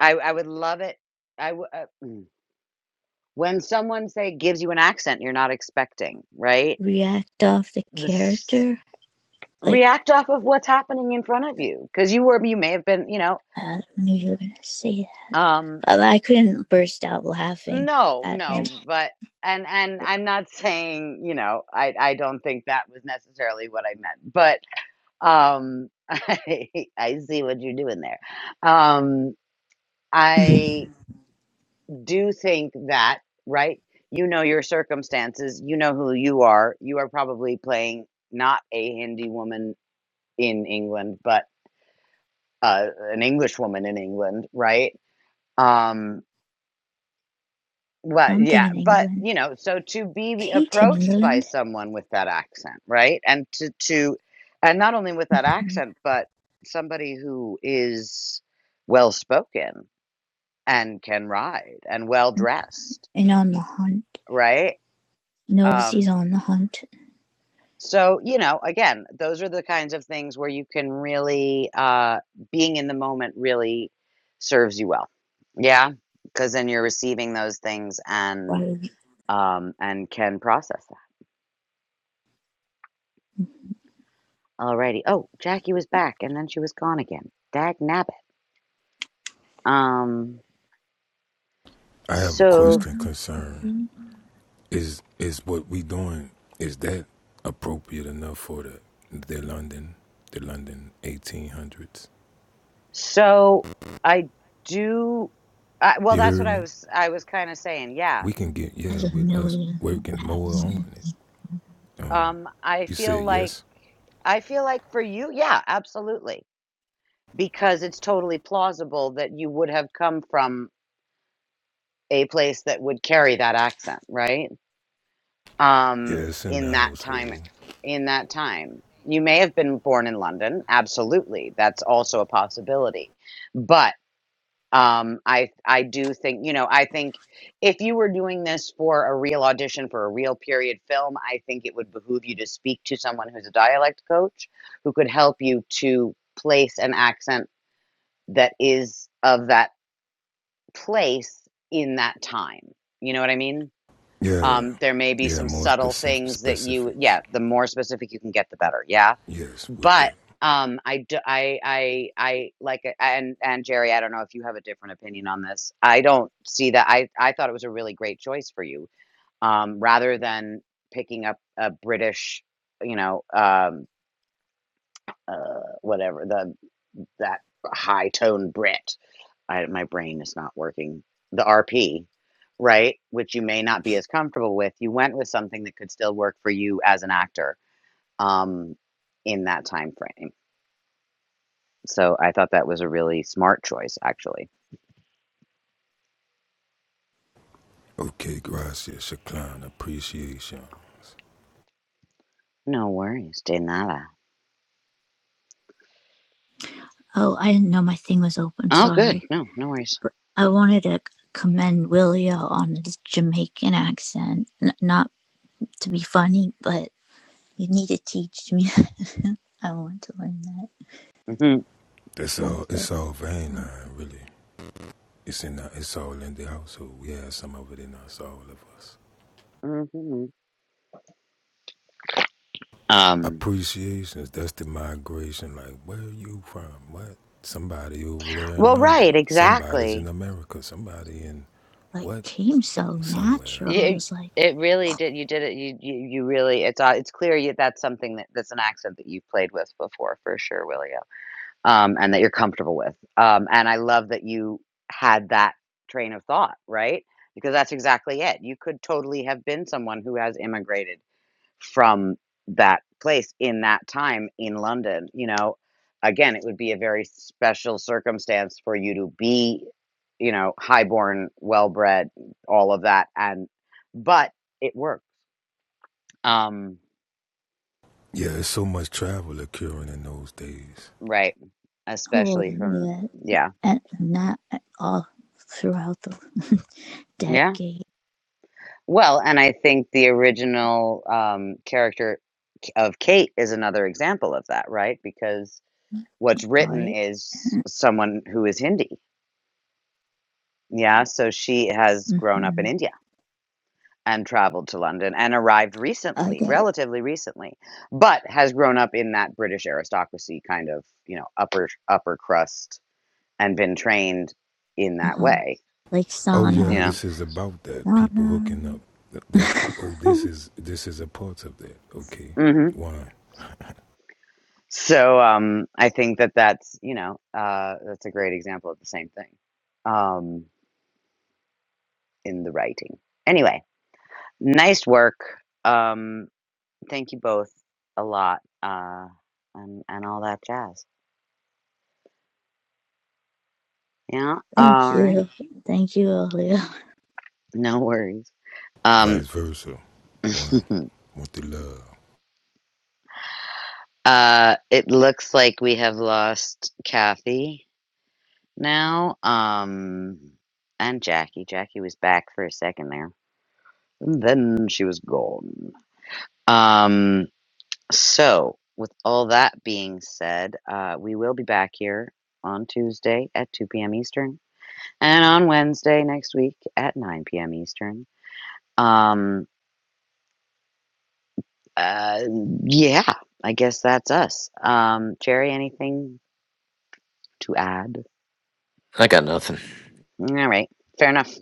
I, I would love it. I w- uh, mm. when someone say gives you an accent you're not expecting, right? react off the This character like react off of what's happening in front of you because you were you may have been you know I knew you were gonna say that. um But I couldn't burst out laughing no at him. no but and and i'm not saying you know i i don't think that was necessarily what i meant but um i i see what you're doing there um I do think that, right? You know your circumstances, you know who you are. You are probably playing not a Hindi woman in England, but uh, an English woman in England, right? Um, well, Something yeah, in but England. you know, so to be Kate in approached by England someone with that accent, right? And to to and not only with that accent, but somebody who is well spoken and can ride and well dressed, and on the hunt, right? knows he's Um, on the hunt. so, you know, again, those are the kinds of things where you can really, uh, being in the moment really serves you well. Yeah. Because then you're receiving those things and, Why um, and can process that. Alrighty. Oh, Jackie was back and then she was gone again. Dag nabbit. Um, I have a so, question come concern Is is what we doing? Is that appropriate enough for the the London, the London eighteen hundreds? so I do, I, well, You that's what heard I me? was, I was kind of saying. Yeah. We can get has yeah a with us million working more on accent. it. Um, Um, I you feel said like, yes, I feel like for you, yeah, absolutely because it's totally plausible that you would have come from a place that would carry that accent, right? Um, yes in the in that time, household. in that time, you may have been born in London. Absolutely, that's also a possibility. But um, I, I do think, you know, I think if you were doing this for a real audition for a real period film, I think it would behoove you to speak to someone who's a dialect coach who could help you to place an accent that is of that place in that time. You know what I mean? Yeah, Um, there may be yeah. some More subtle specific things that you, specifics. yeah, the more specific you can get, the better. Yeah. Yes, with But that. um, I, d- I, I, I like, it- and, and Jerry, I don't know if you have a different opinion on this. I don't see that. I, I thought it was a really great choice for you um, rather than picking up a British, you know, um, uh, whatever the, that high tone Brit I my brain is not working. The RP, right? Which you may not be as comfortable with. You went with something that could still work for you as an actor um, in that time frame. So I thought that was a really smart choice, actually. Okay, gracias, Shaklan, appreciation. No worries, de nada. Oh, I didn't know my thing was open, Oh, good. sorry. No, no worries. But I wanted to commend Willia on his Jamaican accent. N- not to be funny, but you need to teach me. I want to learn that. hmm That's Not all. It's the all vein uh, line, really. It's in. The, it's all in the household. We have some of it in us, all of us. hmm Um, appreciations. That's the migration. Like, where are you from? What? Somebody over there in well, London. right, Somebody's in exactly. America. Somebody in like what? came so Somewhere. natural. It You, was like, it really did. You did it. You, you, you really. It's uh, it's clear you, that's something that that's an accent that you've played with before, for sure, Willie. um, and that you're comfortable with. Um, and I love that you had that train of thought, right? Because that's exactly it. You could totally have been someone who has immigrated from that place in that time in London. You know, again, it would be a very special circumstance for you to be, you know, highborn, well bred, all of that. And, but it worked. Um, Yeah, there's so much travel occurring in those days. right. oh, Especially from, yeah. yeah. And that all throughout the Yeah. decade Well, and I think the original um, character K- of Kate is another example of that, right? Because what's written art. is someone who is Hindi. Yeah, so she has grown up in Mm-hmm. India and traveled to London and arrived I recently, get it. relatively recently, but has grown up in that British aristocracy kind of, you know, upper upper crust and been trained in Uh that huh. way, Like Oh you yeah, Sana, know. this is about that. People Sana. hooking up. That oh, this is this is a part of that. Okay, Mhm. one. So um, I think that that's you know uh, that's a great example of the same thing um, in the writing. Anyway, nice work. Um, thank you both a lot uh, and and all that jazz. Yeah. Thank Alrighty. you. Thank you, Olio. No worries. Um, Vice versa. One. Want the love. uh, it looks like we have lost Kathy now. Um, and Jackie. Jackie was back for a second there. And then she was gone. Um. So, with all that being said, uh, we will be back here on Tuesday at 2 p.m. Eastern and on Wednesday next week at 9 p.m. Eastern. Um, uh, yeah, I guess that's us. Um, Jerry, anything to add? I got nothing. All right, fair enough.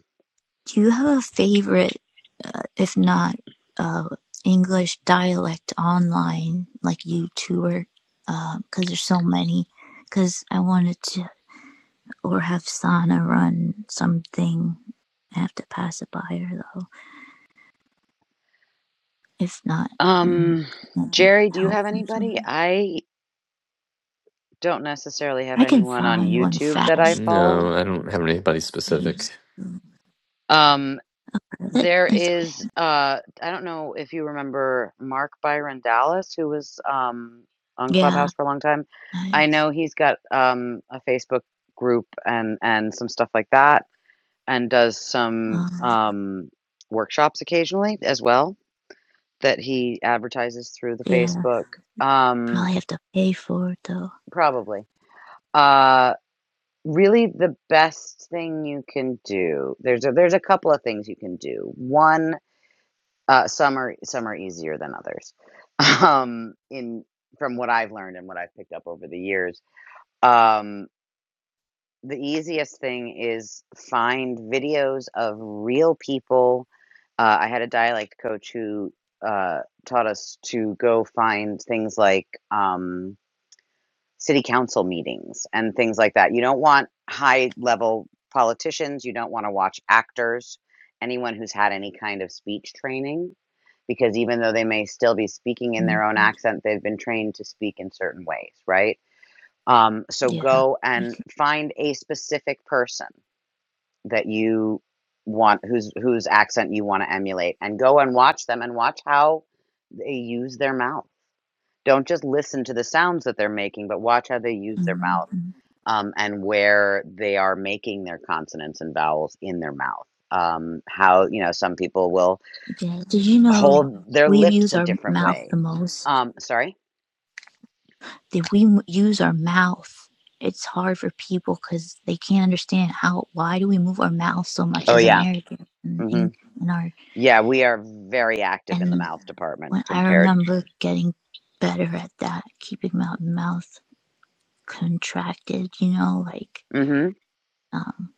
Do you have a favorite, uh, if not uh, English dialect online, like YouTuber? Because uh, there's so many. Because I wanted to, or have Sana run something. I have to pass it by her though. If not, I'm Um, I can Jerry, do you help have from some. anybody? I don't necessarily have I can anyone on find one YouTube that I fast. follow. No, I don't have anybody I specific. used to, Um, but it, There it's okay. is, uh, I don't know if you remember Mark Byron Dallas, who was um, on Yeah, Clubhouse for a long time. I, I know he's got um, a Facebook group and and some stuff like that, and does some uh, um, workshops occasionally as well that he advertises through the yeah, Facebook. Um, probably have to pay for it though. probably. Uh, really, the best thing you can do. There's a, there's a couple of things you can do. One uh, some are some are easier than others. um in from what I've learned and what I've picked up over the years. Um the easiest thing is find videos of real people. Uh, I had a dialect coach who uh, taught us to go find things like um, city council meetings and things like that. You don't want high level politicians, you don't want to watch actors, anyone who's had any kind of speech training, because even though they may still be speaking in hmm their own accent, they've been trained to speak in certain ways, right? Um, so Yeah. go You and find a specific person that you want whose whose accent you want to emulate and go and watch them and watch how they use their mouth. Don't just listen to the sounds that they're making, but watch how they use their mouth mhm. um, and where they are making their consonants and vowels in their mouth. Um, how, you know, some people will Yeah. Did you know hold their we lips use a our different mouth way. the most? Um, sorry? Did we use our mouth? It's hard for people because they can't understand how. Why do we move our mouth so much Oh, as yeah. Americans? And, hmm and, and our Yeah, we are very active in the and mouth department when I compared. remember getting better at that, keeping my mouth contracted, you know, like hmm um,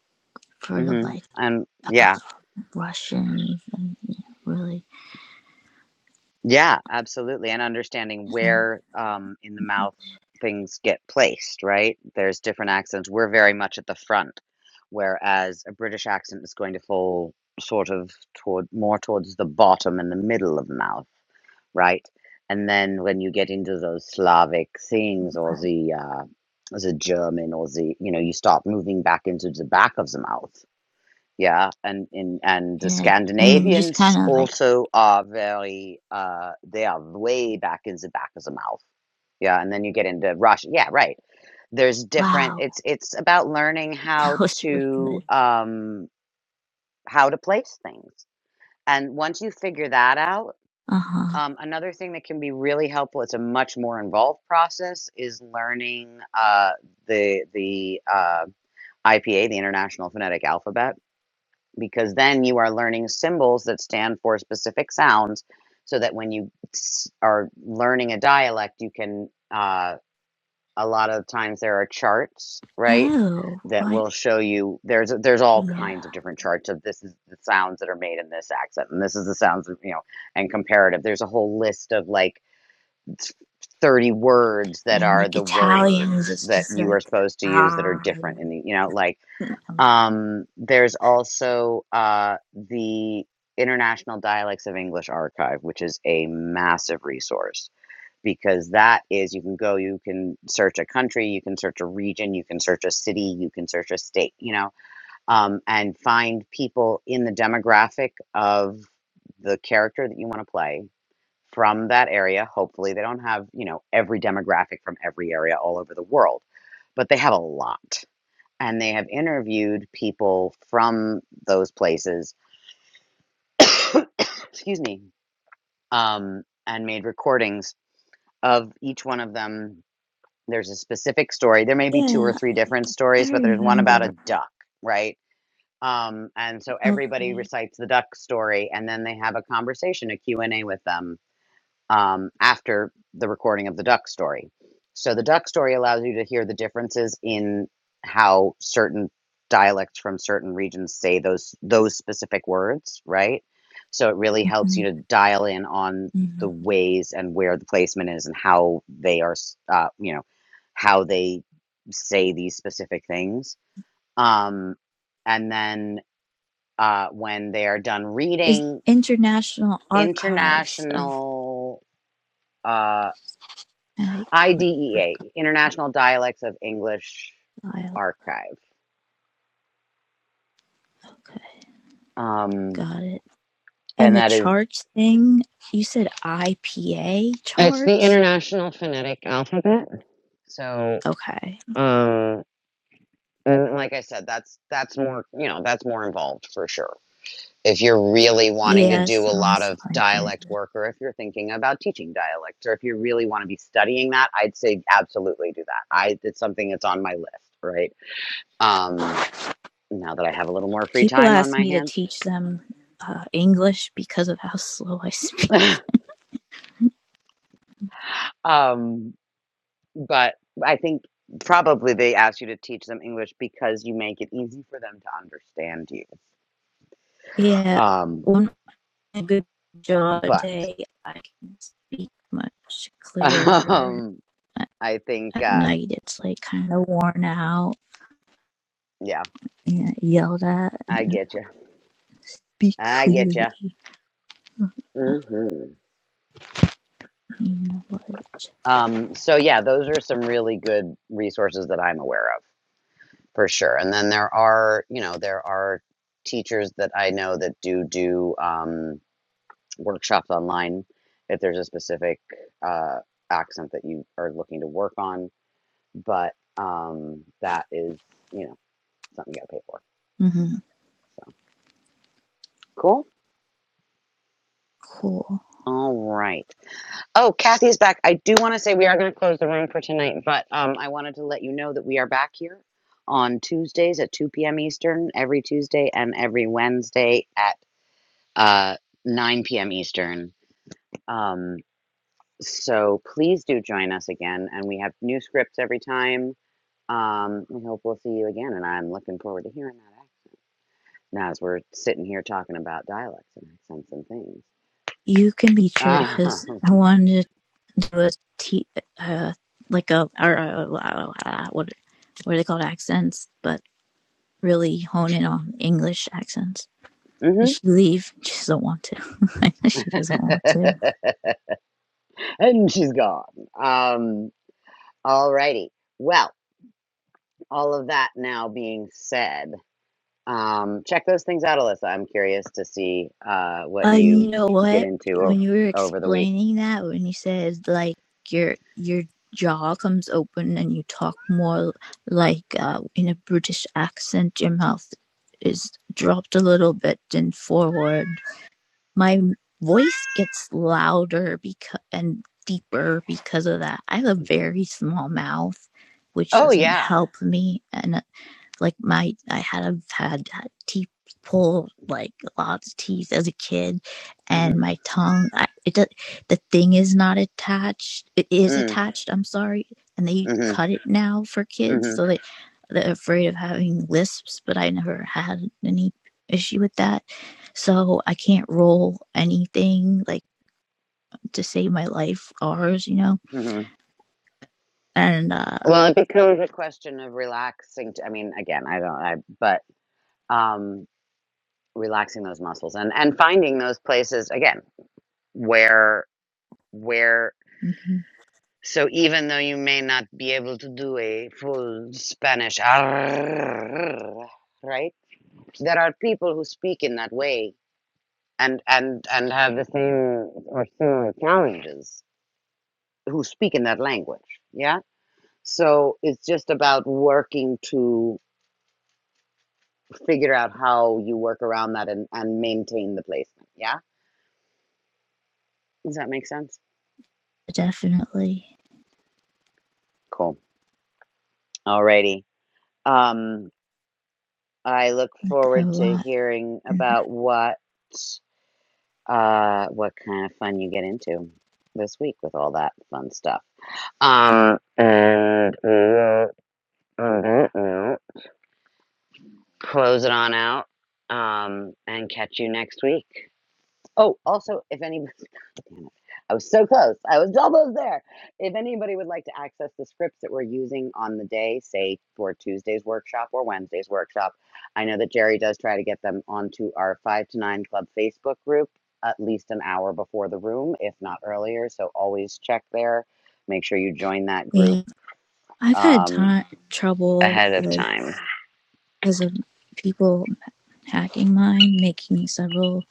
for hmm like And uh, yeah, Russian, even you know, really, Yeah, absolutely, and understanding um, where, um, in the mouth things get placed, right? There's different accents. We're very much at the front, whereas a British accent is going to fall sort of toward more towards the bottom and the middle of the mouth, right? And then when you get into those Slavic things or the uh, the German or the you know you start moving back into the back of the mouth, yeah, and in and the yeah. And you just Scandinavians kind of like, also are very uh they are way back in the back of the mouth. Yeah, and then you get into Russia. Yeah, right. There's different wow, it's it's about learning how that was really to good. um how to place things. And once you figure that out, Uh huh. um another thing that can be really helpful, it's a much more involved process, is learning uh the the uh IPA, the International Phonetic Alphabet because then you are learning symbols that stand for specific sounds so that when you s- are learning a dialect you can uh, a lot of times there are charts right Oh, that what? will show you there's there's all Yeah. kinds of different charts of this is the sounds that are made in this accent and this is the sounds of, you know and comparative there's a whole list of like 30 words that And are like the Italians, words it's that just you are like supposed to use that are ah, different in the you know like um, there's also uh, the International Dialects of English Archive, which is a massive resource because that is you can go, you can search a country, you can search a region, you can search a city, you can search a state, you know, um, and find people in the demographic of the character that you want to play from that area. Hopefully, they don't have, you know, every demographic from every area all over the world, but they have a lot and they have interviewed people from those places excuse me um, and made recordings of each one of them there's a specific story there may be two or yeah. three different I stories but there's one about remember. a duck right um, and so everybody Okay. recites the duck story and then they have a conversation a Q and a with them um, after the recording of the duck story. So the duck story allows you to hear the differences in how certain dialects from certain regions say those those specific words, right? So it really helps hmm you to dial in on hmm the ways and where the placement is and how they are, s- uh, you know, how they say these specific things. Um, and then uh, when they are done Is reading international archives of international. uh, like like for IDEA, International Dialects of English Guile. Archive. Okay, Um, got it. And and the that is, charts thing, you said IPA it's the charts? International Phonetic Alphabet. So, Okay. um, and like I said, that's, that's more, you know, that's more involved for sure. If you're really wanting to Yeah, do a lot sounds of like it. dialect work, or if you're thinking about teaching dialects, or if you really want to be studying that, I'd say absolutely do that. I, it's something that's on my list, right? Um, now that I have a little more free People time on ask my me to hands. teach them uh, English because of how slow I speak. um, but I think probably they asked you to teach them English because you make it easy for them to understand you. Yeah, Um, on a good job but day, I can speak much clearer. um, At, I think, at uh, night, it's like kind of worn out yeah, and yelled at. I get you. Speak I get you. clearly. Mm-hmm. Um, hmm you know what? Um, so yeah, those are some really good resources that I'm aware of for sure. And then there are, you know, there are teachers that I know that do do um, workshops online if there's a specific uh, accent that you are looking to work on but um, that is, you know, something you got to pay for. hmm So cool. Cool. All right. Oh, Kathy is back. I do want to say we are going to close the room for tonight, but um, I wanted to let you know that we are back here on Tuesdays at 2 p.m. Eastern every Tuesday and every Wednesday at uh, 9 p.m. Eastern. Um, so please do join us again. And we have new scripts every time. Um, we hope we'll see you again. And I'm looking forward to hearing that. Now, as we're sitting here talking about dialects and accents and things. You can be sure, Um, because I wanted to do a t uh like a or uh, uh, what what are they called accents, but really hone in on English accents. Did she leave? She doesn't want to. I know she doesn't want mhm. to. and she's gone. Um, alrighty. Well, all of that now being said, um, check those things out, Alyssa. I'm curious to see uh, Uh, what you you know get what? into o- When you were over the week. explaining that, when you said like your your jaw comes open and you talk more like uh, in a British accent, your mouth is dropped a little bit and forward my voice gets louder because and deeper because of that. I have a very small mouth, which Oh, doesn't yeah. help me. And like my I had have had teeth pulled like lots of teeth as a kid, hmm and my tongue I, it does, the thing is not attached. It is Mm, attached. I'm sorry, and they hmm cut it now for kids, hmm so they they're afraid of having lisps. But I never had any issue with that, so I can't roll anything like to save my life. Ours, you know, hmm and uh, Well, it becomes a question of relaxing. T- I mean, again, I don't, I, but um, relaxing those muscles and, and finding those places. Again, where where mhm, so even though you may not be able to do a full Spanish right there are people who speak in that way and and and have the same or similar challenges who speak in that language yeah so it's just about working to figure out how you work around that and, and maintain the placement yeah does that make sense definitely cool alrighty um I look like a forward to lot. hearing about what uh what kind of fun you get into this week with all that fun stuff. Um and we'll close it on out um and catch you next week. Oh, also if anybody Damn it. I was so close. I was almost there. If anybody would like to access the scripts that we're using on the day, say for Tuesday's workshop or Wednesday's workshop, I know that Jerry does try to get them onto our 5 to 9 Club Facebook group at least an hour before the room, if not earlier. So always check there. Make sure you join that group Yeah. I've had um, time trouble ahead of with time. because of people hacking mine, making me several,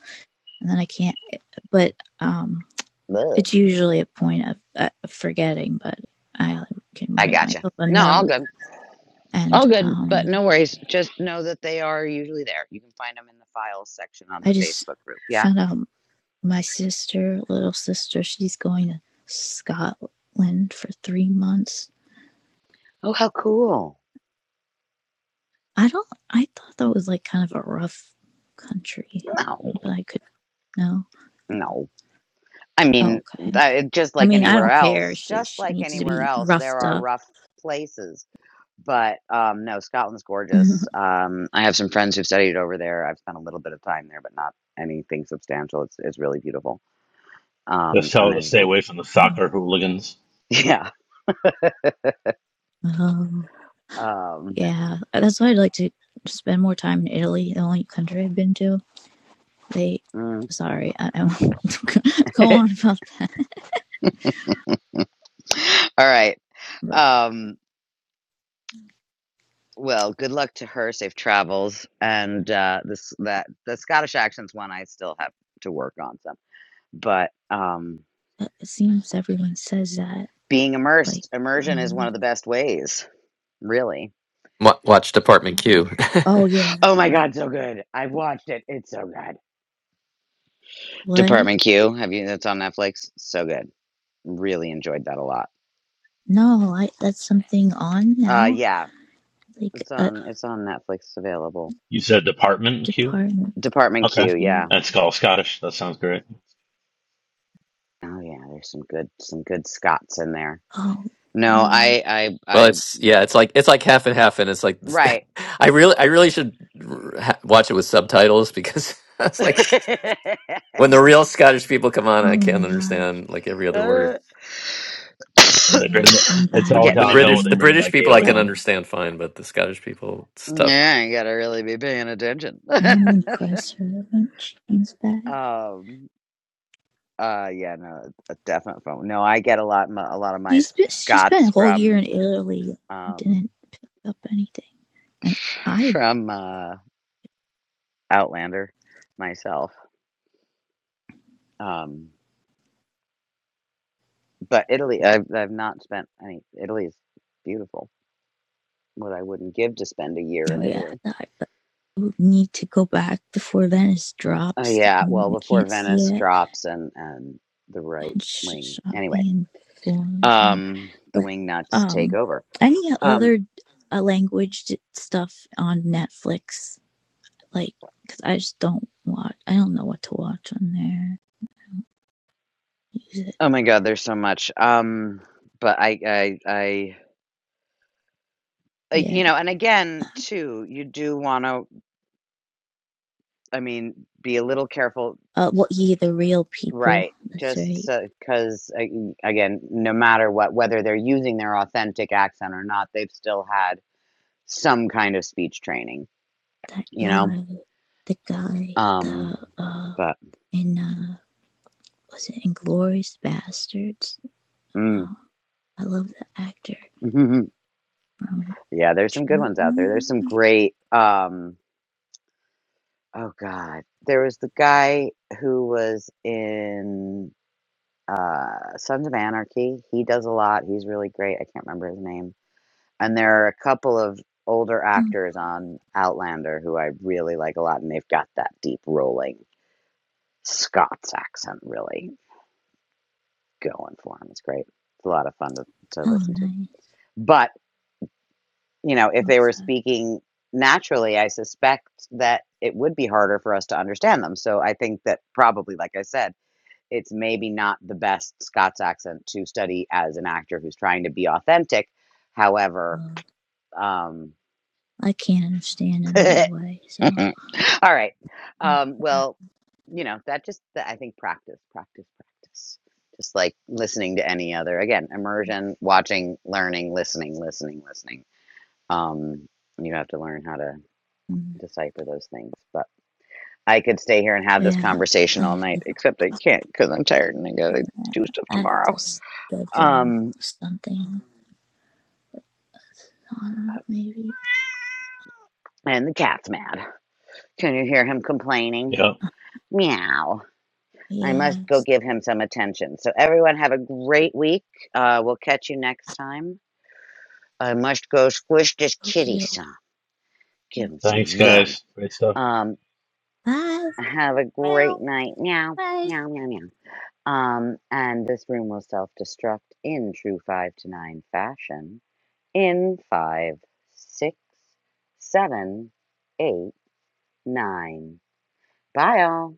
and then I can't. But um, Ugh. it's usually a point of, uh, of forgetting. But I can I write gotcha. myself a No, all note, good. and All good, but um, no worries. Just know that they are usually there. You can find them in the files section on I the just Facebook group. Yeah. found out my sister, little sister, she's going to Scotland for three months. Oh, how cool. I don't. I thought that was like kind of a rough country, No, but I could know. no. I Oh, mean, okay. that, just I like mean, I anywhere don't care. else, She, just she like needs to anywhere be else, there roughed are up. rough places. But um, no, Scotland's gorgeous. Um, I have some friends who've studied over there. I've spent a little bit of time there, but not anything substantial. It's, it's really beautiful. Just Um, tell and her to there's, stay a, away from the soccer hooligans. yeah. oh, Um, yeah. That's why I'd like to spend more time in Italy, the only country I've been to. They, mm. sorry, I, I won't go on All about right. that, Um, well, good luck to her. Safe travels. And uh, this that the Scottish accent's one I still have to work on. So but um but it seems everyone says that. being Like, immersed immersion is one um, of the best ways really Wa- Watch Department Q. oh, yeah. oh my god so good i've watched it it's so good What? department q have you that's on netflix so good really enjoyed that a lot No, I, that's something on uh now. yeah Like it's a on it's on netflix available You said department, Q? department department Okay. q yeah queue. That's all Scottish. That sounds great. oh yeah there's some good some good scots in there Oh, no what? i i well, i it's yeah, it's like it's like half and half, and it's like right I really I really should r- ha- watch it with subtitles because it's like. When the real Scottish people come on, oh I my can't god. understand like every other word. Uh, They bring The, Yeah, the, I'm it's bad all the, getting the the downhill when British, understanding they the that. bring British that people, I Gaelic can But. in. understand fine, but the Scottish people, it's tough. yeah you gotta really be paying attention I want to impress her when she comes back. um Uh, yeah, no, a definite phone. No, I get a lot my a lot of my She's been, she spent Scots a whole year in from, Italy and um, didn't pick up anything. And I, from, uh, Outlander myself. Um, but Italy, I've I've not spent any Italy is beautiful. What I wouldn't give to spend a year oh in yeah, Italy. I need to go back before Venice Uh, drops yeah, and well, we before can't see Venice it. drops and and the right And wing. shopping Anyway, in Florence and more. um, the But wing nuts take um, over. any Um, other uh, language stuff on Netflix? Like, because I just don't watch. I don't know what to watch on there. Use it. oh my God, there's so much. Um, but I I Uh, Yeah. you know, and again, too, you do want to, I mean, be a little careful, Uh, what ye the real people? right? That's Just right. because, again, no matter what, whether they're using their authentic accent or not, they've still had some kind of speech training, That you know? guy, the guy, Um, the uh, but in uh, was it Inglorious Bastards? mm. Oh, I love the actor from. yeah, there's some good China. ones out there. There's some great, um, oh God, there was the guy who was in uh Sons of Anarchy. He does a lot. He's really great. I can't remember his name and there are a couple of older Oh, actors on Outlander who I really like a lot, and they've got that deep rolling Scots accent really going for them. It's great. It's a lot of fun to, to oh listen to. nice. But you know, if they were Okay. speaking naturally, I suspect that it would be harder for us to understand them. So I think that probably, like I said, it's maybe not the best Scots accent to study as an actor who's trying to be authentic. However, Uh, um, I can't understand him either way. So All right. mm, Um, well, you know, that just, that I think practice, practice, practice. Just like listening to any other, again, immersion, watching, learning, listening, listening, listening. Um, you have to learn how to decipher those things. But I could stay here and have this yeah, I conversation all have night, to, except I can't because I'm tired and I gotta do stuff I have to tomorrow. schedule Um, something on maybe. and the cat's mad. Can you hear him complaining? Yep. Uh, Meow. I must go yes. give him some attention. So, everyone, have a great week. Uh, we'll catch you next time. I must go squish this Okie kitty doke. some. Give him some Thanks, love. guys. Great stuff. Um, Bye. have a Meow. great night. Meow, Bye. meow, meow, meow. Um, and this room will self destruct in true five to nine fashion in five, six, seven, eight, nine. Bye, all.